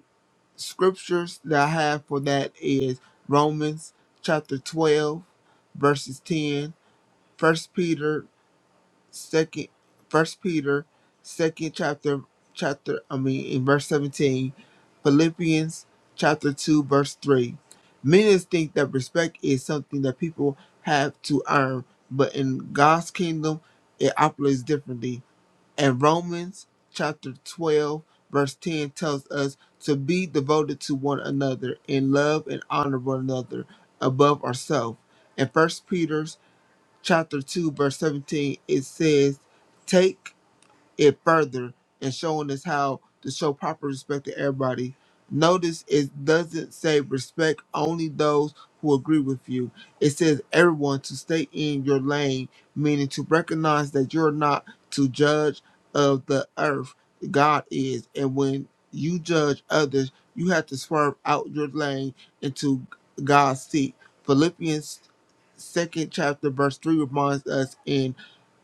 Speaker 10: scriptures that I have for that is Romans chapter 12 verses 10, 1 Peter second First Peter second chapter chapter I mean in verse 17, Philippians chapter 2 verse 3. Many think that respect is something that people have to earn, but in God's kingdom it operates differently and Romans chapter 12, verse 10 tells us to be devoted to one another in love and honor one another above ourselves. In First Peter chapter 2, verse 17, it says, Take it further and showing us how to show proper respect to everybody. Notice it doesn't say respect only those who agree with you. It says everyone to stay in your lane, meaning to recognize that you're not to judge of the earth. God is. And when you judge others, you have to swerve out your lane into God's seat. Philippians second chapter verse three reminds us in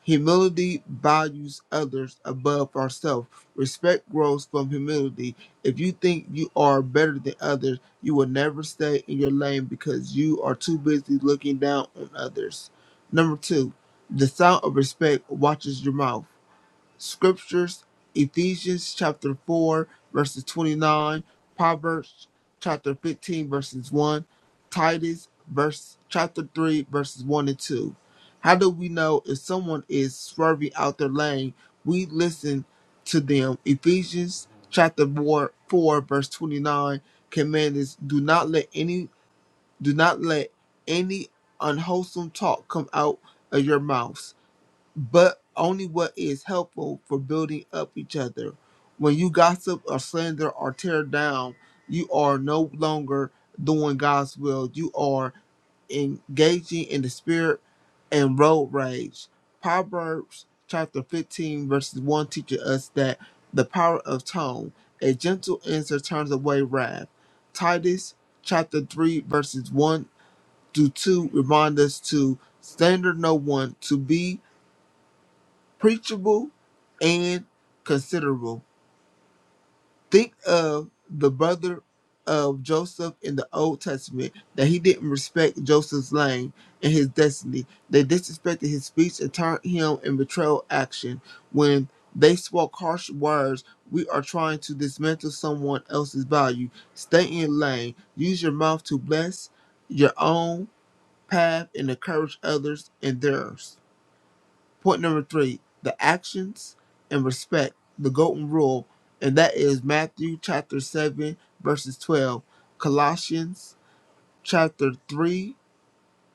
Speaker 10: Humility values others above ourselves. Respect grows from humility. If you think you are better than others, you will never stay in your lane because you are too busy looking down on others. Number two, the sound of respect watches your mouth scriptures Ephesians chapter 4, verses 29, Proverbs chapter 15, verses 1, Titus verse chapter 3, verses 1 and 2. How do we know if someone is swerving out their lane? We listen to them. Ephesians chapter 4, 4 verse 29 command is do not let any do not let any unwholesome talk come out of your mouth but only what is helpful for building up each other. When you gossip or slander or tear down, you are no longer doing God's will. You are engaging in the spirit and road rage. Proverbs chapter 15, verses 1 teaches us that the power of tone, a gentle answer turns away wrath. Titus chapter 3, verses 1 through 2 remind us to slander no one, to be preachable and considerable. Think of the brother of Joseph in the Old Testament that he didn't respect Joseph's line and his destiny. They disrespected his speech and turned him in betrayal action. When they spoke harsh words, we are trying to dismantle someone else's value. Stay in your lane. Use your mouth to bless your own path and encourage others in theirs. Point number three, the actions and respect, the golden rule, and that is Matthew chapter 7, verses 12, Colossians chapter 3,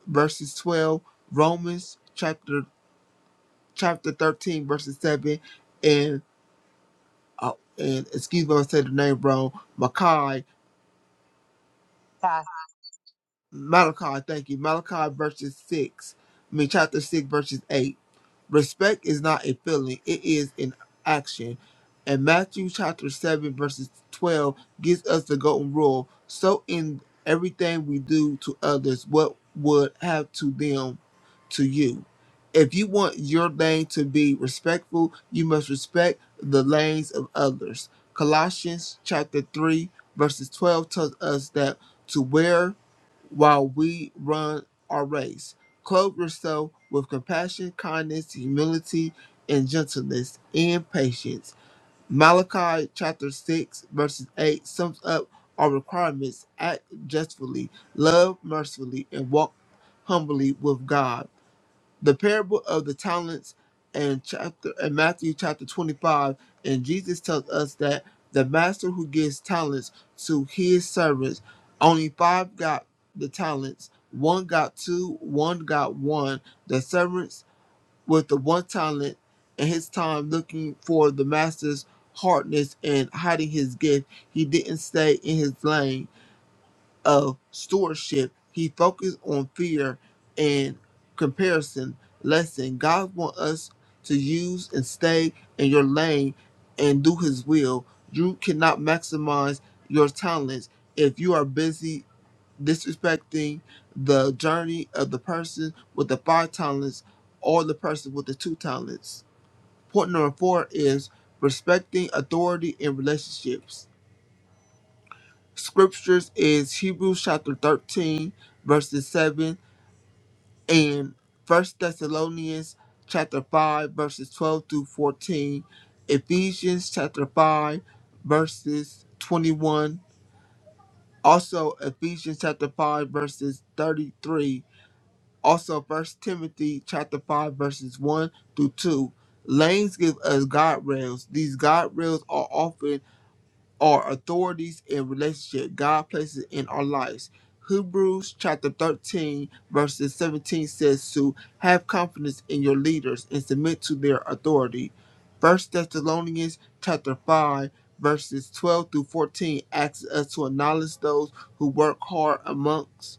Speaker 10: verses 12, Romans chapter chapter 13, verses 7, and uh, and excuse me if I said the name wrong, Malachi,
Speaker 11: Yeah.
Speaker 10: Malachi, thank you, Malachi verses 6, I mean chapter 6, verses 8. Respect is not a feeling, it is an action. And Matthew chapter 7, verses 12 gives us the golden rule. So in everything we do to others, what would have to them to you? If you want your lane to be respectful, you must respect the lanes of others. Colossians chapter 3, verses 12 tells us that to wear while we run our race. Clothe yourself with compassion, kindness, humility, and gentleness, and patience. Malachi chapter 6, verses 8 sums up our requirements act justly, love mercifully, and walk humbly with God the parable of the talents and chapter and Matthew chapter 25 and Jesus tells us that the master who gives talents to his servants only five got the talents one got two one got one the servants with the one talent and his time looking for the master's hardness and hiding his gift he didn't stay in his lane of stewardship, he focused on fear and comparison. Lesson God wants us to use and stay in your lane and do his will. You cannot maximize your talents if you are busy disrespecting the journey of the person with the five talents or the person with the two talents. Point number four is respecting authority in relationships scriptures is Hebrews chapter 13, verses 7, and First Thessalonians chapter 5, verses 12 through 14, Ephesians chapter 5, verses 21, also Ephesians chapter 5, verses 33, also First Timothy chapter 5, verses 1 through 2. Lanes give us guardrails. These guardrails are often are authorities in relationship God places in our lives. Hebrews chapter 13, verses 17 says to have confidence in your leaders and submit to their authority. First Thessalonians chapter 5, verses 12 through 14 asks us to acknowledge those who work hard amongst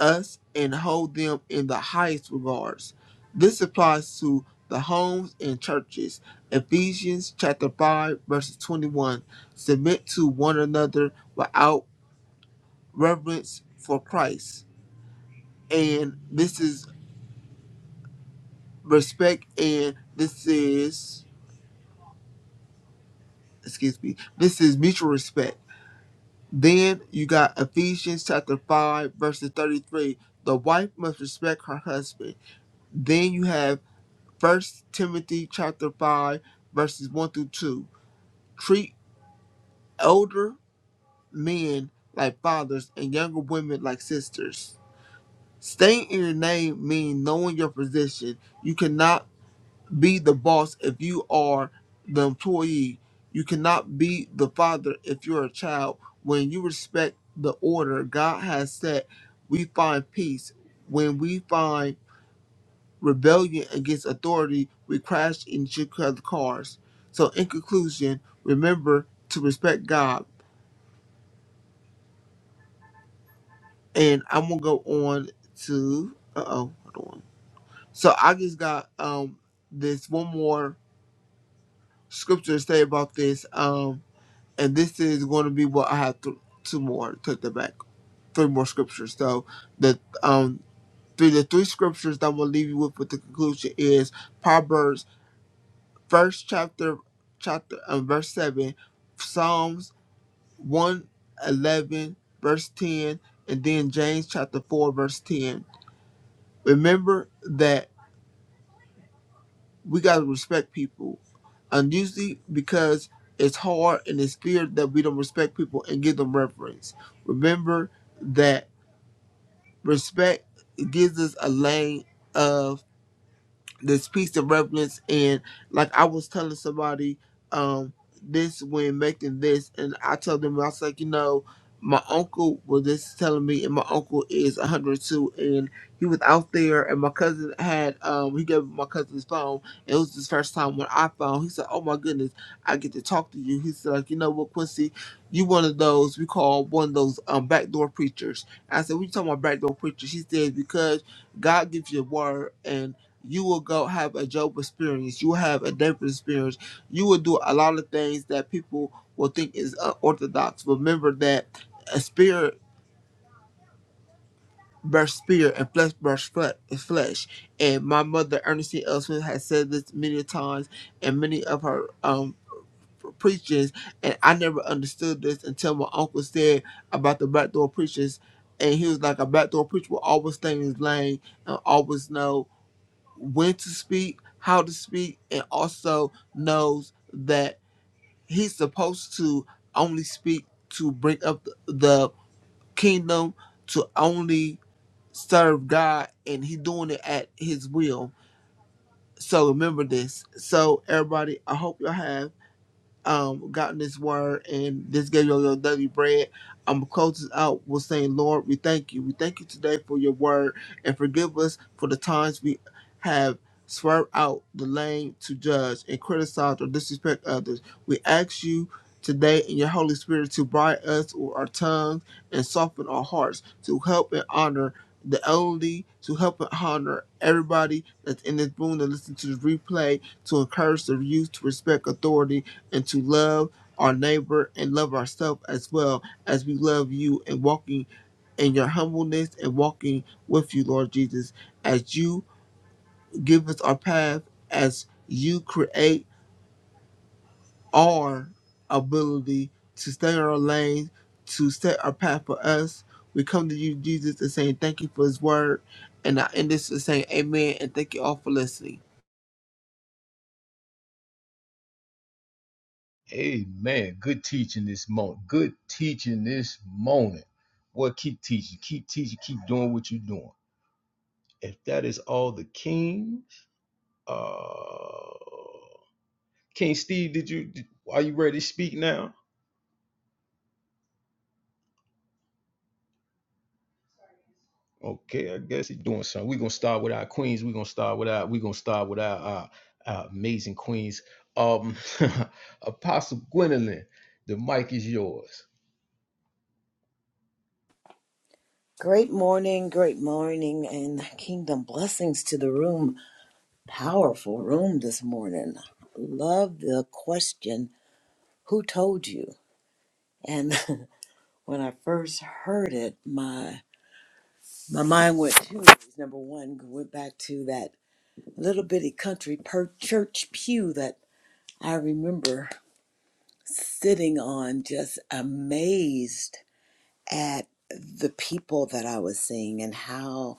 Speaker 10: us and hold them in the highest regards. This applies to the homes and churches. Ephesians chapter 5 verses 21 submit to one another without reverence for Christ. And this is respect and this is excuse me. This is mutual respect. Then you got Ephesians chapter 5 verses 33. The wife must respect her husband. Then you have First Timothy chapter five verses one through two. Treat older men like fathers and younger women like sisters. Staying in your name means knowing your position. You cannot be the boss if you are the employee. You cannot be the father if you're a child. When you respect the order God has set, we find peace. When we find rebellion against authority, we crash into each other's cars. So, in conclusion, remember to respect God. And I'm gonna go on to uh oh, hold on. So I just got um this one more scripture to say about this. Um, and this is going to be what I have th- two more. Take that back, three more scriptures. So the um. three the three scriptures that I'm gonna leave you with, with the conclusion is Proverbs first chapter chapter and verse seven, Psalms one eleven verse ten, and then James chapter four verse ten. Remember that we gotta respect people. And usually because it's hard and it's feared that we don't respect people and give them reverence. Remember that respect gives us a lane of. this piece of reverence and like I was telling somebody um this when making this and I told them I was like, you know, my uncle was just telling me and my uncle is 102 and he was out there and my cousin had um he gave my cousin his phone. It was his first time on iPhone. He said, Oh my goodness, I get to talk to you. He said like, you know what, Quincy, you one of those we call one of those um backdoor preachers. I said, What you talking about backdoor preachers? She said, Because God gives you a word and you will go have a job experience. You will have a different experience. You will do a lot of things that people will think is unorthodox. Remember that a spirit bursts spirit and flesh bursts is flesh. And my mother, Ernestine L. Smith, has said this many times in many of her um preachings. And I never understood this until my uncle said about the backdoor preachers. And he was like, a backdoor preacher will always stay in his lane and always know. when to speak, how to speak, and also knows that he's supposed to only speak to bring up th- the kingdom, to only serve God, and he doing it at his will. So remember this. So everybody, I hope y'all have um, gotten this word and this gave you your daily bread. I'm closing out with saying, Lord, we thank you. We thank you today for your word and forgive us for the times we have swerved out the lane to judge and criticize or disrespect others. We ask you today in your Holy Spirit to bright us with our tongues and soften our hearts to help and honor the elderly, to help and honor everybody that's in this room that listen to the replay to encourage the youth to respect authority and to love our neighbor and love ourselves as well as we love you and walking in your humbleness and walking with you, Lord Jesus, as you give us our path, as you create our ability to stay in our lane, to set our path for us. We come to you, Jesus, and saying thank you for his word. And I end this and saying amen and thank you all for listening.
Speaker 1: Amen. Good teaching this morning. Good teaching this morning. Boy, keep teaching. Keep teaching. Keep doing what you're doing. If that is all the kings, uh King Steve, did you did, are you ready to speak now? Okay, I guess it's doing something. We're gonna start with our queens. We're gonna start with our we're gonna start with our, our, our amazing queens. Um Apostle Gwendolyn, the mic is yours.
Speaker 3: Great morning, great morning, and kingdom blessings to the room. Powerful room this morning. Love the question, who told you? And when I first heard it, my my mind went two ways. Number one, went back to that little bitty country per church pew that I remember sitting on, just amazed at the people that I was seeing and how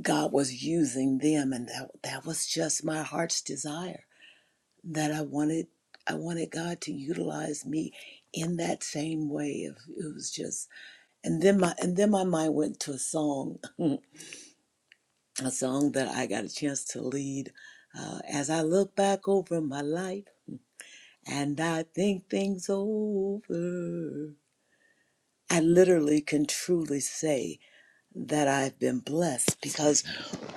Speaker 3: God was using them and that that was just my heart's desire that I wanted I wanted God to utilize me in that same way of it was just and then my and then my mind went to a song a song that I got a chance to lead uh, as I look back over my life and I think things over I literally can truly say that I've been blessed because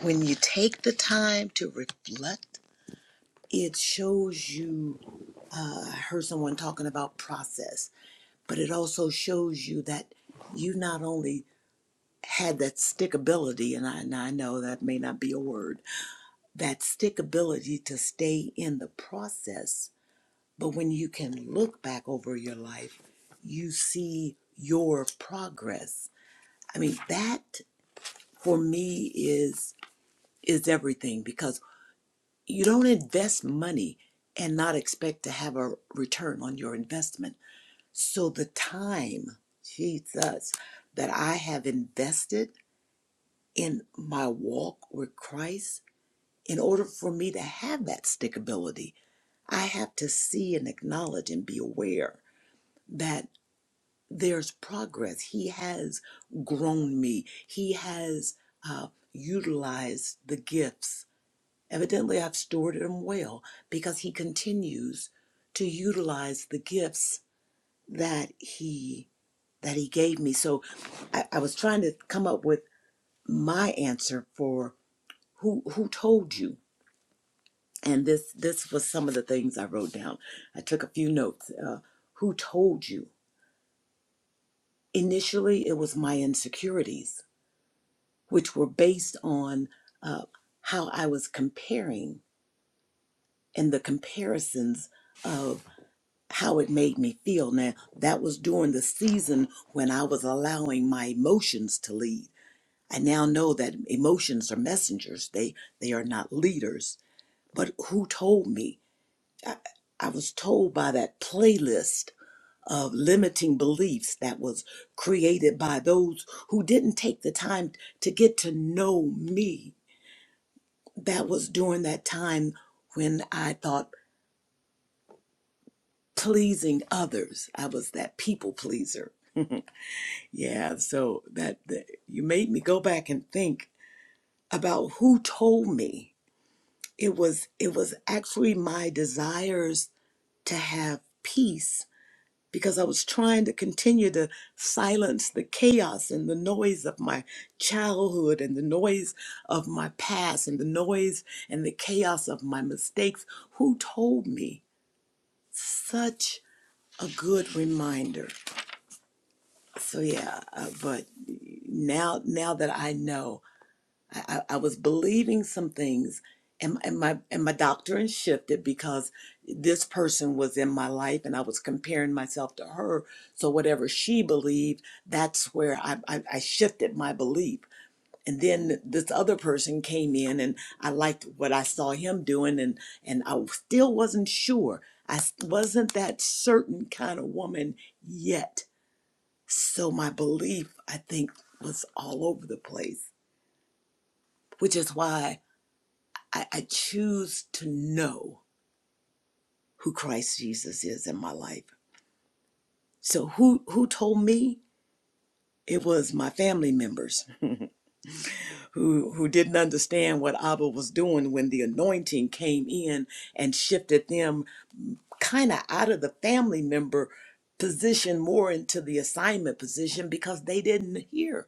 Speaker 3: When you take the time to reflect, it shows you. Uh, I heard someone talking about process, but it also shows you that you not only had that stickability, and I, and I know that may not be a word, that stickability to stay in the process, but when you can look back over your life, you see your progress. I mean, that for me is is everything because You don't invest money and not expect to have a return on your investment. So the time, Jesus, that I have invested in my walk with Christ, in order for me to have that stickability, I have to see and acknowledge and be aware that there's progress. He has grown me. He has uh, utilized the gifts Evidently, I've stored them well because he continues to utilize the gifts that he that he gave me. So I, I was trying to come up with my answer for who who told you. And this this was some of the things I wrote down. I took a few notes. Uh, who told you? Initially, it was my insecurities, which were based on uh, how I was comparing and the comparisons of how it made me feel. Now, that was during the season when I was allowing my emotions to lead. I now know that emotions are messengers, they, they are not leaders. But who told me? I, I was told by that playlist of limiting beliefs that was created by those who didn't take the time to get to know me. That was during that time when I thought pleasing others, I was that people pleaser Yeah, so that, that you made me go back and think about who told me. It was it was actually my desires to have peace because I was trying to continue to silence the chaos and the noise of my childhood and the noise of my past and the noise and the chaos of my mistakes. Who told me? Such a good reminder. So yeah, uh, but now now that I know I, I I was believing some things, and, and my and my doctrine shifted because this person was in my life, and I was comparing myself to her. So whatever she believed, that's where I, I, I shifted my belief. And then this other person came in, and I liked what I saw him doing, and and I still wasn't sure. I s- wasn't that certain kind of woman yet. So my belief, I think, was all over the place, which is why. I, I choose to know who Christ Jesus is in my life. So who who told me? It was my family members who who didn't understand what Abba was doing when the anointing came in and shifted them kind of out of the family member position more into the assignment position because they didn't hear.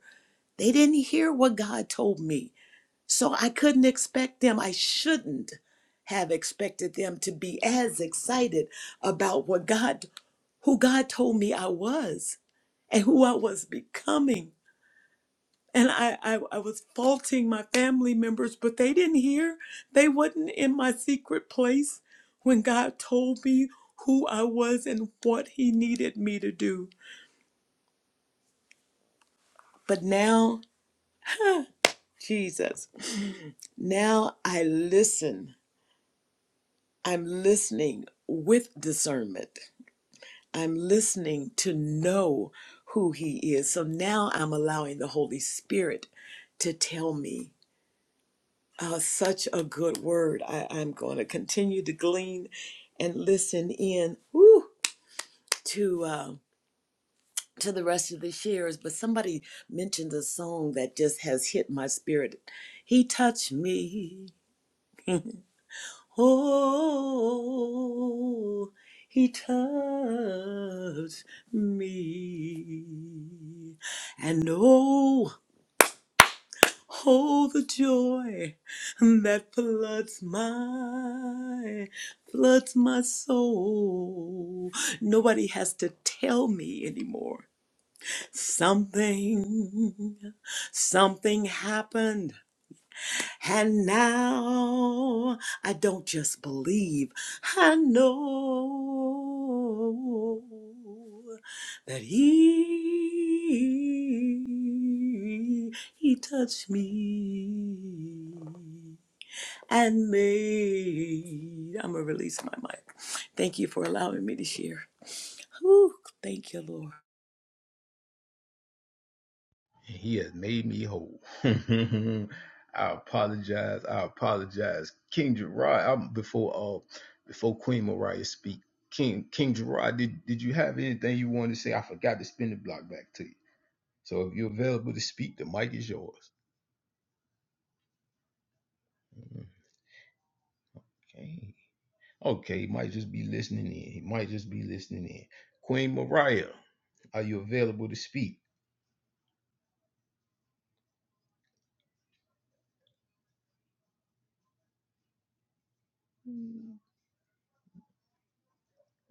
Speaker 3: They didn't hear what God told me. So I couldn't expect them, I shouldn't have expected them to be as excited about what God, who God told me I was and who I was becoming. And I, I, I was faulting my family members, but they didn't hear. They wasn't in my secret place when God told me who I was and what He needed me to do. But now, Jesus, now I listen. I'm listening with discernment I'm listening to know who He is. So now I'm allowing the Holy Spirit to tell me. Uh, such a good word. I, I'm going to continue to glean and listen in whew, to uh, to the rest of the shares. But somebody mentioned a song that just has hit my spirit. He touched me. Oh, he touched me. And oh, oh, the joy that floods my, floods my soul. Nobody has to tell me anymore. Something, something happened. And now I don't just believe, I know that He, He touched me and made. I'm going to release my mic. Thank you for allowing me to share. Whew, thank you, Lord.
Speaker 1: He has made me whole. I apologize. I apologize. King Gerard, I'm before uh before Queen Mariah speak. King King Gerard, did, did you have anything you wanted to say? I forgot to spin the block back to you. So if you're available to speak, the mic is yours. Okay. Okay, he might just be listening in. He might just be listening in. Queen Mariah, are you available to speak?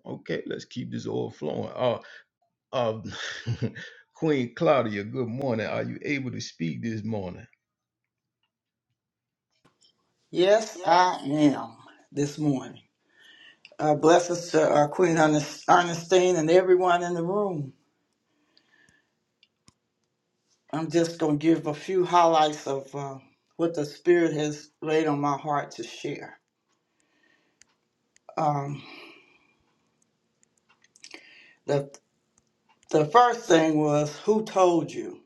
Speaker 1: Okay, let's keep this all flowing. Uh, uh, Queen Claudia, good morning. Are you able to speak this morning?
Speaker 12: Yes, I am this morning. Uh, blessings to uh, Queen Ernest- Ernestine and everyone in the room. I'm just going to give a few highlights of uh, what the Spirit has laid on my heart to share. Um, the, the first thing was who told you?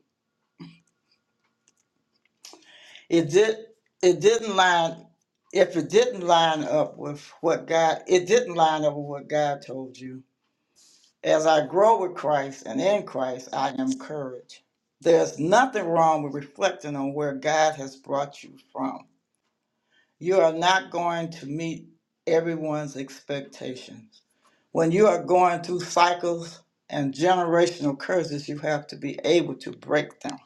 Speaker 12: It did. It didn't line. If it didn't line up with what God, it didn't line up with what God told you. As I grow with Christ and in Christ, I am courage. There's nothing wrong with reflecting on where God has brought you from. You are not going to meet everyone's expectations. When you are going through cycles and generational curses, you have to be able to break them.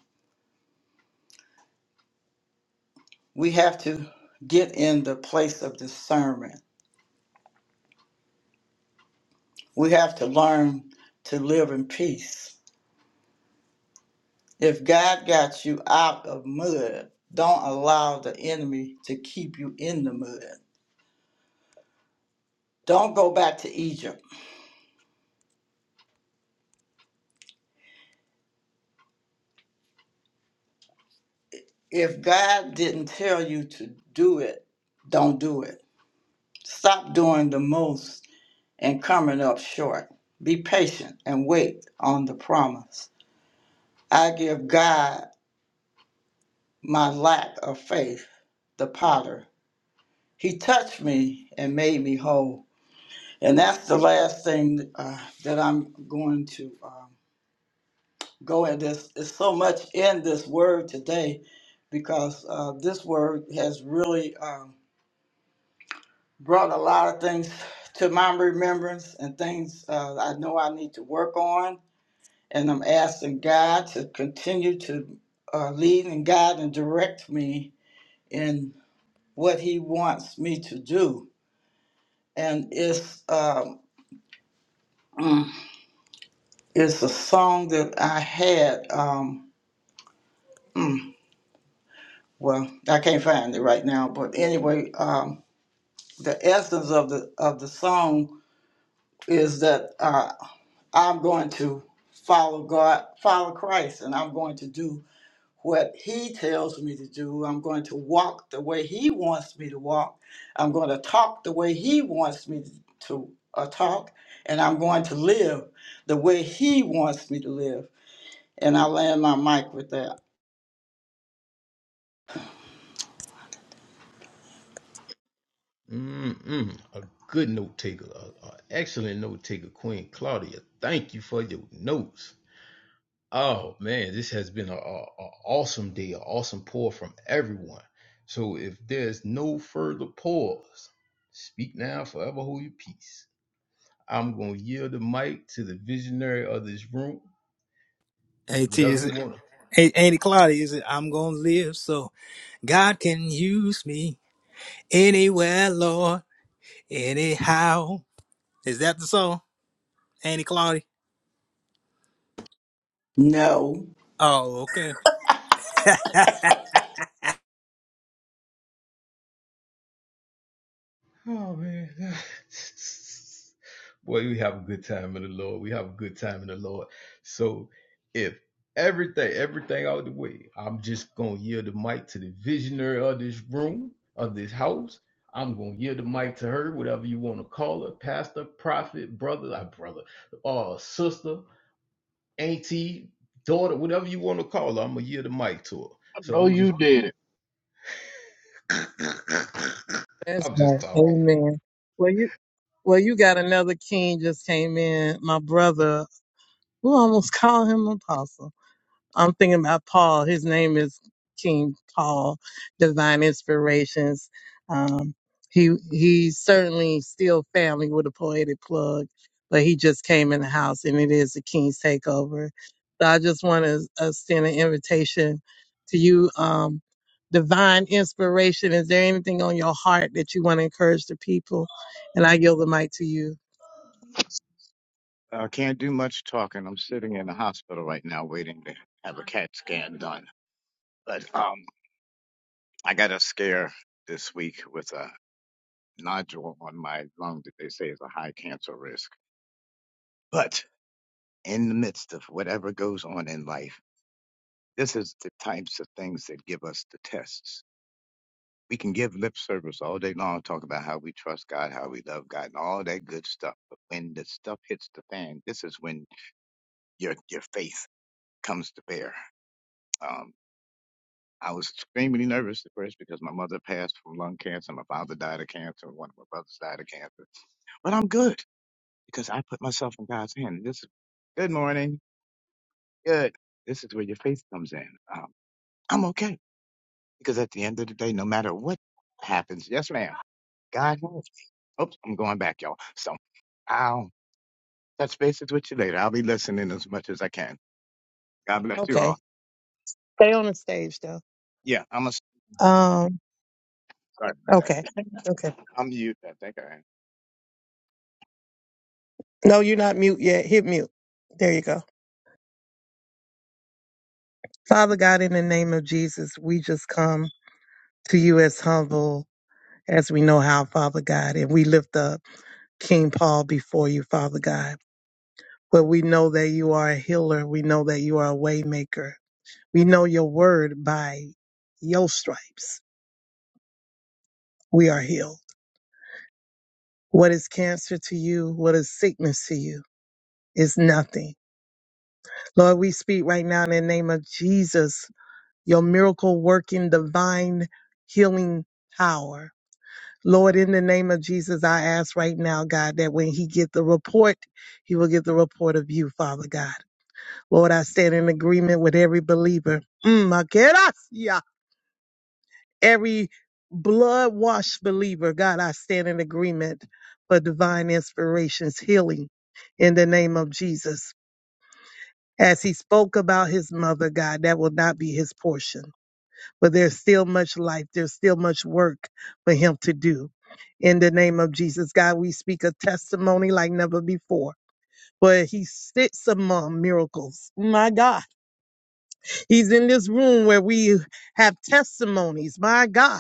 Speaker 12: We have to get in the place of discernment. We have to learn to live in peace. If God got you out of mud, don't allow the enemy to keep you in the mud. Don't go back to Egypt. If God didn't tell you to do it, don't do it. Stop doing the most and coming up short. Be patient and wait on the promise. I give God my lack of faith, the potter. He touched me and made me whole. And that's the last thing uh, that I'm going to. Uh, Go in this. there's so much in this word today because uh, this word has really um, brought a lot of things to my remembrance and things uh, I know I need to work on. And I'm asking God to continue to uh, lead and guide and direct me in what He wants me to do. And it's um, mm, it's a song that I had. Um, mm, well, I can't find it right now, but anyway, um, the essence of the of the song is that uh, I'm going to follow God, follow Christ, and I'm going to do what He tells me to do. I'm going to walk the way He wants me to walk. I'm going to talk the way He wants me to uh, talk, and I'm going to live the way He wants me to live. And I land my mic with that.
Speaker 1: Mm-mm, a good note taker, an excellent note taker, Queen Claudia. Thank you for your notes. Oh man, this has been a, a, a awesome day, an awesome pour from everyone. So if there's no further pause, speak now, forever hold your peace. I'm gonna yield the mic to the visionary of this room.
Speaker 6: Ain't it,
Speaker 1: Whatever
Speaker 6: is
Speaker 1: you
Speaker 6: it,
Speaker 1: want.
Speaker 6: ain't, ain't it cloudy? Is it? I'm going to live so God can use me anywhere, Lord, anyhow. Is that the song? Ain't it cloudy?
Speaker 12: No.
Speaker 6: Oh, okay.
Speaker 1: Oh man. Boy, we have a good time in the Lord. We have a good time in the Lord. So if everything, everything out the way, I'm just gonna yield the mic to the visionary of this room, of this house. I'm gonna yield the mic to her, whatever you want to call her, pastor, prophet, brother, uh, brother, uh, sister, auntie, daughter, whatever you want to call her. I'm gonna yield the mic to her. So I'm just
Speaker 5: that's
Speaker 1: I'm
Speaker 5: right.
Speaker 1: just talking.
Speaker 5: Amen. Well, you well, you got another King just came in. My brother, who almost called him Apostle. I'm thinking about Paul. His name is King Paul, Divine Inspirations. Um, he he's certainly still family with a poetic plug, but he just came in the house, and it is the King's Takeover. So I just want to uh, send an invitation to you, um, Divine Inspiration. Is there anything on your heart that you want to encourage the people? And I yield the mic to you.
Speaker 13: I can't do much talking. I'm sitting in the hospital right now waiting to have a CAT scan done. But um, I got a scare this week with a nodule on my lung that they say is a high cancer risk. But in the midst of whatever goes on in life, this is the types of things that give us the tests. We can give lip service all day long, talk about how we trust God, how we love God, and all that good stuff. But when the stuff hits the fan, this is when your your faith comes to bear. Um, I was extremely nervous at first because my mother passed from lung cancer, my father died of cancer, and one of my brothers died of cancer. But I'm good because I put myself in God's hand. This is good morning. Good. This is where your faith comes in. Um, I'm okay because at the end of the day, no matter what happens, yes, ma'am, God knows. Oops, I'm going back, y'all. So I'll touch bases with you later. I'll be listening as much as I can. God bless you
Speaker 5: Okay,
Speaker 13: all.
Speaker 5: stay on the stage though.
Speaker 13: Yeah, I'm a. Sorry
Speaker 5: Um,
Speaker 13: about
Speaker 5: okay, okay.
Speaker 13: that. I'm you. I think I am.
Speaker 5: No, you're not mute yet. Hit mute. There you go. Father God, in the name of Jesus, we just come to you as humble as we know how, Father God, and we lift up King Paul before you, Father God. But we know that you are a healer. We know that you are a waymaker. We know your word by your stripes. We are healed. What is cancer to you? What is sickness to you? Is nothing. Lord, we speak right now in the name of Jesus your miracle working divine healing power. Lord, in the name of Jesus, I ask right now, God, that when he get the report, he will get the report of you, Father God. Lord, I stand in agreement with every believer. Mm, I get us, yeah. Every blood washed believer, God, I stand in agreement for divine inspirations, healing in the name of Jesus. As he spoke about his mother, God, that will not be his portion. but there's still much life. There's still much work for him to do. In the name of Jesus, God, we speak a testimony like never before. Where he sits among miracles. My God. He's in this room where we have testimonies. My God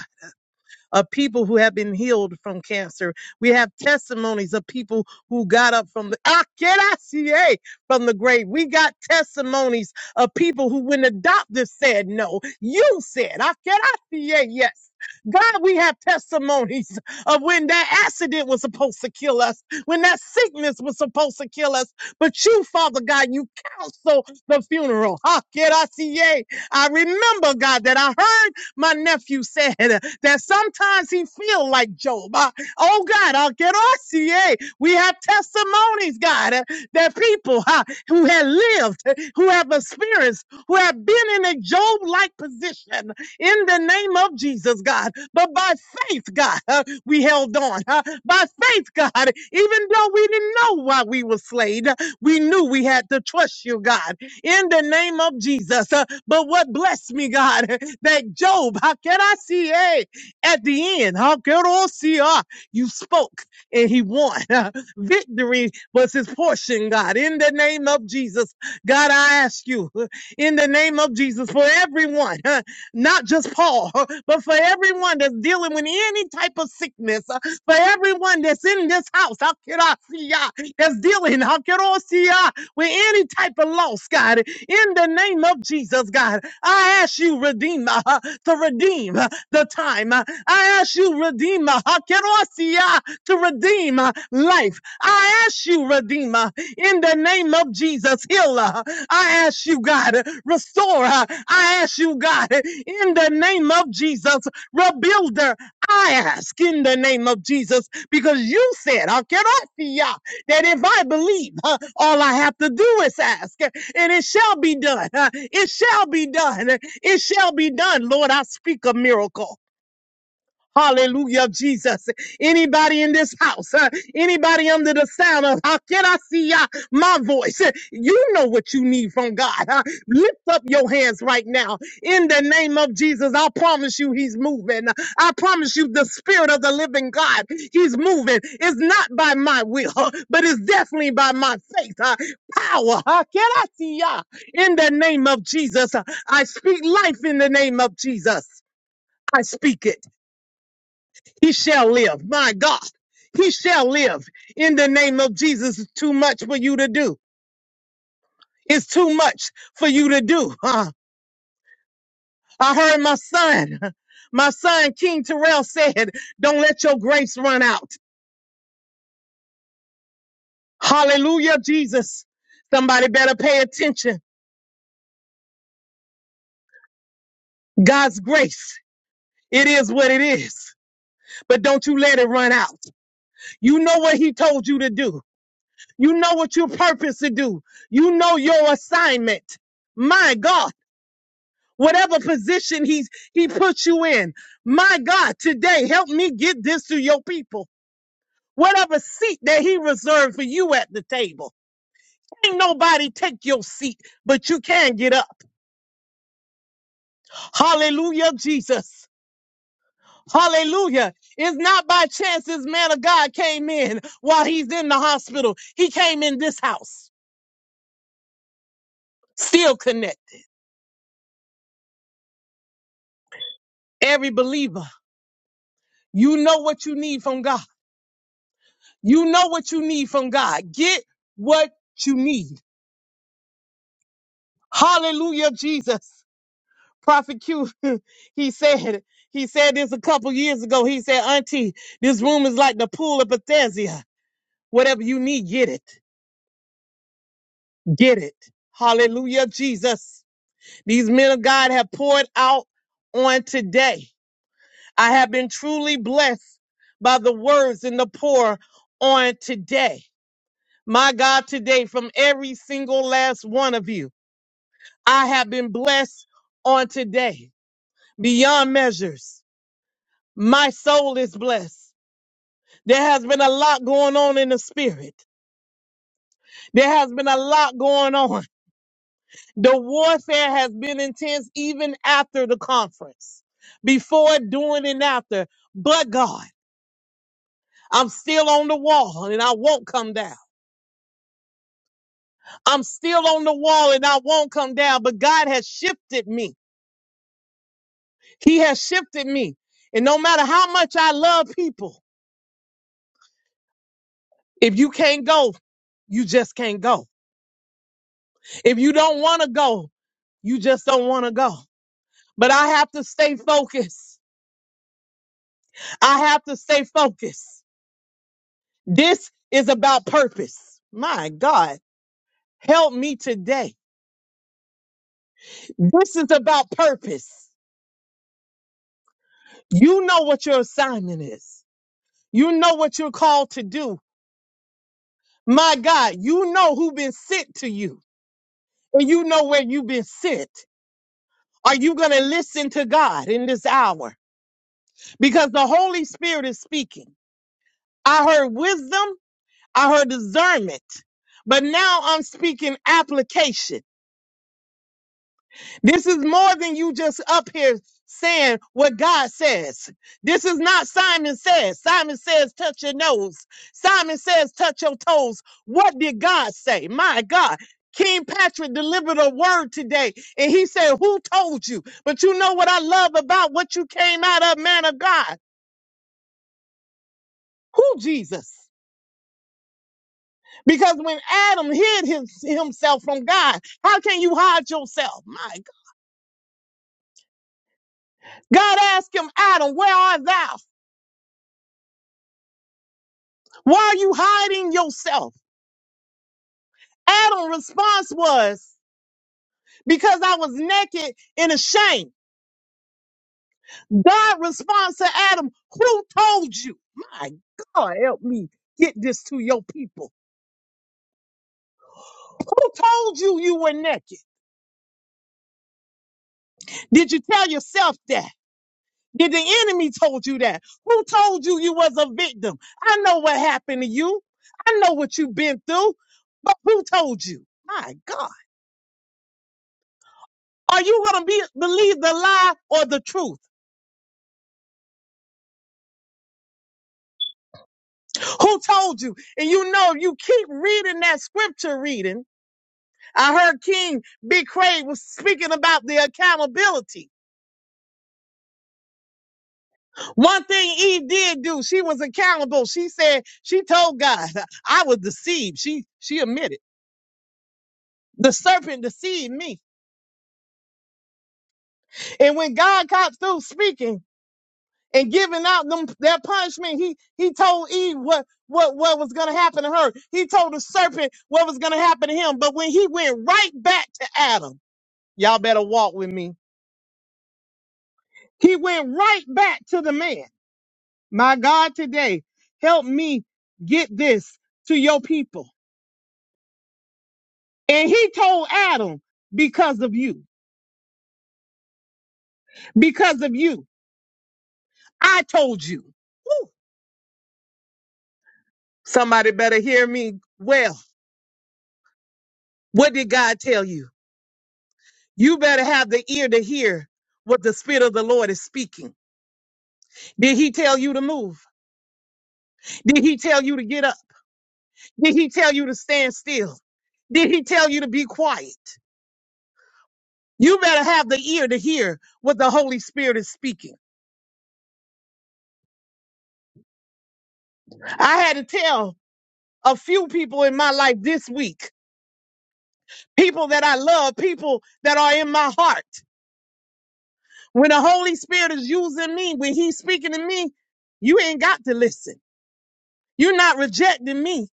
Speaker 5: of people who have been healed from cancer. We have testimonies of people who got up from the Ah, get out, CA, from the grave. We got testimonies of people who, when the doctor said no, you said "Ah, can I get out, yes. God, we have testimonies of when that accident was supposed to kill us, when that sickness was supposed to kill us. But you, Father God, you counsel the funeral. Ah, get out, CA. I remember, God, that I heard my nephew said uh, that sometimes he feel like Job. Uh, oh God, I'll get us. Yeah. We have testimonies, God, uh, that people uh, who have lived, uh, who have experienced, who have been in a Job-like position in the name of Jesus, God. But by faith, God, uh, we held on. uh, by faith, God, even though we didn't know why we were slain, uh, we knew we had to trust you, God, in the name of Jesus. Uh, but what blessed me, God, that Job, how can I see? Hey, at the end, how can I see? Ah, you spoke and he won. Victory was his portion, God. In the name of Jesus, God, I ask you, in the name of Jesus, for everyone, huh, not just Paul, huh, but for everyone that's dealing with any type of sickness, uh, for everyone that's in this house, how can I see? ah, That's dealing, how can I see? ah, with any type of loss, God. In the name of Jesus, God, I ask you, Redeemer, to redeem uh, the time. I ask you, Redeemer, Hakerosia, to redeem uh, life. I ask you, Redeemer, in the name of Jesus, heal. her. I ask you, God, restore. her. I ask you, God, in the name of Jesus, rebuild her. I ask in the name of Jesus, because you said, Hakerosia, that if I believe, huh, all I have to do is ask and it shall be done. Uh, It shall be done. It shall be done. Lord, I speak a miracle. Hallelujah, Jesus. Anybody in this house, uh, anybody under the sound of how can I see uh, my voice? Uh, You know what you need from God. huh? Lift up your hands right now. In the name of Jesus, I promise you, He's moving. I promise you, the Spirit of the living God, He's moving. It's not by my will, huh, but it's definitely by my faith. huh? Power. How Can I see ya? In the name of Jesus, uh, I speak life in the name of Jesus. I speak it. He shall live. My God, he shall live. In the name of Jesus, it's too much for you to do. It's too much for you to do. Huh? I heard my son, my son King Terrell said, Don't let your grace run out. Hallelujah, Jesus. Somebody better pay attention. God's grace, it is what it is, but don't you let it run out. You know what he told you to do, you know what your purpose to do, you know your assignment. My God. whatever position he's he put you in. My God, today help me get this to your people. Whatever seat that he reserved for you at the table. Ain't nobody take your seat, but you can get up. Hallelujah, Jesus. Hallelujah. It's not by chance this man of God came in while he's in the hospital. He came in this house. Still connect. Every believer, you know what you need from God. You know what you need from God. Get what you need. Hallelujah, Jesus. Prophet Q, he said, he said this a couple years ago. He said, Auntie, this room is like the pool of Bethesda. Whatever you need, get it. Get it. Hallelujah, Jesus. These men of God have poured out on today. I have been truly blessed by the words and the pour on today. My God, today, from every single last one of you, I have been blessed on today beyond measures. My soul is blessed. There has been a lot going on in the spirit. There has been a lot going on. The warfare has been intense even after the conference, before, during, and after. But God, I'm still on the wall and I won't come down. I'm still on the wall and I won't come down. But God has shifted me. He has shifted me. And no matter how much I love people, if you can't go, you just can't go. If you don't want to go, you just don't want to go. But I have to stay focused. I have to stay focused. This is about purpose. My God, help me today. This is about purpose. You know what your assignment is. You know what you're called to do. My God, you know who been sent to you and you know where you've been sent. Are you going to listen to God in this hour? Because the Holy Spirit is speaking. I heard wisdom I heard discernment. But now I'm speaking application. This is more than you just up here saying what God says. This is not Simon says. Simon says, touch your nose. Simon says, touch your toes. What did God say? My God. King Patrick delivered a word today and he said, Who told you? But you know what I love about what you came out of, man of God? Who Jesus? Because when Adam hid his, himself from God, how can you hide yourself? My God. God asked him, Adam, where art thou? Why are you hiding yourself? Adam's response was, because I was naked and ashamed. God responds to Adam, who told you? My God, help me get this to your people. Who told you you were naked? Did you tell yourself that? Did the enemy told you that? Who told you you was a victim? I know what happened to you. I know what you've been through. But who told you? My God. Are you going to be believe the lie or the truth? Who told you? And you know, you keep reading that scripture reading. I heard King Big Craig was speaking about the accountability. One thing Eve did do, she was accountable. She said, she told God, I was deceived. She, she admitted the serpent deceived me. And when God got through speaking and giving out them their punishment, he he told Eve what what what was gonna happen to her. He told the serpent what was gonna happen to him. But when he went right back to Adam, y'all better walk with me. He went right back to the man. My God, today, help me get this to your people. And he told Adam, because of you, because of you, I told you. Woo. Somebody better hear me well. What did God tell you? You better have the ear to hear what the Spirit of the Lord is speaking. Did He tell you to move? Did He tell you to get up? Did He tell you to stand still? Did He tell you to be quiet? You better have the ear to hear what the Holy Spirit is speaking. I had to tell a few people in my life this week, people that I love, people that are in my heart. When the Holy Spirit is using me, when He's speaking to me, you ain't got to listen. You're not rejecting me.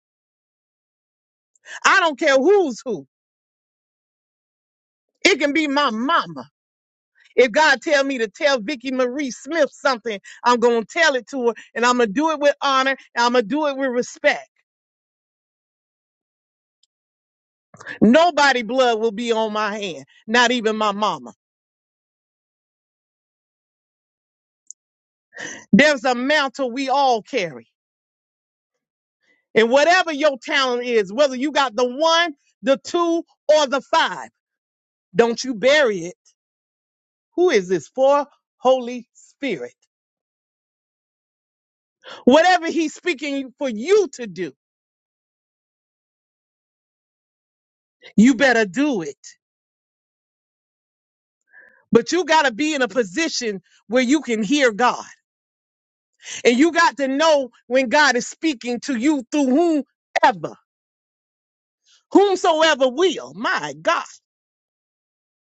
Speaker 5: I don't care who's who. It can be my mama. If God tell me to tell Vicky Marie Smith something, I'm gonna tell it to her, and I'm gonna do it with honor, and I'm gonna do it with respect. Nobody blood will be on my hand, not even my mama. There's a mantle we all carry, and whatever your talent is, whether you got the one, the two, or the five, don't you bury it. Who is this for? Holy Spirit. Whatever He's speaking for you to do, you better do it. But you got to be in a position where you can hear God. And you got to know when God is speaking to you through whomever, whomsoever will. My God,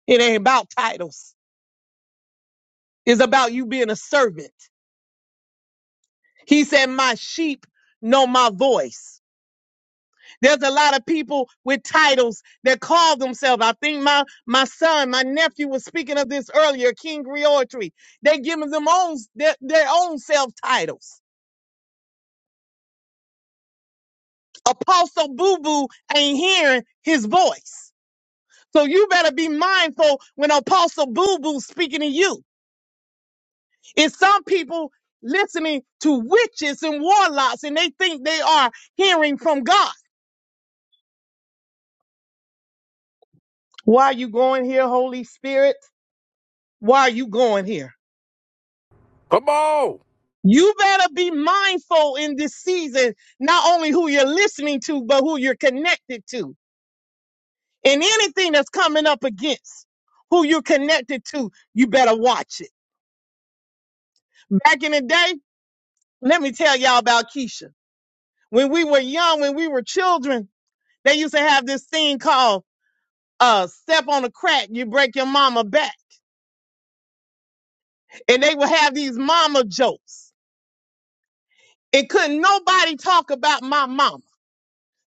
Speaker 5: it ain't about titles, it's about you being a servant. He said, My sheep know my voice. There's a lot of people with titles that call themselves. I think my my son, my nephew was speaking of this earlier, King Griotry. They giving them own their, their own self titles. Apostle Boo Boo ain't hearing his voice. So you better be mindful when Apostle Boo Boo speaking to you. It's some people listening to witches and warlocks and they think they are hearing from God. Why are you going here, Holy Spirit? Why are you going here?
Speaker 2: Come on.
Speaker 5: You better be mindful in this season, not only who you're listening to, but who you're connected to. And anything that's coming up against who you're connected to, you better watch it. Back in the day, Let me tell y'all about Keisha. When we were young, when we were children, they used to have this thing called uh step on a crack, you break your mama back. And they would have these mama jokes. And couldn't nobody talk about my mama.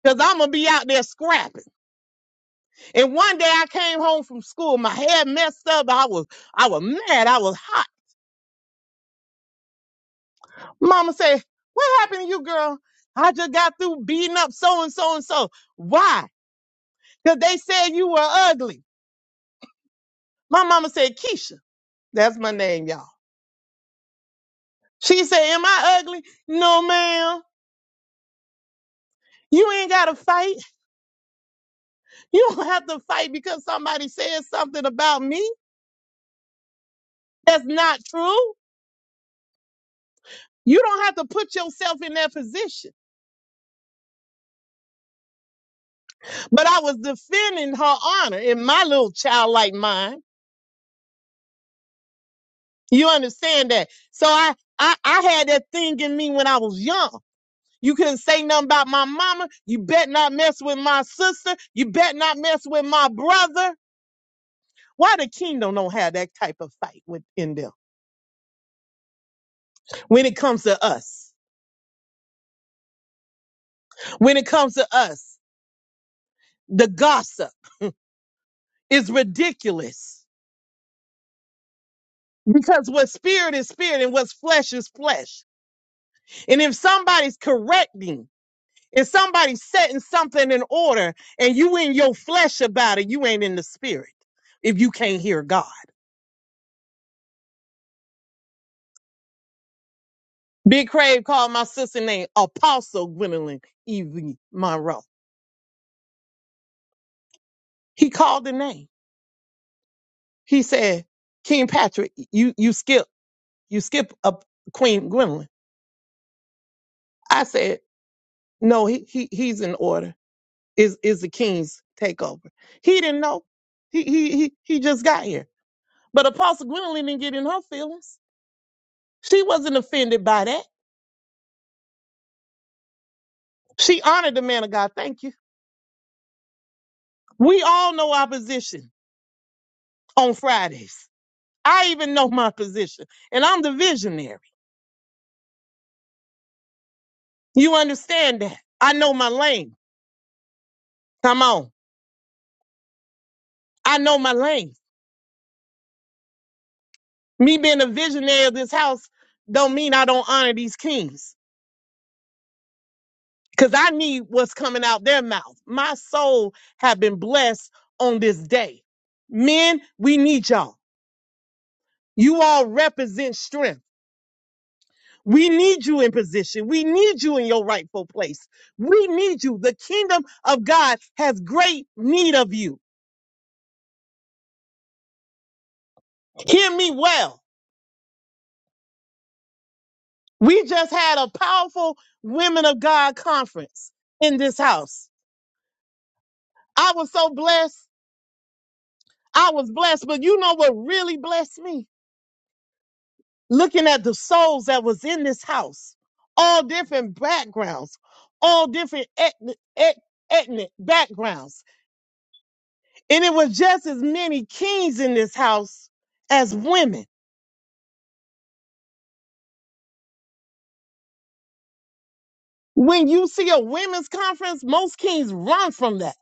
Speaker 5: Cause I'm gonna be out there scrapping. And one day I came home from school, my hair messed up. I was I was mad. I was hot. Mama said, What happened to you, girl? I just got through beating up so and so and so. Why? Because they said you were ugly. My mama said, Keisha. That's my name, y'all. She said, Am I ugly? No, ma'am. You ain't got to fight. You don't have to fight because somebody said something about me. That's not true. You don't have to put yourself in that position. But I was defending her honor in my little childlike mind. You understand that? So I, I, I had that thing in me when I was young. You couldn't say nothing about my mama. You bet not mess with my sister. You bet not mess with my brother. Why the kingdom don't have that type of fight within them when it comes to us? When it comes to us, the gossip is ridiculous because what spirit is spirit and what's flesh is flesh. And if somebody's correcting, if somebody's setting something in order and you in your flesh about it, you ain't in the spirit if you can't hear God. Big Crave called my sister name Apostle Gwendolyn Evie Monroe. He called the name. He said, King Patrick, you you skipped you skip up Queen Gwendolyn. I said, no, he, he he's in order. Is is the king's takeover? He didn't know. He he he he just got here. But Apostle Gwendolyn didn't get in her feelings. She wasn't offended by that. She honored the man of God. Thank you. We all know our position on Fridays. I even know my position, and I'm the visionary. You understand that? I know my lane. Come on, I know my lane. me being a visionary of this house don't mean I don't honor these kings because I need what's coming out their mouth. My soul have been blessed on this day. Men, we need y'all. You all represent strength. We need you in position. We need you in your rightful place. We need you. The kingdom of God has great need of you. Hear me well. We just had a powerful Women of God conference in this house. I was so blessed. I was blessed, but you know what really blessed me? Looking at the souls that was in this house, all different backgrounds, all different ethnic, eth- ethnic backgrounds. And it was just as many kings in this house as women. When you see a women's conference, most kings run from that.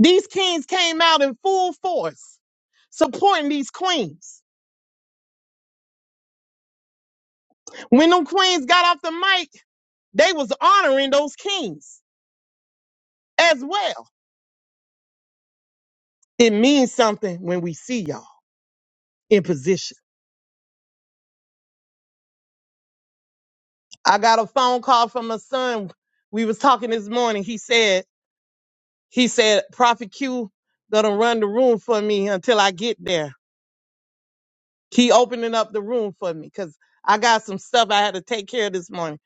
Speaker 5: These kings came out in full force supporting these queens. When them queens got off the mic, they was honoring those kings as well. It means something when we see y'all in position. I got a phone call from my son. We was talking this morning. He said, he said, Prophet Q gonna run the room for me until I get there. He opening up the room for me because I got some stuff I had to take care of this morning.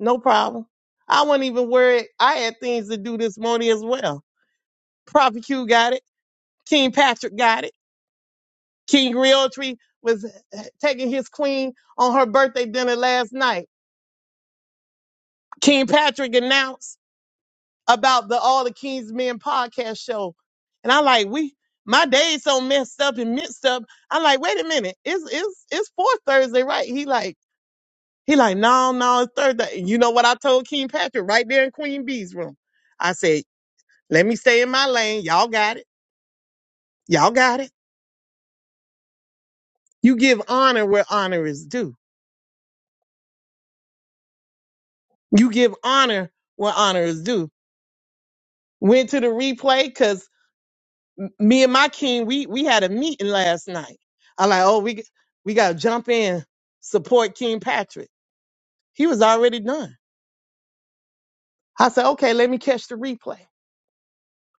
Speaker 5: No problem. I wasn't even worried. I had things to do this morning as well. Prophet Q got it. King Patrick got it. King Realtree was eh, taking his queen on her birthday dinner last night. King Patrick announced about the All the King's Men podcast show. And I like, we my day's so messed up and mixed up. I'm like, wait a minute, it's it's it's fourth Thursday, right? He like, he like, no, no, it's Thursday. And You know what I told King Patrick right there in Queen Bee's room? I said, let me stay in my lane. Y'all got it. Y'all got it. You give honor where honor is due. You give honor where honor is due. Went to the replay because me and my king, we we had a meeting last night. I'm like, oh, we we gotta jump in, support King Patrick. He was already done. I said, okay, let me catch the replay.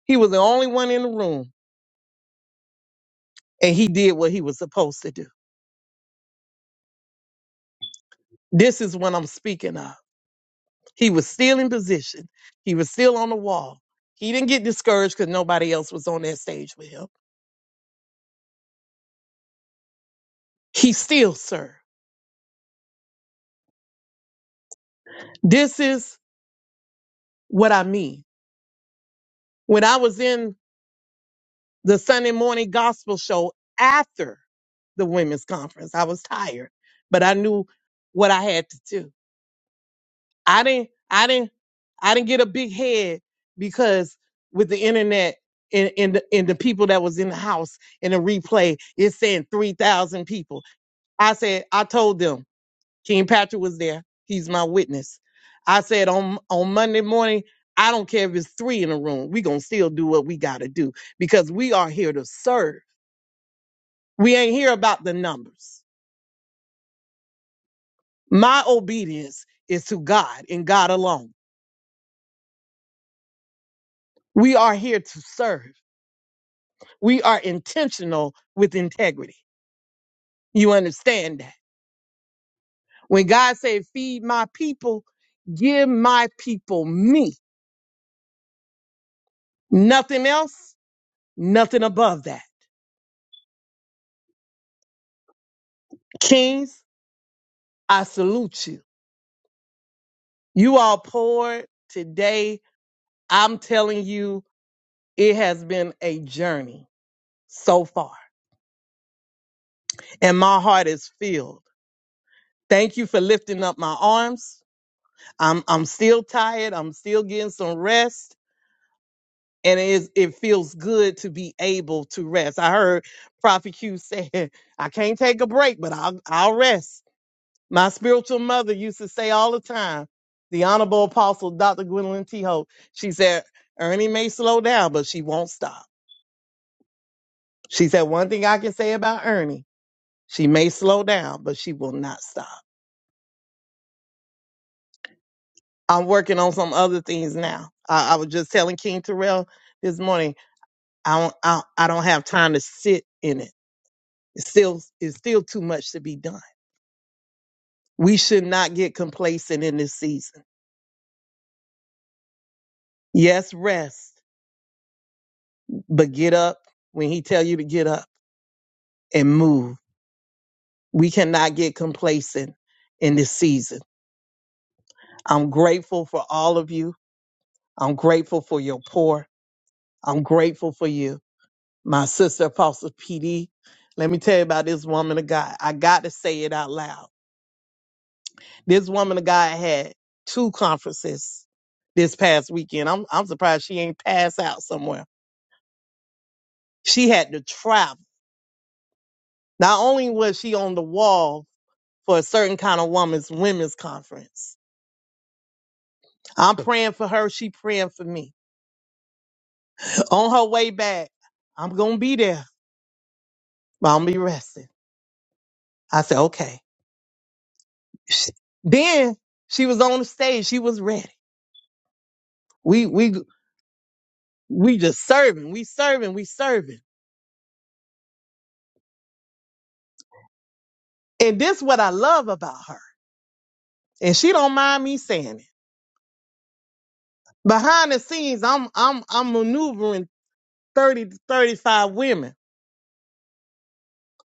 Speaker 5: He was the only one in the room, and he did what he was supposed to do. This is what I'm speaking of. He was still in position. He was still on the wall. He didn't get discouraged because nobody else was on that stage with him. He still served. This is what I mean. When I was in the Sunday morning gospel show after the women's conference. I was tired, but I knew what I had to do. I didn't, I didn't, I didn't get a big head because with the internet and, and, the, and the people that was in the house in the replay, it's saying 3,000 people. I said, I told them King Patrick was there. He's my witness. I said on, on Monday morning, I don't care if it's three in the room. we going to still do what we got to do because we are here to serve. We ain't here about the numbers. My obedience is to God and God alone. We are here to serve. We are intentional with integrity. You understand that? When God said, feed my people, give my people me. Nothing else, nothing above that. Kings, I salute you. You all poured today. I'm telling you, it has been a journey so far. And my heart is filled Thank you for lifting up my arms. I'm I'm still tired. I'm still getting some rest. And it is it feels good to be able to rest. I heard Prophet Q say, I can't take a break, but I'll I'll rest. My spiritual mother used to say all the time, the honorable apostle Dr. Gwendolyn T. Hope, she said, Ernie may slow down, but she won't stop. She said, one thing I can say about Ernie, she may slow down, but she will not stop. I'm working on some other things now. I, I was just telling King Terrell this morning. I don't. I, I don't have time to sit in it. It's still, it's still too much to be done. We should not get complacent in this season. Yes, rest, but get up when He tell you to get up and move. We cannot get complacent in this season. I'm grateful for all of you. I'm grateful for your pour. I'm grateful for you. my sister apostle pd let me tell you about this woman of god i got to say it out loud this woman of god had two conferences this past weekend i'm, I'm surprised she ain't passed out somewhere she had to travel not only was she on the wall for a certain kind of woman's women's conference i'm praying for her she praying for me on her way back i'm gonna be there but i'm gonna be resting i said okay She- then she was on the stage she was ready we we we just serving, we serving, we serving. And this what I love about her. And she don't mind me saying it. Behind the scenes, I'm I'm I'm maneuvering 30 to 35 women.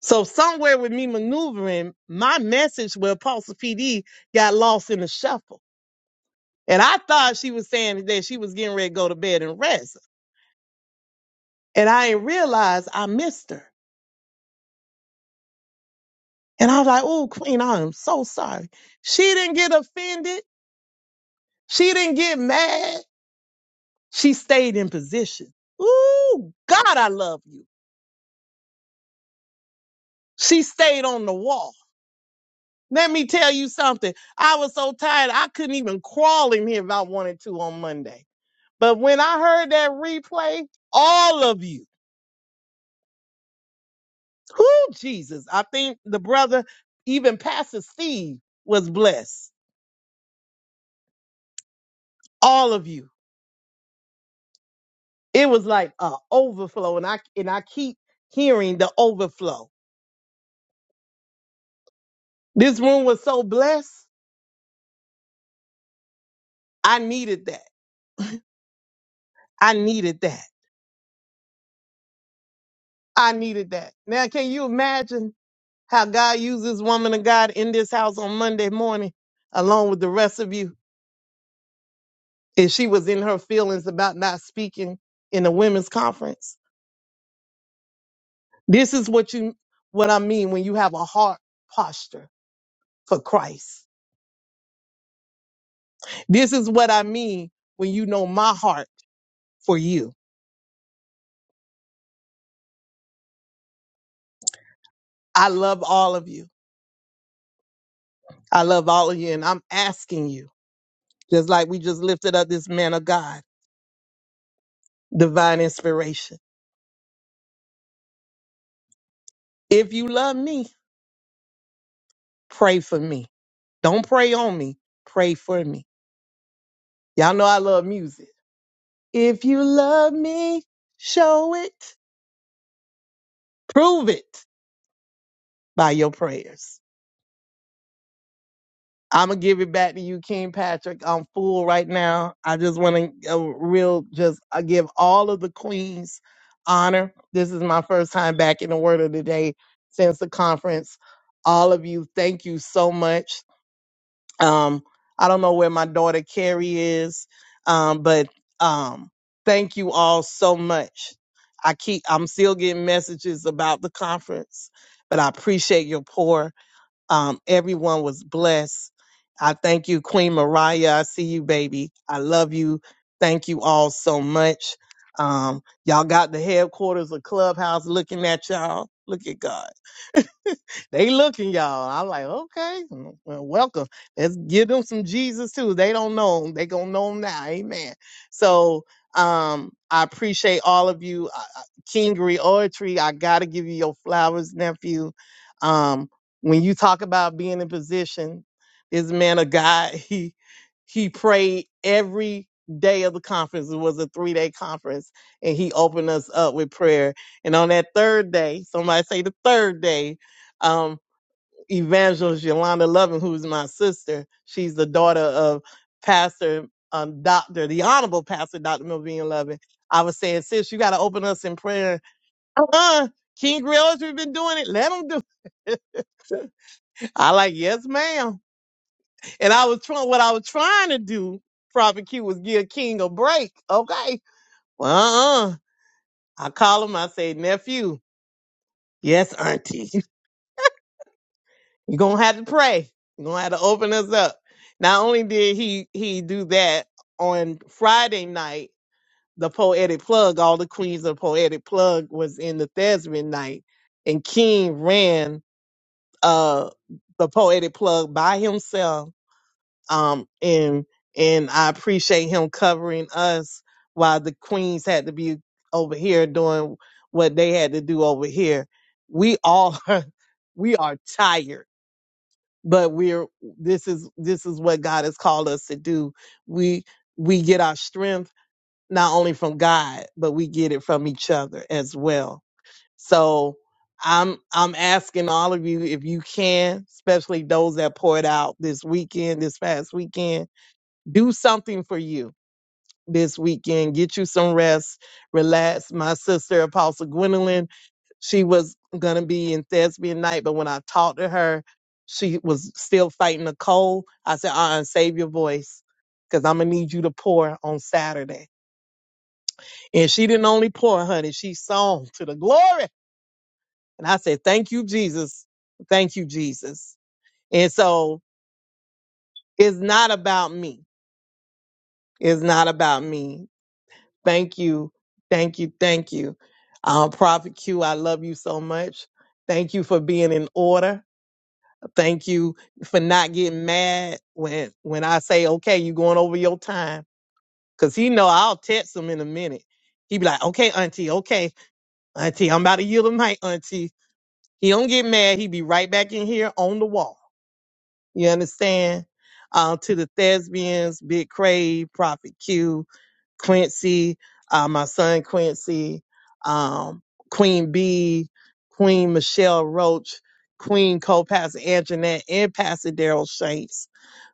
Speaker 5: So somewhere with me maneuvering, my message with Apostle PD got lost in the shuffle. And I thought she was saying that she was getting ready to go to bed and rest. And I didn't realize I missed her. And I was like, oh, Queen, I am so sorry. She didn't get offended. She didn't get mad. She stayed in position. Ooh, God, I love you. She stayed on the wall. Let me tell you something. I was so tired, I couldn't even crawl in here if I wanted to on Monday. But when I heard that replay, all of you, who Jesus, I think the brother, even Pastor Steve, was blessed. All of you. It was like a overflow, and I and I keep hearing the overflow. This room was so blessed. I needed that. I needed that. I needed that. Now, can you imagine how God used this woman of God in this house on Monday morning, along with the rest of you? And she was in her feelings about not speaking in the women's conference. This is what you, what I mean when you have a heart posture for Christ. This is what I mean when you know my heart for you. I love all of you. I love all of you. And I'm asking you, just like we just lifted up this man of God, divine inspiration. If you love me, Pray for me. Don't pray on me. Pray for me. Y'all know I love music. If you love me, show it. Prove it by your prayers. I'm going to give it back to you, King Patrick. I'm full right now. I just want to uh, real, just I give all of the queens honor. This is my first time back in the Word of the Day since the conference all of you, thank you so much. Um, I don't know where my daughter Carrie is, um, but um, thank you all so much. I keep I'm still getting messages about the conference, but I appreciate your pour. Um, everyone was blessed. I thank you, Queen Mariah. I see you, baby. I love you. Thank you all so much. Um, y'all got the headquarters of Clubhouse looking at y'all. Look at God. They looking, y'all. I'm like, okay, well, welcome. Let's give them some Jesus too. They don't know him. They gonna know him now. Amen. So um, I appreciate all of you. Uh, uh, King Reoratory, I gotta give you your flowers, nephew. Um, when you talk about being in position, this man of God, he he prayed every day of the conference. It was a three day conference, and he opened us up with prayer. And on that third day, somebody say the third day. um, Evangelist Yolanda Lovin, who's my sister. She's the daughter of Pastor um, Doctor, the Honorable Pastor Doctor Melvin Lovin. I was saying, sis, you got to open us in prayer. Uh-uh. King Grills, we've been doing it. Let them do it. I like, yes, ma'am. And I was trying, what I was trying to do, Prophet Q, was give King a break. Okay. Well, uh-uh. I call him, I say, nephew. Yes, auntie. You're gonna have to pray. You're gonna have to open us up. Not only did he he do that on Friday night, the poetic plug, all the queens of poetic plug was in the Thespian night, and King ran uh the poetic plug by himself. Um and and I appreciate him covering us while the queens had to be over here doing what they had to do over here. We all we are tired but we're this is this is what God has called us to do. We we get our strength not only from God, but we get it from each other as well. So I'm I'm asking all of you if you can, especially those that poured out this weekend, this past weekend, do something for you this weekend. Get you some rest, relax. My sister, Apostle Gwendolyn, she was gonna be in thespian night, but when I talked to her, she was still fighting a cold. I said, uh uh save your voice. Cause I'm gonna need you to pour on Saturday. And she didn't only pour, honey, she sung to the glory. And I said, Thank you, Jesus. Thank you, Jesus. And so it's not about me. It's not about me. Thank you. Thank you. Thank you. Uh, Prophet Q, I love you so much. Thank you for being in order. Thank you for not getting mad when when I say, okay, you going over your time. Cause he know I'll text him in a minute. He be like, okay, auntie, okay, auntie, I'm about to yield the mic, auntie. He don't get mad. He be right back in here on the wall. You understand? Uh, to the thespians, Big Crave, Prophet Q, Quincy, uh, my son Quincy, um, Queen B, Queen Michelle Roach, Queen co-pastor Anjanette, and Pastor Daryl Shanks,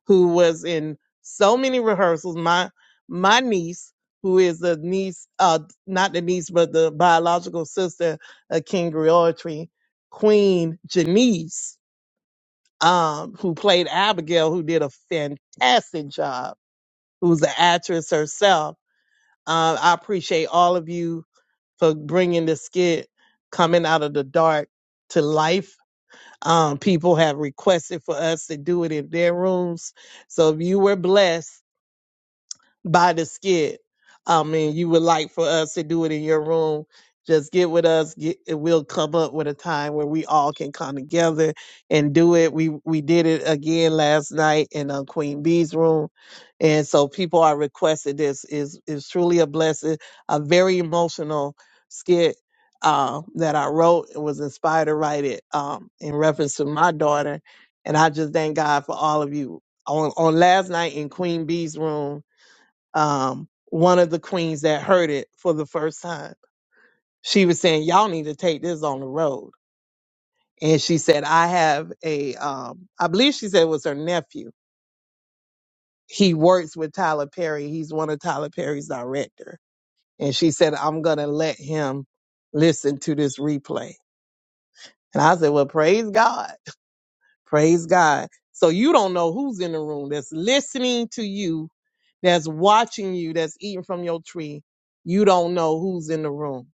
Speaker 5: who was in so many rehearsals. My my niece, who is the niece, uh, not the niece, but the biological sister of King Griotry, Queen Janice, um, who played Abigail, who did a fantastic job, who's an actress herself uh, I appreciate all of you for bringing the skit coming out of the dark to life. Um, people have requested for us to do it in their rooms. So if you were blessed by the skit. I mean you would like for us to do it in your room, just get with us. Get, and we'll come up with a time where we all can come together and do it. We we did it again last night in uh, Queen Bee's room, and so people are requested. This is is truly a blessing, a very emotional skit. Uh, that I wrote and was inspired to write it um, in reference to my daughter, and I just thank God for all of you on on last night in Queen Bee's room um, one of the queens that heard it for the first time. She was saying, "Y'all need to take this on the road." And she said, "I have a, um, I believe she said it was her nephew. He works with Tyler Perry. He's one of Tyler Perry's director." And she said, "I'm gonna let him listen to this replay." And I said, "Well, praise God, praise God." So you don't know who's in the room that's listening to you, that's watching you, that's eating from your tree. You don't know who's in the room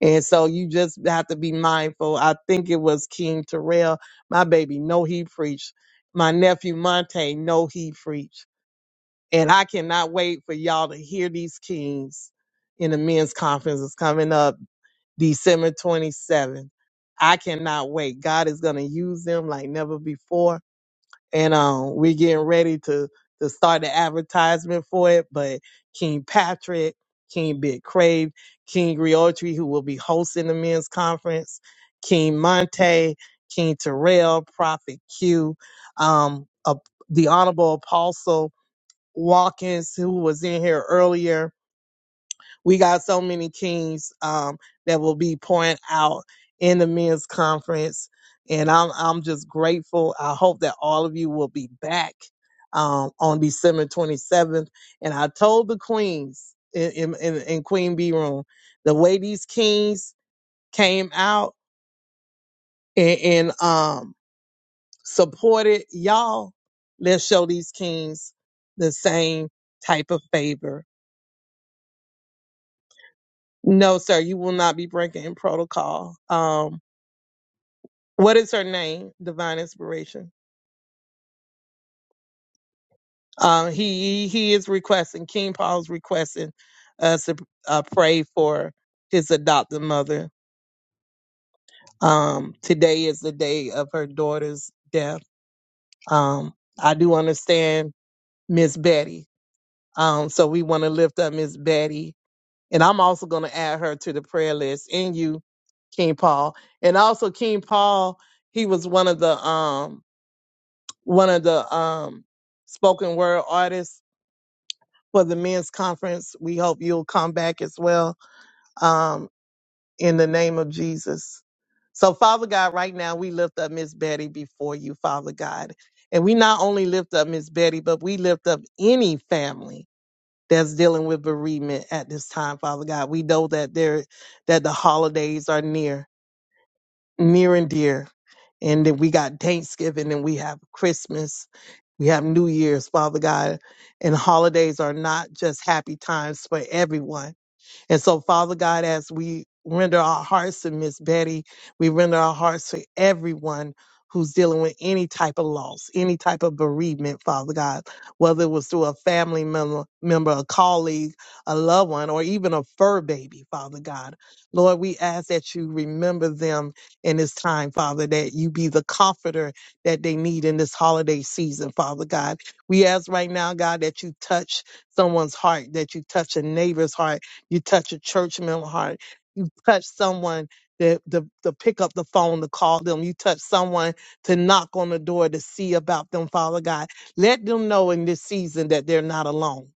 Speaker 5: And so you just have to be mindful. I think it was King Terrell. My baby, know he preached. My nephew Monte, know he preached. And I cannot wait for y'all to hear these kings in the men's conference. It's coming up December 27th. I cannot wait. God is going to use them like never before and um, we're getting ready to to start the advertisement for it. But King Patrick, King Big Crave, King Griotri, who will be hosting the men's conference, King Monte, King Terrell, Prophet Q, um, uh, the Honorable Apostle Watkins, who was in here earlier we got so many kings um, that will be pouring out in the men's conference, and I'm I'm just grateful. I hope that all of you will be back um, on December 27th. And I told the queens in in, in, in Queen Bee room the way these kings came out and, and um, supported y'all. Let's show these kings the same type of favor. No, sir, you will not be breaking protocol. Um, What is her name? Divine Inspiration. Um, he he is requesting. King Paul's requesting us to uh, pray for his adopted mother. Um, today is the day of her daughter's death. Um, I do understand Miss Betty. Um, so we want to lift up Miss Betty, and I'm also going to add her to the prayer list. And you, King Paul, and also King Paul. He was one of the um one of the um spoken word artists for the men's conference. We hope you'll come back as well um, in the name of Jesus. So, Father God, right now we lift up Miss Betty before you, Father God. And we not only lift up Miss Betty, but we lift up any family that's dealing with bereavement at this time, Father God. We know that there that the holidays are near, near and dear. And then we got Thanksgiving and we have Christmas we have New Year's, Father God, and holidays are not just happy times for everyone. And so, Father God, as we render our hearts to Miss Betty, we render our hearts to everyone who's dealing with any type of loss, any type of bereavement, Father God, whether it was through a family member, member, a colleague, a loved one, or even a fur baby, Father God. Lord, we ask that you remember them in this time, Father, that you be the comforter that they need in this holiday season, Father God. We ask right now, God, that you touch someone's heart, that you touch a neighbor's heart, you touch a church member heart. You touch someone that to, to pick up the phone to call them. You touch someone to knock on the door to see about them, Father God. Let them know in this season that they're not alone.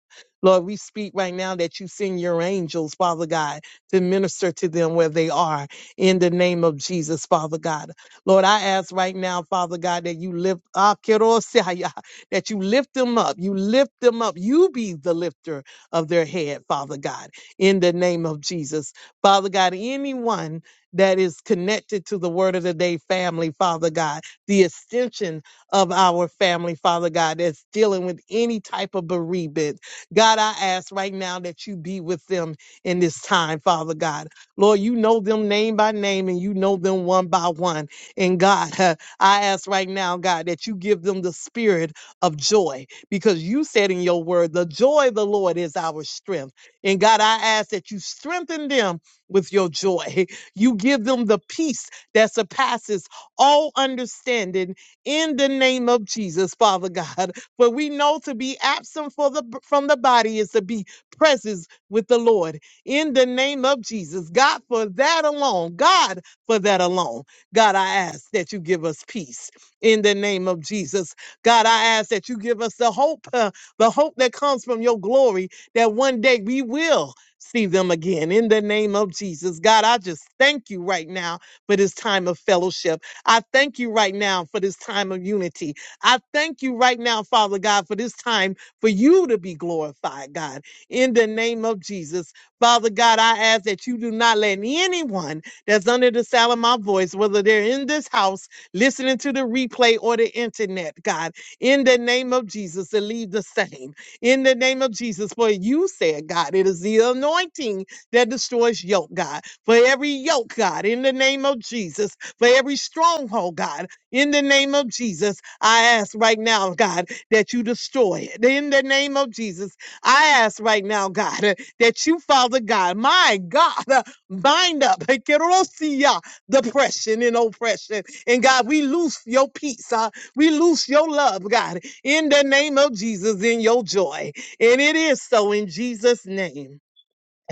Speaker 5: Lord, we speak right now that you send your angels, Father God, to minister to them where they are in the name of Jesus, Father God. Lord, I ask right now, Father God, that you lift Ah, kerosaya, that you lift them up. You lift them up. You be the lifter of their head, Father God in the name of Jesus. Father God, anyone that is connected to the Word of the Day family, Father God, the extension of our family, Father God, that's dealing with any type of bereavement. God, I ask right now that you be with them in this time, Father God. Lord, you know them name by name and you know them one by one. And God, I ask right now, God, that you give them the spirit of joy because you said in your word, the joy of the Lord is our strength. And God, I ask that you strengthen them with your joy. You give them the peace that surpasses all understanding in the name of Jesus, Father God. For we know to be absent for the, from the body is to be present with the Lord in the name of Jesus. God, for that alone, God, for that alone, God, I ask that you give us peace in the name of Jesus. God, I ask that you give us the hope, uh, the hope that comes from your glory that one day we will see them again in the name of Jesus. God, I just thank you right now for this time of fellowship. I thank you right now for this time of unity. I thank you right now, Father God, for this time for you to be glorified, God, in the name of Jesus. Father God, I ask that you do not let anyone that's under the sound of my voice, whether they're in this house, listening to the replay or the internet, God, in the name of Jesus, to leave the same in the name of Jesus. For you said, God, it is the anointing that destroys yoke, God. For every yoke, God, in the name of Jesus. For every stronghold, God, in the name of Jesus. I ask right now, God, that you destroy it. In the name of Jesus, I ask right now, God, uh, that you, Father God, my God, uh, bind up uh, Kerosia, depression and oppression. And God, we loose your peace. uh, we loose your love, God in the name of Jesus in your joy. And it is so in Jesus' name.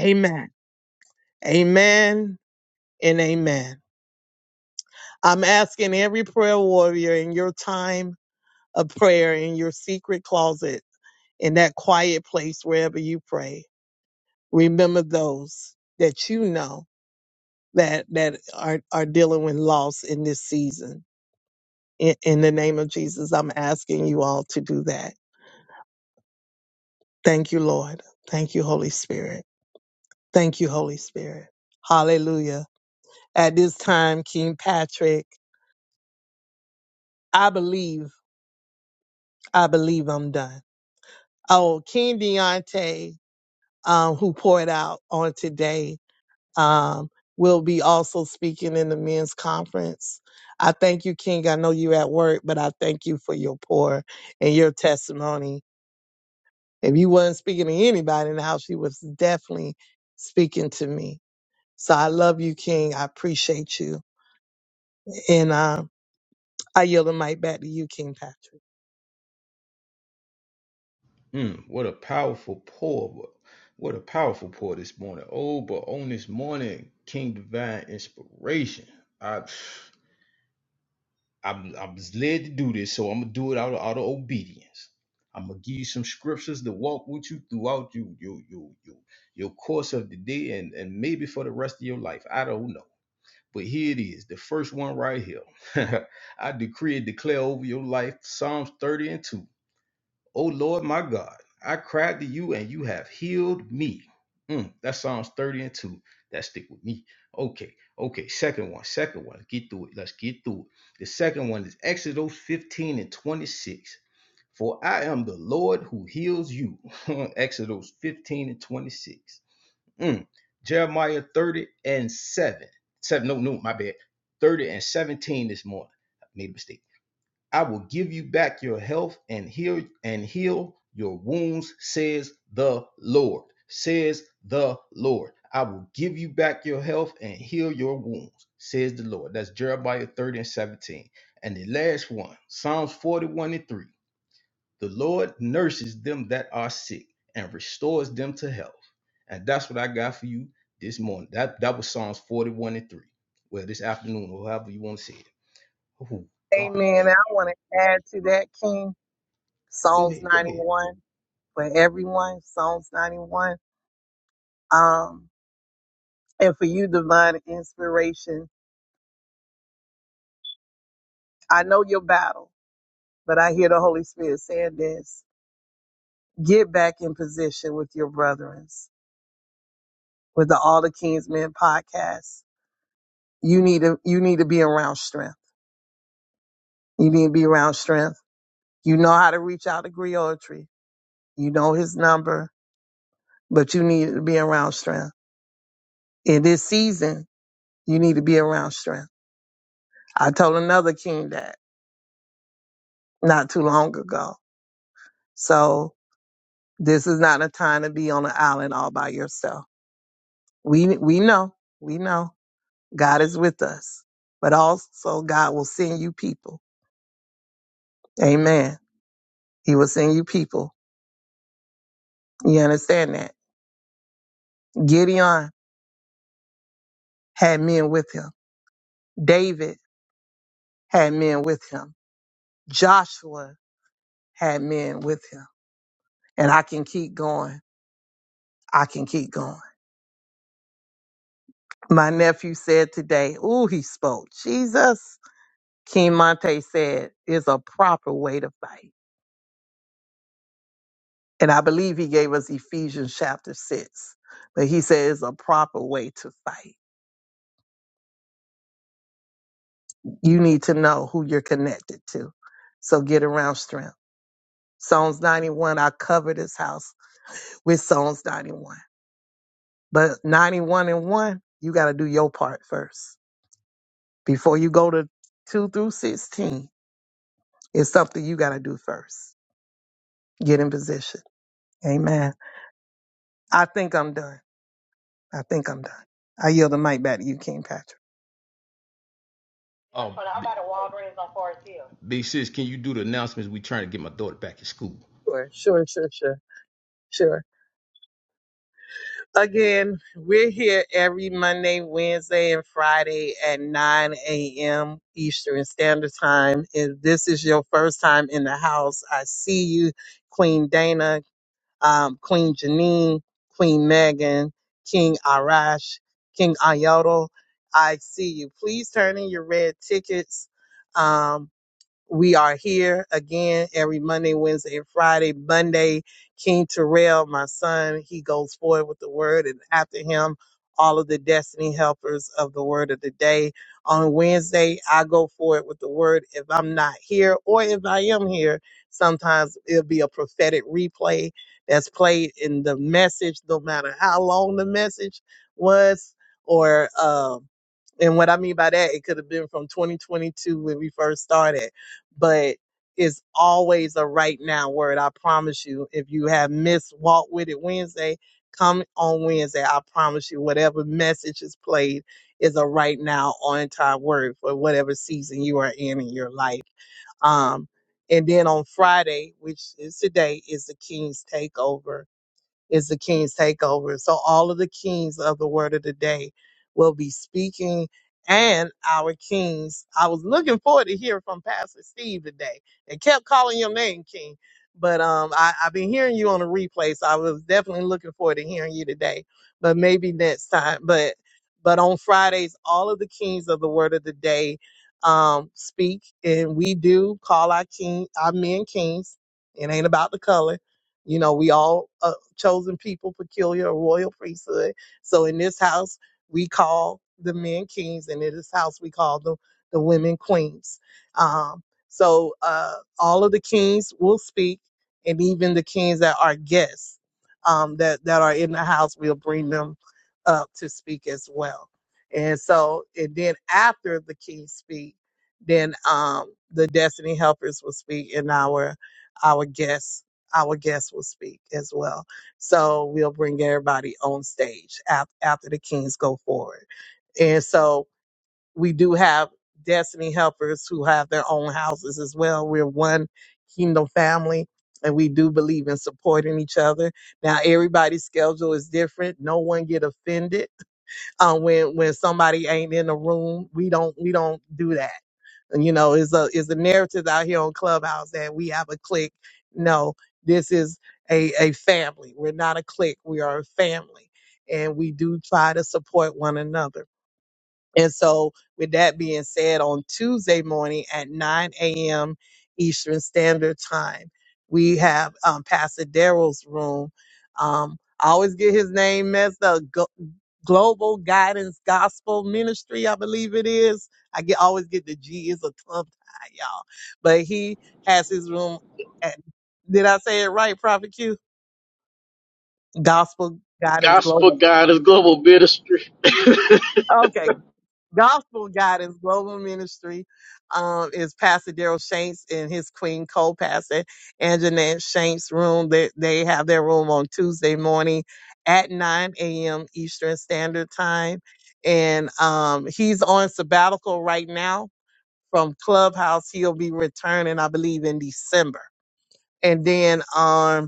Speaker 5: Amen. Amen and amen. I'm asking every prayer warrior in your time of prayer, in your secret closet, in that quiet place wherever you pray, remember those that you know that that are, are dealing with loss in this season. In, in the name of Jesus, I'm asking you all to do that. Thank you, Lord. Thank you, Holy Spirit. Thank you, Holy Spirit. Hallelujah. At this time, King Patrick, I believe, I believe I'm done. Oh, King Deontay, um, who poured out on today, um, will be also speaking in the men's conference. I thank you, King. I know you're at work, but I thank you for your pour and your testimony. If you weren't speaking to anybody in the house, you was definitely speaking to me. So I love you, King. I appreciate you. and um, I yield the mic back to you, King Patrick.
Speaker 1: Mm, what a powerful pour. What a powerful pour this morning. Oh, but on this morning, King Divine Inspiration. I i I was led to do this, so I'm gonna do it out of, out of obedience. I'm gonna give you some scriptures to walk with you throughout you your your your your course of the day and, and maybe for the rest of your life. I don't know. But here it is, the first one right here. I decree and declare over your life, Psalms 30 and 2. O Lord my God, I cried to you and you have healed me. Mm, that's Psalms 30 and 2. That stick with me. Okay, okay. Second one, second one. Let's Get through it. Let's get through it. The second one is Exodus 15 and 26. For I am the Lord who heals you. Exodus 15 and 26. Mm. Jeremiah 30 and 7. 7. No, no, my bad. 30 and 17 this morning. I made a mistake. I will give you back your health and heal and heal your wounds, says the Lord. Says the Lord. I will give you back your health and heal your wounds, says the Lord. That's Jeremiah 30 and 17. And the last one, Psalms 41 and 3. The Lord nurses them that are sick and restores them to health. And that's what I got for you this morning. That that was Psalms 41 and 3. Well, this afternoon, or however you want to say it. Oh God.
Speaker 5: Amen. I want to add to that, King,
Speaker 1: Go
Speaker 5: Psalms
Speaker 1: ahead. Go ahead.
Speaker 5: 91 for everyone, Psalms 91. Um, and for you, divine inspiration. I know your battle, but I hear the Holy Spirit saying this. Get back in position with your brethren, with the All the King's Men podcast. You need to, you need to be around strength. You need to be around strength. You know how to reach out to Griotry. You know his number, but you need to be around strength. in this season, you need to be around strength. I told another king that not too long ago. So this is not a time to be on an island all by yourself. We we know, we know God is with us, but also God will send you people. Amen. He will send you people. You understand that? Gideon had men with him. David had men with him. Joshua had men with him. And I can keep going. I can keep going. My nephew said today, ooh, he spoke. Jesus, King Monte said, is a proper way to fight. And I believe he gave us Ephesians chapter six. But he said it's a proper way to fight. You need to know who you're connected to. So get around strength. Psalms 91, I cover this house with Psalms 91. But 91 and 1, you got to do your part first. Before you go to 2 through 16, it's something you got to do first. Get in position. Amen. I think I'm done. I think I'm done. I yield the mic back to you, King Patrick.
Speaker 1: That's Um, what I'm by the Walgreens on Forest Hill. big sis, can you do the announcements? We trying to get my daughter back to school.
Speaker 5: Sure, sure, sure, sure, sure. Again, we're here every Monday, Wednesday, and Friday at 9 a.m. Eastern Standard Time. If this is your first time in the house, I see you, Queen Dana, um, Queen Janine, Queen Megan, King Arash, King Ayoto. I see you. Please turn in your red tickets. Um, We are here again every Monday, Wednesday, and Friday. Monday, King Terrell, my son, he goes forward with the word, and after him, all of the destiny helpers of the word of the day. On Wednesday, I go forward with the word. If I'm not here, or if I am here, sometimes it'll be a prophetic replay that's played in the message, no matter how long the message was, or um, and what I mean by that, it could have been from 2022 when we first started but it's always a right now word. I promise you. If you have missed Walk With It Wednesday, come on Wednesday. I promise you, whatever message is played is a right now on time word for whatever season you are in in your life. Um, and then on Friday, which is today, is the King's Takeover is the King's Takeover. So all of the kings of the word of the day will be speaking and our kings. I was looking forward to hearing from Pastor Steve today. They kept calling your name, King. But um, I, I've been hearing you on the replay, so I was definitely looking forward to hearing you today. But maybe next time. But but on Fridays, all of the kings of the word of the day um, speak, and we do call our king, our men kings. It ain't about the color. You know, we all chosen people, peculiar, a royal priesthood. So in this house, we call the men kings, and in this house, we call the, the women queens. Um, so uh, all of the kings will speak, and even the kings that are guests um, that, that are in the house, we'll bring them up to speak as well. And so, and then after the kings speak, then um, the destiny helpers will speak, and our our guests our guests will speak as well. So we'll bring everybody on stage af- after the Kings go forward. And so we do have destiny helpers who have their own houses as well. We're one kingdom family and we do believe in supporting each other. Now everybody's schedule is different. No one get offended. Uh, when when somebody ain't in the room, we don't we don't do that you know is a is the narrative out here on clubhouse that we have a clique no this is a a family we're not a clique we are a family and we do try to support one another and so with that being said on tuesday morning at 9 a.m eastern standard time we have um pastor daryl's room um I always get his name messed up. Global Guidance Gospel Ministry, I believe it is. I get always get the G is a tongue tie, y'all. But he has his room at did I say it right, Prophet Q? Gospel Guidance
Speaker 2: Gospel
Speaker 5: Global.
Speaker 2: Guidance Global Ministry.
Speaker 5: Okay, Gospel Guidance Global Ministry um, is Pastor Daryl Shanks and his queen co-pastor Anjanette Shanks' room. They, they have their room on Tuesday morning at 9 a.m. Eastern Standard Time. And um, he's on sabbatical right now from Clubhouse. He'll be returning, I believe, in December. And then um,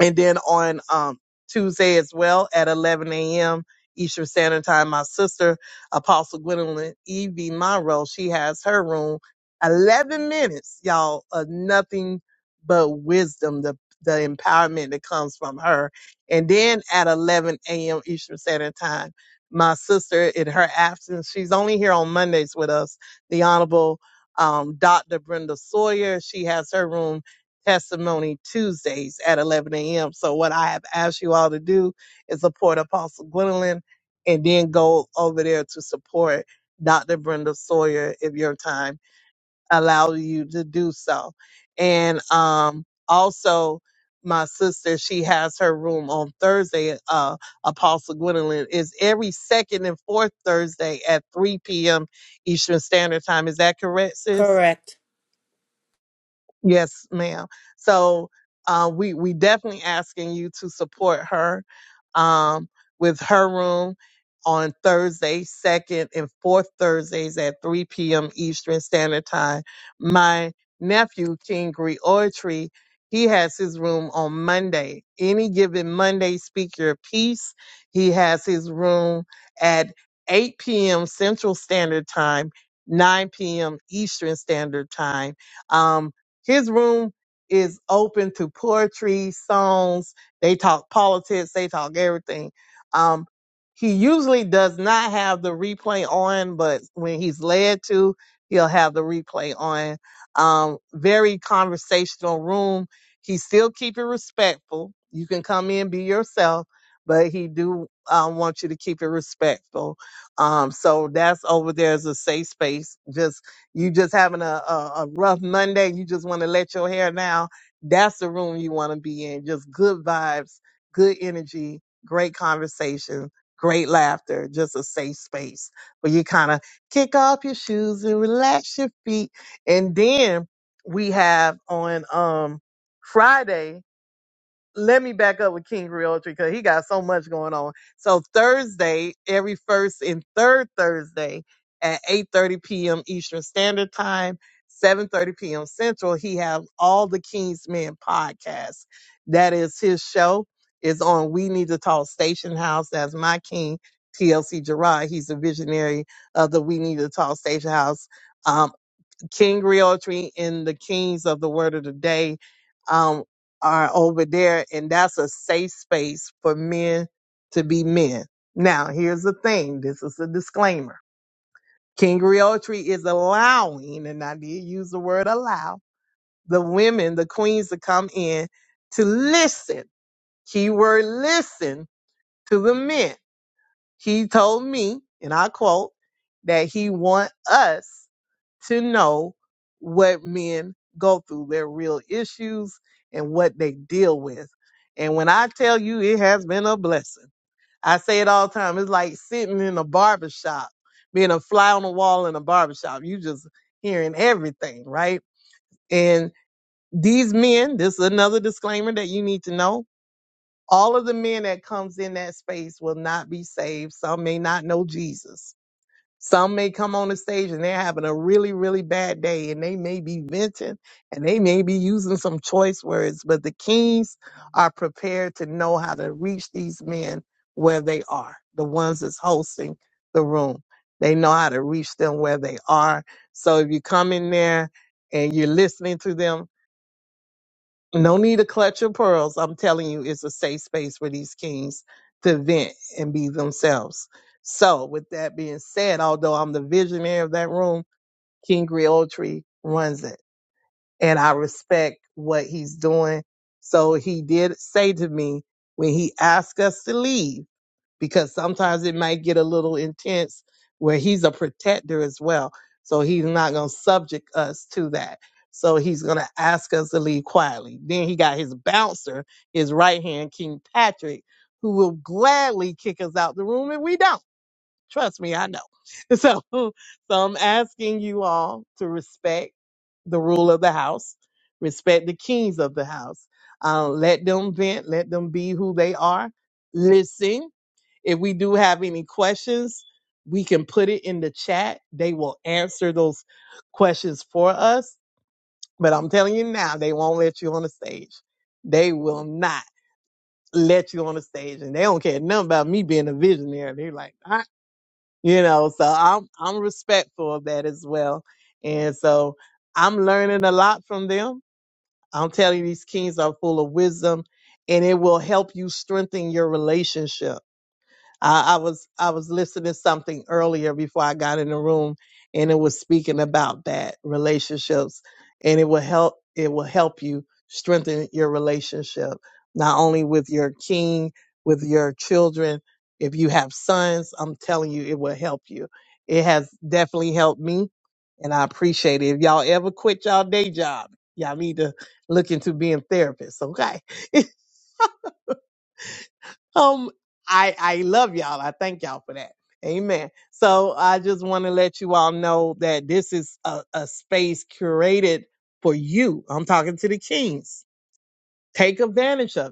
Speaker 5: and then on um, Tuesday as well at 11 a.m. Eastern Standard Time, my sister, Apostle Gwendolyn E.V. Monroe, she has her room. 11 minutes, y'all, of nothing but wisdom, the, the empowerment that comes from her. And then at 11 a.m. Eastern Standard Time, my sister, in her absence, she's only here on Mondays with us, the Honorable um, Dr. Brenda Sawyer. She has her room testimony Tuesdays at 11 a.m. So what I have asked you all to do is support Apostle Gwendolyn and then go over there to support Dr. Brenda Sawyer if your time allows you to do so. And um, also, my sister, she has her room on Thursday. Uh, Apostle Gwendolyn is every second and fourth Thursday at 3 p.m. Eastern Standard Time. Is that correct, sis?
Speaker 3: Correct.
Speaker 5: Yes, ma'am. So uh, we we definitely asking you to support her um, with her room on Thursday, second and fourth Thursdays at 3 p.m. Eastern Standard Time. My nephew King Griotry, he has his room on Monday. Any given Monday, speak your piece. He has his room at 8 p.m. Central Standard Time, 9 p.m. Eastern Standard Time. Um, his room is open to poetry, songs. They talk politics. They talk everything. Um, he usually does not have the replay on, but when he's led to, he'll have the replay on. Um, very conversational room. He still keep it respectful. You can come in, be yourself, but he do um, want you to keep it respectful. Um, so that's over there as a safe space. Just you just having a, a, a rough Monday, you just want to let your hair down. That's the room you want to be in. Just good vibes, good energy, great conversation, great laughter, just a safe space where you kind of kick off your shoes and relax your feet. And then we have on um Friday let me back up with King Realty because he got so much going on. So Thursday, every first and third Thursday at 8:30 p.m. Eastern Standard Time, 7:30 p.m. Central, he has all the King's Men podcast. That is his show. It's on We Need to Talk Station House. That's my king, TLC Gerard. He's the visionary of the We Need to Talk Station House um, King Realtree and the Kings of the Word of the Day um, are over there, and that's a safe space for men to be men. Now, here's the thing. This is a disclaimer. King Realtree is allowing, and I did use the word allow, the women, the queens to come in to listen. Keyword listen to the men. He told me, and I quote, that he want us to know what men go through, their real issues, and what they deal with. And when I tell you, it has been a blessing. I say it all the time. It's like sitting in a barber shop, being a fly on the wall in a barber shop. You just hearing everything, right? And these men, this is another disclaimer that you need to know. All of the men that comes in that space will not be saved. Some may not know Jesus some may come on the stage and they're having a really, really bad day and they may be venting and they may be using some choice words, but the kings are prepared to know how to reach these men where they are, the ones that's hosting the room. They know how to reach them where they are. So if you come in there and you're listening to them, no need to clutch your pearls. I'm telling you, it's a safe space for these kings to vent and be themselves. So, with that being said, although I'm the visionary of that room, King Griotri runs it. And I respect what he's doing. So, he did say to me when he asked us to leave, because sometimes it might get a little intense where he's a protector as well. So he's not going to subject us to that. So he's going to ask us to leave quietly. Then he got his bouncer, his right hand, King Patrick, who will gladly kick us out the room if we don't. Trust me, I know. So, so I'm asking you all to respect the rule of the house, respect the kings of the house. Uh, let them vent, let them be who they are. Listen, if we do have any questions, we can put it in the chat. They will answer those questions for us. But I'm telling you now, they won't let you on the stage. They will not let you on the stage. And they don't care nothing about me being a visionary. They're like, "Ah," you know, so I'm I'm respectful of that as well. And so I'm learning a lot from them. I'm telling you, these kings are full of wisdom and it will help you strengthen your relationship I, I was I was listening to something earlier before I got in the room, and it was speaking about that relationships, and it will help it will help you strengthen your relationship not only with your king, with your children. If you have sons, I'm telling you, it will help you. It has definitely helped me, and I appreciate it. If y'all ever quit y'all day job, y'all need to look into being therapists, okay? um, I I love y'all. I thank y'all for that. Amen. So I just want to let you all know that this is a, a space curated for you. I'm talking to the kings. Take advantage of it.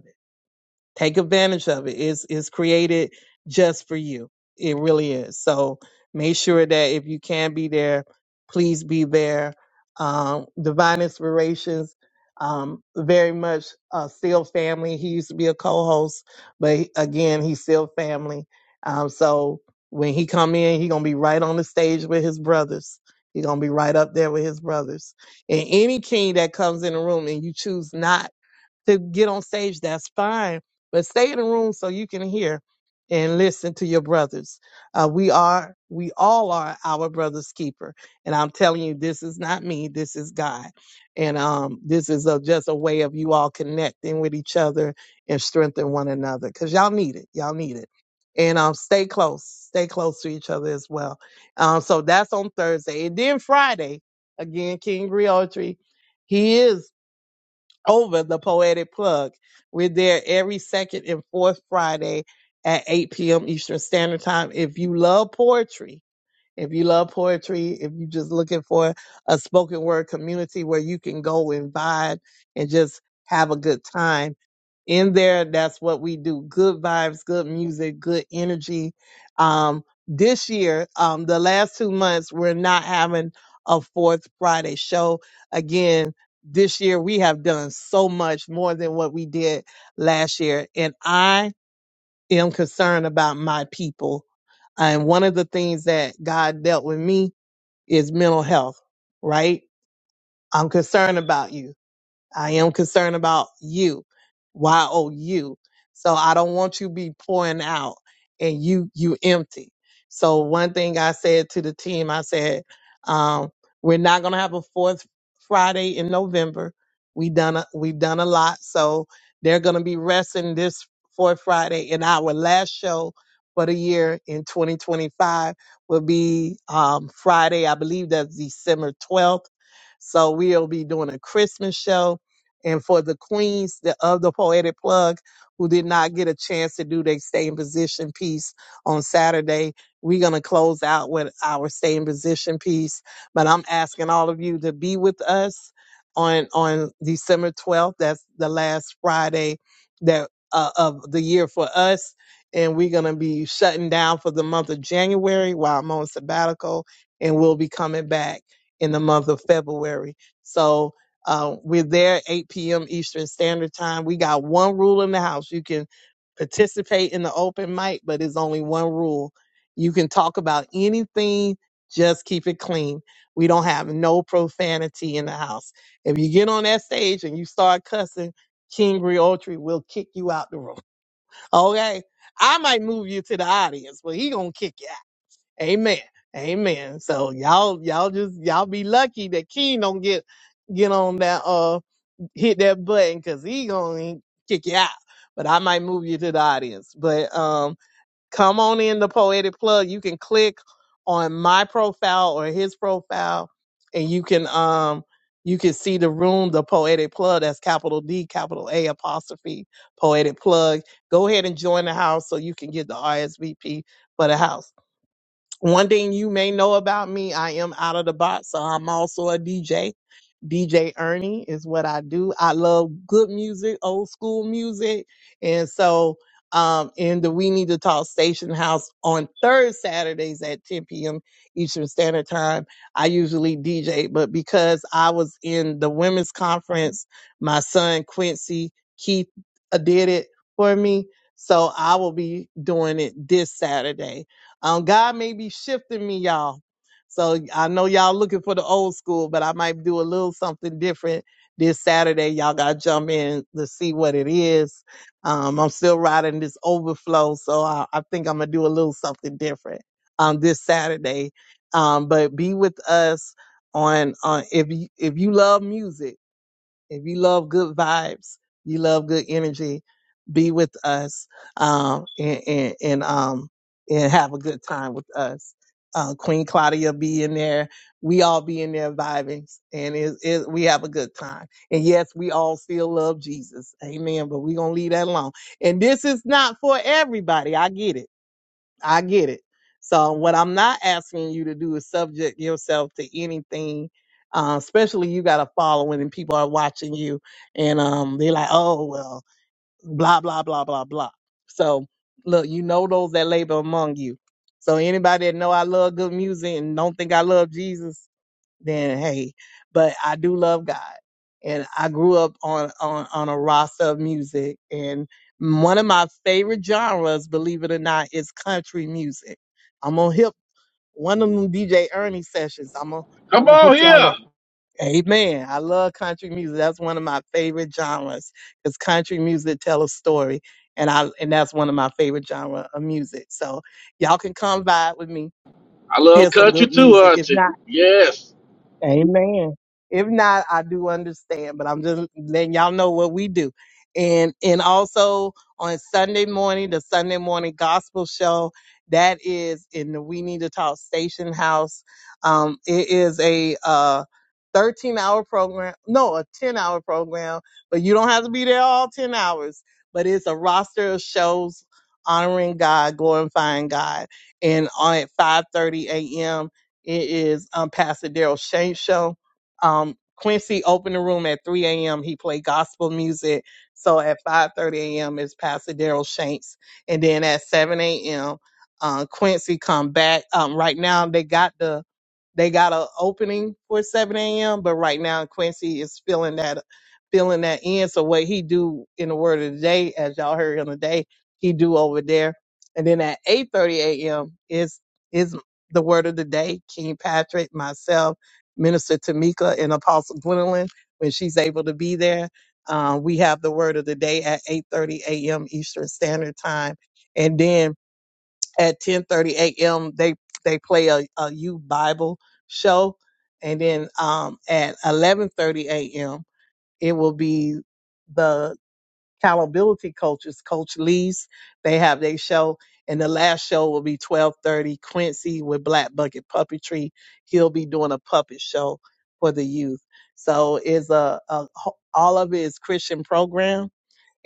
Speaker 5: Take advantage of it. It's, it's created just for you. It really is. So make sure that if you can be there, please be there. Um, Divine Inspirations, um, very much uh, still family. He used to be a co-host, but he- again, he's still family. Um, so when he come in, he gonna be right on the stage with his brothers. He gonna be right up there with his brothers. And any king that comes in the room and you choose not to get on stage, that's fine. But stay in the room so you can hear and listen to your brothers. Uh, we are, we all are our brother's keeper. And I'm telling you, this is not me. This is God. And um, this is a, just a way of you all connecting with each other and strengthen one another because y'all need it. Y'all need it. And um, stay close. Stay close to each other as well. Um, so that's on Thursday. And then Friday, again, King Griotry. He is over the Poetic Plug. We're there every second and fourth Friday at 8 p.m. Eastern Standard Time. If you love poetry, if you love poetry, if you're just looking for a spoken word community where you can go and vibe and just have a good time in there. That's what we do. Good vibes, good music, good energy. Um, this year, um, the last two months, we're not having a fourth Friday show. Again, this year we have done so much more than what we did last year. And I am concerned about my people. And one of the things that God dealt with me is mental health, right? I'm concerned about you. I am concerned about you, Y O U. So I don't want you be pouring out and you you empty. So one thing I said to the team, I said, um, we're not gonna have a fourth Friday in November. We done a, we've done a lot, so they're gonna be resting this fourth Friday. And our last show for the year in 2025 will be um, Friday, I believe that's December 12th. So we'll be doing a Christmas show and for the queens the- of the Poetic Plug who did not get a chance to do their stay in position piece on Saturday, we're going to close out with our stay in position piece. But I'm asking all of you to be with us on on December 12th. That's the last Friday that uh, of the year for us. And we're going to be shutting down for the month of January while I'm on sabbatical. And we'll be coming back in the month of February. So, uh, we're there 8 p.m. Eastern Standard Time. We got one rule in the house. You can participate in the open mic, but it's only one rule. You can talk about anything, just keep it clean. We don't have no profanity in the house. If you get on that stage and you start cussing, King Griotri will kick you out the room. Okay? I might move you to the audience, but he gonna kick you out. Amen. Amen. So y'all, y'all just y'all be lucky that King don't get get on that. Uh, hit that button because he gonna kick you out. But I might move you to the audience. But um, come on in the poetic plug. You can click on my profile or his profile, and you can um you can see the room, the poetic plug. That's capital D, capital A apostrophe poetic plug. Go ahead and join the house so you can get the RSVP for the house. One thing you may know about me, I am out of the box, so I'm also a DJ. DJ Ernie is what I do. I love good music, old school music. And so um in the We Need to Talk Station House on third Saturdays at 10 p.m. Eastern Standard Time. I usually DJ, but because I was in the women's conference, my son Quincy Keith uh, did it for me. So I will be doing it this Saturday. Um, God may be shifting me, y'all so I know y'all looking for the old school, but I might do a little something different this Saturday. Y'all got to jump in to see what it is. Um, I'm still riding this overflow, so I, I think I'm gonna do a little something different um, this Saturday. Um, but be with us on on if you, if you love music. If you love good vibes, you love good energy, be with us um, and, and, and, um, and have a good time with us. Uh, Queen Claudia be in there. We all be in there vibing and it, it, we have a good time. And yes, we all still love Jesus. Amen. But we going to leave that alone. And this is not for everybody. I get it I get it. So what I'm not asking you to do is subject yourself to anything. Uh, especially you got a following and people are watching you and um they're like, oh well, blah blah blah blah blah. So look, you know those that labor among you. So anybody that know I love good music and don't think I love Jesus, then hey, but I do love God. And I grew up on, on, on a roster of music and one of my favorite genres, believe it or not, is country music. I'm gonna hip one of them DJ Ernie sessions. I'm gonna I'm gonna hook y'all up. Amen. I love country music. That's one of my favorite genres because country music tell a story, and I and that's one of my favorite genre of music. So y'all can come vibe with me,
Speaker 2: I
Speaker 5: hear
Speaker 2: love
Speaker 5: some
Speaker 2: country
Speaker 5: good
Speaker 2: too,
Speaker 5: music. If
Speaker 2: Auntie.
Speaker 5: not.
Speaker 2: Yes.
Speaker 5: Amen. If not, I do understand, but I'm just letting y'all know what we do. And and also on Sunday morning, the Sunday morning gospel show that is in the We Need to Talk Station House. Um, it is a uh 13 hour program, no, a 10 hour program, but you don't have to be there all 10 hours. But it's a roster of shows honoring God, glorifying God, and on at 5:30 a.m. It is um, Pastor Daryl Shane show. Um, Quincy opened the room at 3 a.m. He played gospel music. So at 5:30 a.m. is Pastor Daryl Shanks, and then at 7 a.m. Uh, Quincy come back. Um, right now they got the they got a opening for 7 a.m. But right now Quincy is filling that filling that in. So what he do in the word of the day, as y'all heard on the day, he do over there. And then at 8:30 a.m. is is the word of the day, King Patrick, myself, Minister Tamika, and Apostle Gwendolyn, when she's able to be there. Uh, we have the word of the day at 8.30 a.m. Eastern Standard Time. And then at 10.30 a.m., they, they play a, a youth Bible show. And then um, at 11.30 a.m., it will be the accountability coaches, Coach Lee's. They have their show, and the last show will be twelve thirty. Quincy with Black Bucket Puppetry, he'll be doing a puppet show for the youth. So it's a, a ho- all of it is Christian program.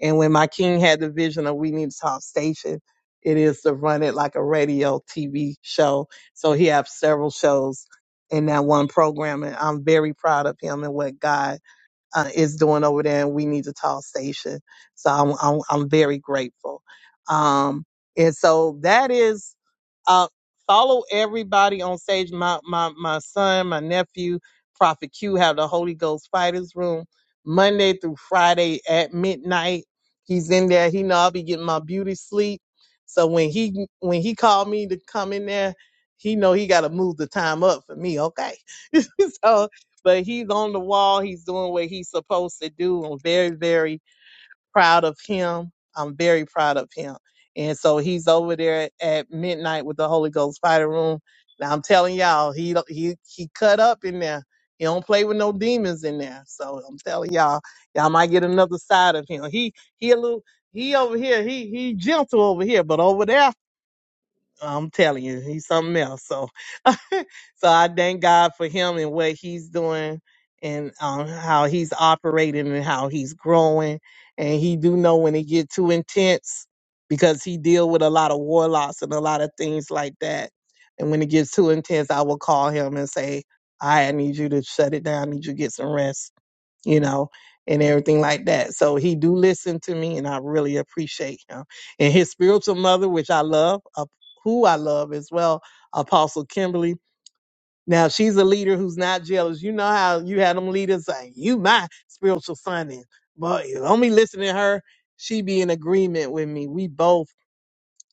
Speaker 5: And when my king had the vision of we need to talk station, it is to run it like a radio TV show. So he have several shows in that one program, and I'm very proud of him and what God uh, is doing over there and we need to talk station. So I'm, I'm, I'm very grateful. Um, and so that is, uh, follow everybody on stage. My, my, my son, my nephew, Prophet Q have the Holy Ghost Fighters Room Monday through Friday at midnight. He's in there. He know I'll be getting my beauty sleep. So when he, when he called me to come in there, he know he got to move the time up for me. Okay. so but he's on the wall. He's doing what he's supposed to do. I'm very, very proud of him. I'm very proud of him. And so he's over there at midnight with the Holy Ghost Fighter Room. Now I'm telling y'all, he don't- he he cut up in there. He don't play with no demons in there. So I'm telling y'all, y'all might get another side of him. He he a little he over here. He he gentle over here, but over there, I'm telling you, he's something else. So. so I thank God for him and what he's doing and um, how he's operating and how he's growing. And he do know when it get too intense because he deal with a lot of warlocks and a lot of things like that. And when it gets too intense, I will call him and say, "All right, I need you to shut it down. I need you to get some rest, you know, and everything like that. So he do listen to me, and I really appreciate him. And his spiritual mother, which I love, uh, who I love as well, Apostle Kimberly now she's a leader who's not jealous. You know how you had them leaders saying, "You my spiritual son," and but if only listening to her, she be in agreement with me. We both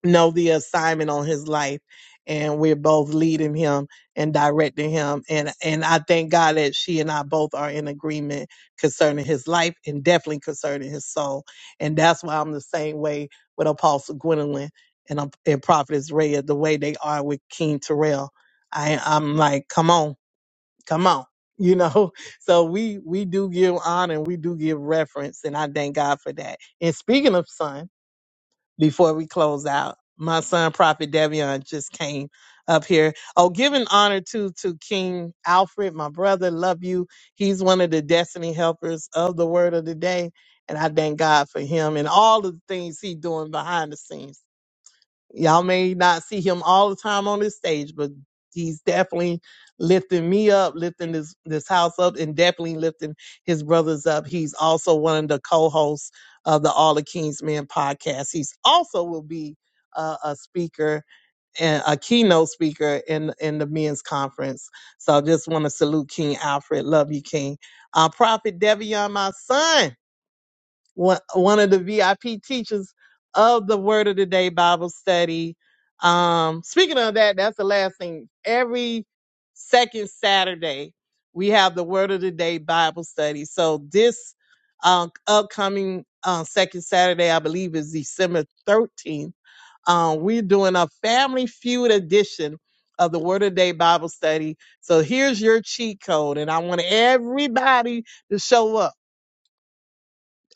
Speaker 5: know the assignment on his life, and we're both leading him and directing him. And and I thank God that she and I both are in agreement concerning his life and definitely concerning his soul. And that's why I'm the same way with Apostle Gwendolyn and, um, and Prophetess Rhea, the way they are with King Terrell. I, I'm like, come on. Come on. You know, so we we do give honor and we do give reference, and I thank God for that. And speaking of son, before we close out, my son Prophet Devion just came up here. Oh, giving honor to to King Alfred, my brother. Love you. He's one of the destiny helpers of the Word of the Day, and I thank God for him and all of the things he's doing behind the scenes. Y'all may not see him all the time on this stage, but he's definitely lifting me up, lifting this this house up, and definitely lifting his brothers up. He's also one of the co-hosts of the All the Kings Men podcast. He's also will be a, a speaker and a keynote speaker in in the men's conference. So I just want to salute King Alfred. Love you, King. Uh, Prophet Devion, my son one one of the VIP teachers of the Word of the Day Bible study. Um, speaking of that, that's the last thing. Every second Saturday, we have the Word of the Day Bible study. So this uh, upcoming uh, second Saturday, I believe, is December 13th. Um, we're doing a family feud edition of the Word of the Day Bible study. So here's your cheat code, and I want everybody to show up.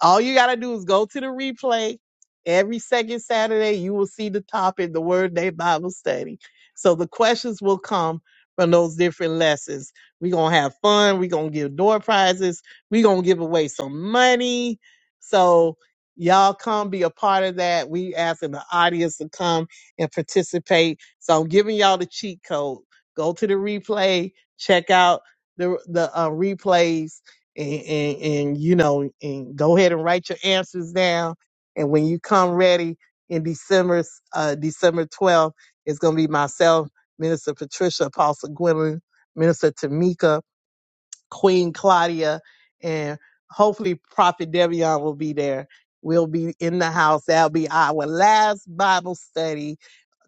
Speaker 5: All you got to do is go to the replay. Every second Saturday, you will see the topic, the Word Day Bible Study. So the questions will come from those different lessons. We're going to have fun. We're going to give door prizes. We're going to give away some money. So y'all come be a part of that. We asking the audience to come and participate. So I'm giving y'all the cheat code. Go to the replay. Check out the, the uh, replays and, and, and you know, and go ahead and write your answers down. And when you come ready in December, uh, December 12th, it's going to be myself, Minister Patricia, Apostle Gwendolyn, Minister Tamika, Queen Claudia, and hopefully Prophet Devion will be there. We'll be in the house. That'll be our last Bible study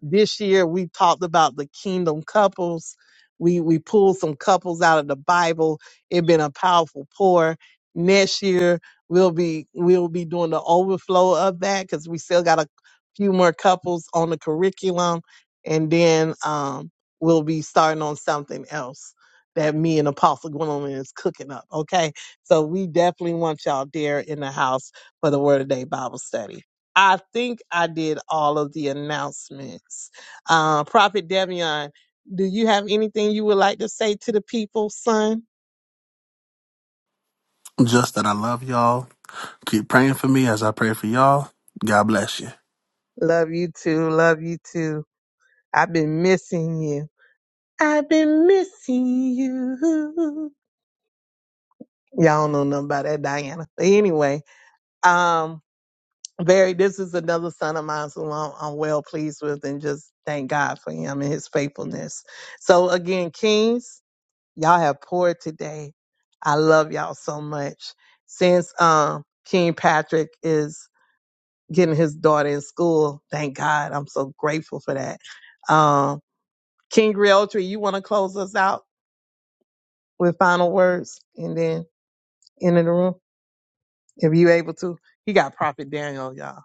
Speaker 5: this year we talked about the kingdom couples. We we pulled some couples out of the Bible. It's been a powerful pour. Next year we'll be we'll be doing the overflow of that because we still got a few more couples on the curriculum, and then um, we'll be starting on something else that me and Apostle Gwendolyn is cooking up. Okay, so we definitely want y'all there in the house for the Word of Day Bible study. I think I did all of the announcements. Uh, Prophet Devion, do you have anything you would like to say to the people, son?
Speaker 14: Just that I love y'all. Keep praying for me as I pray for y'all. God bless you.
Speaker 5: Love you too. Love you too. I've been missing you. I've been missing you. Y'all don't know nothing about that, Diana. But anyway, um, very this is another son of mine who I'm, I'm well pleased with and just thank god for him and his faithfulness so again kings y'all have poured today i love y'all so much since um king patrick is getting his daughter in school thank god i'm so grateful for that um king realtree you want to close us out with final words and then into the room if you able to he got prophet daniel y'all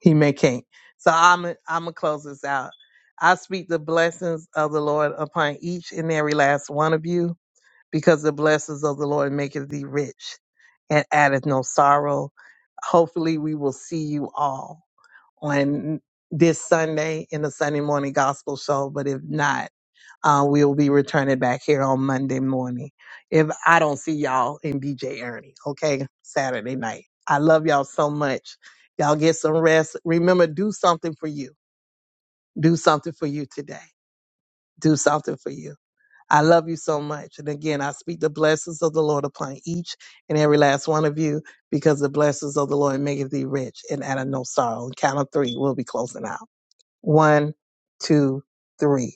Speaker 5: he may can't. So I'm I'm gonna close this out. I speak the blessings of the Lord upon each and every last one of you, because the blessings of the Lord maketh thee rich and addeth no sorrow. Hopefully, we will see you all on this Sunday in the Sunday morning gospel show. But if not, uh, we'll be returning back here on Monday morning. If I don't see y'all in BJ Ernie, okay, Saturday night. I love y'all so much. Y'all get some rest. Remember, do something for you. Do something for you today. Do something for you. I love you so much. And again, I speak the blessings of the Lord upon each and every last one of you because the blessings of the Lord maketh thee rich and out of no sorrow. On count of three, we'll be closing out. One, two, three.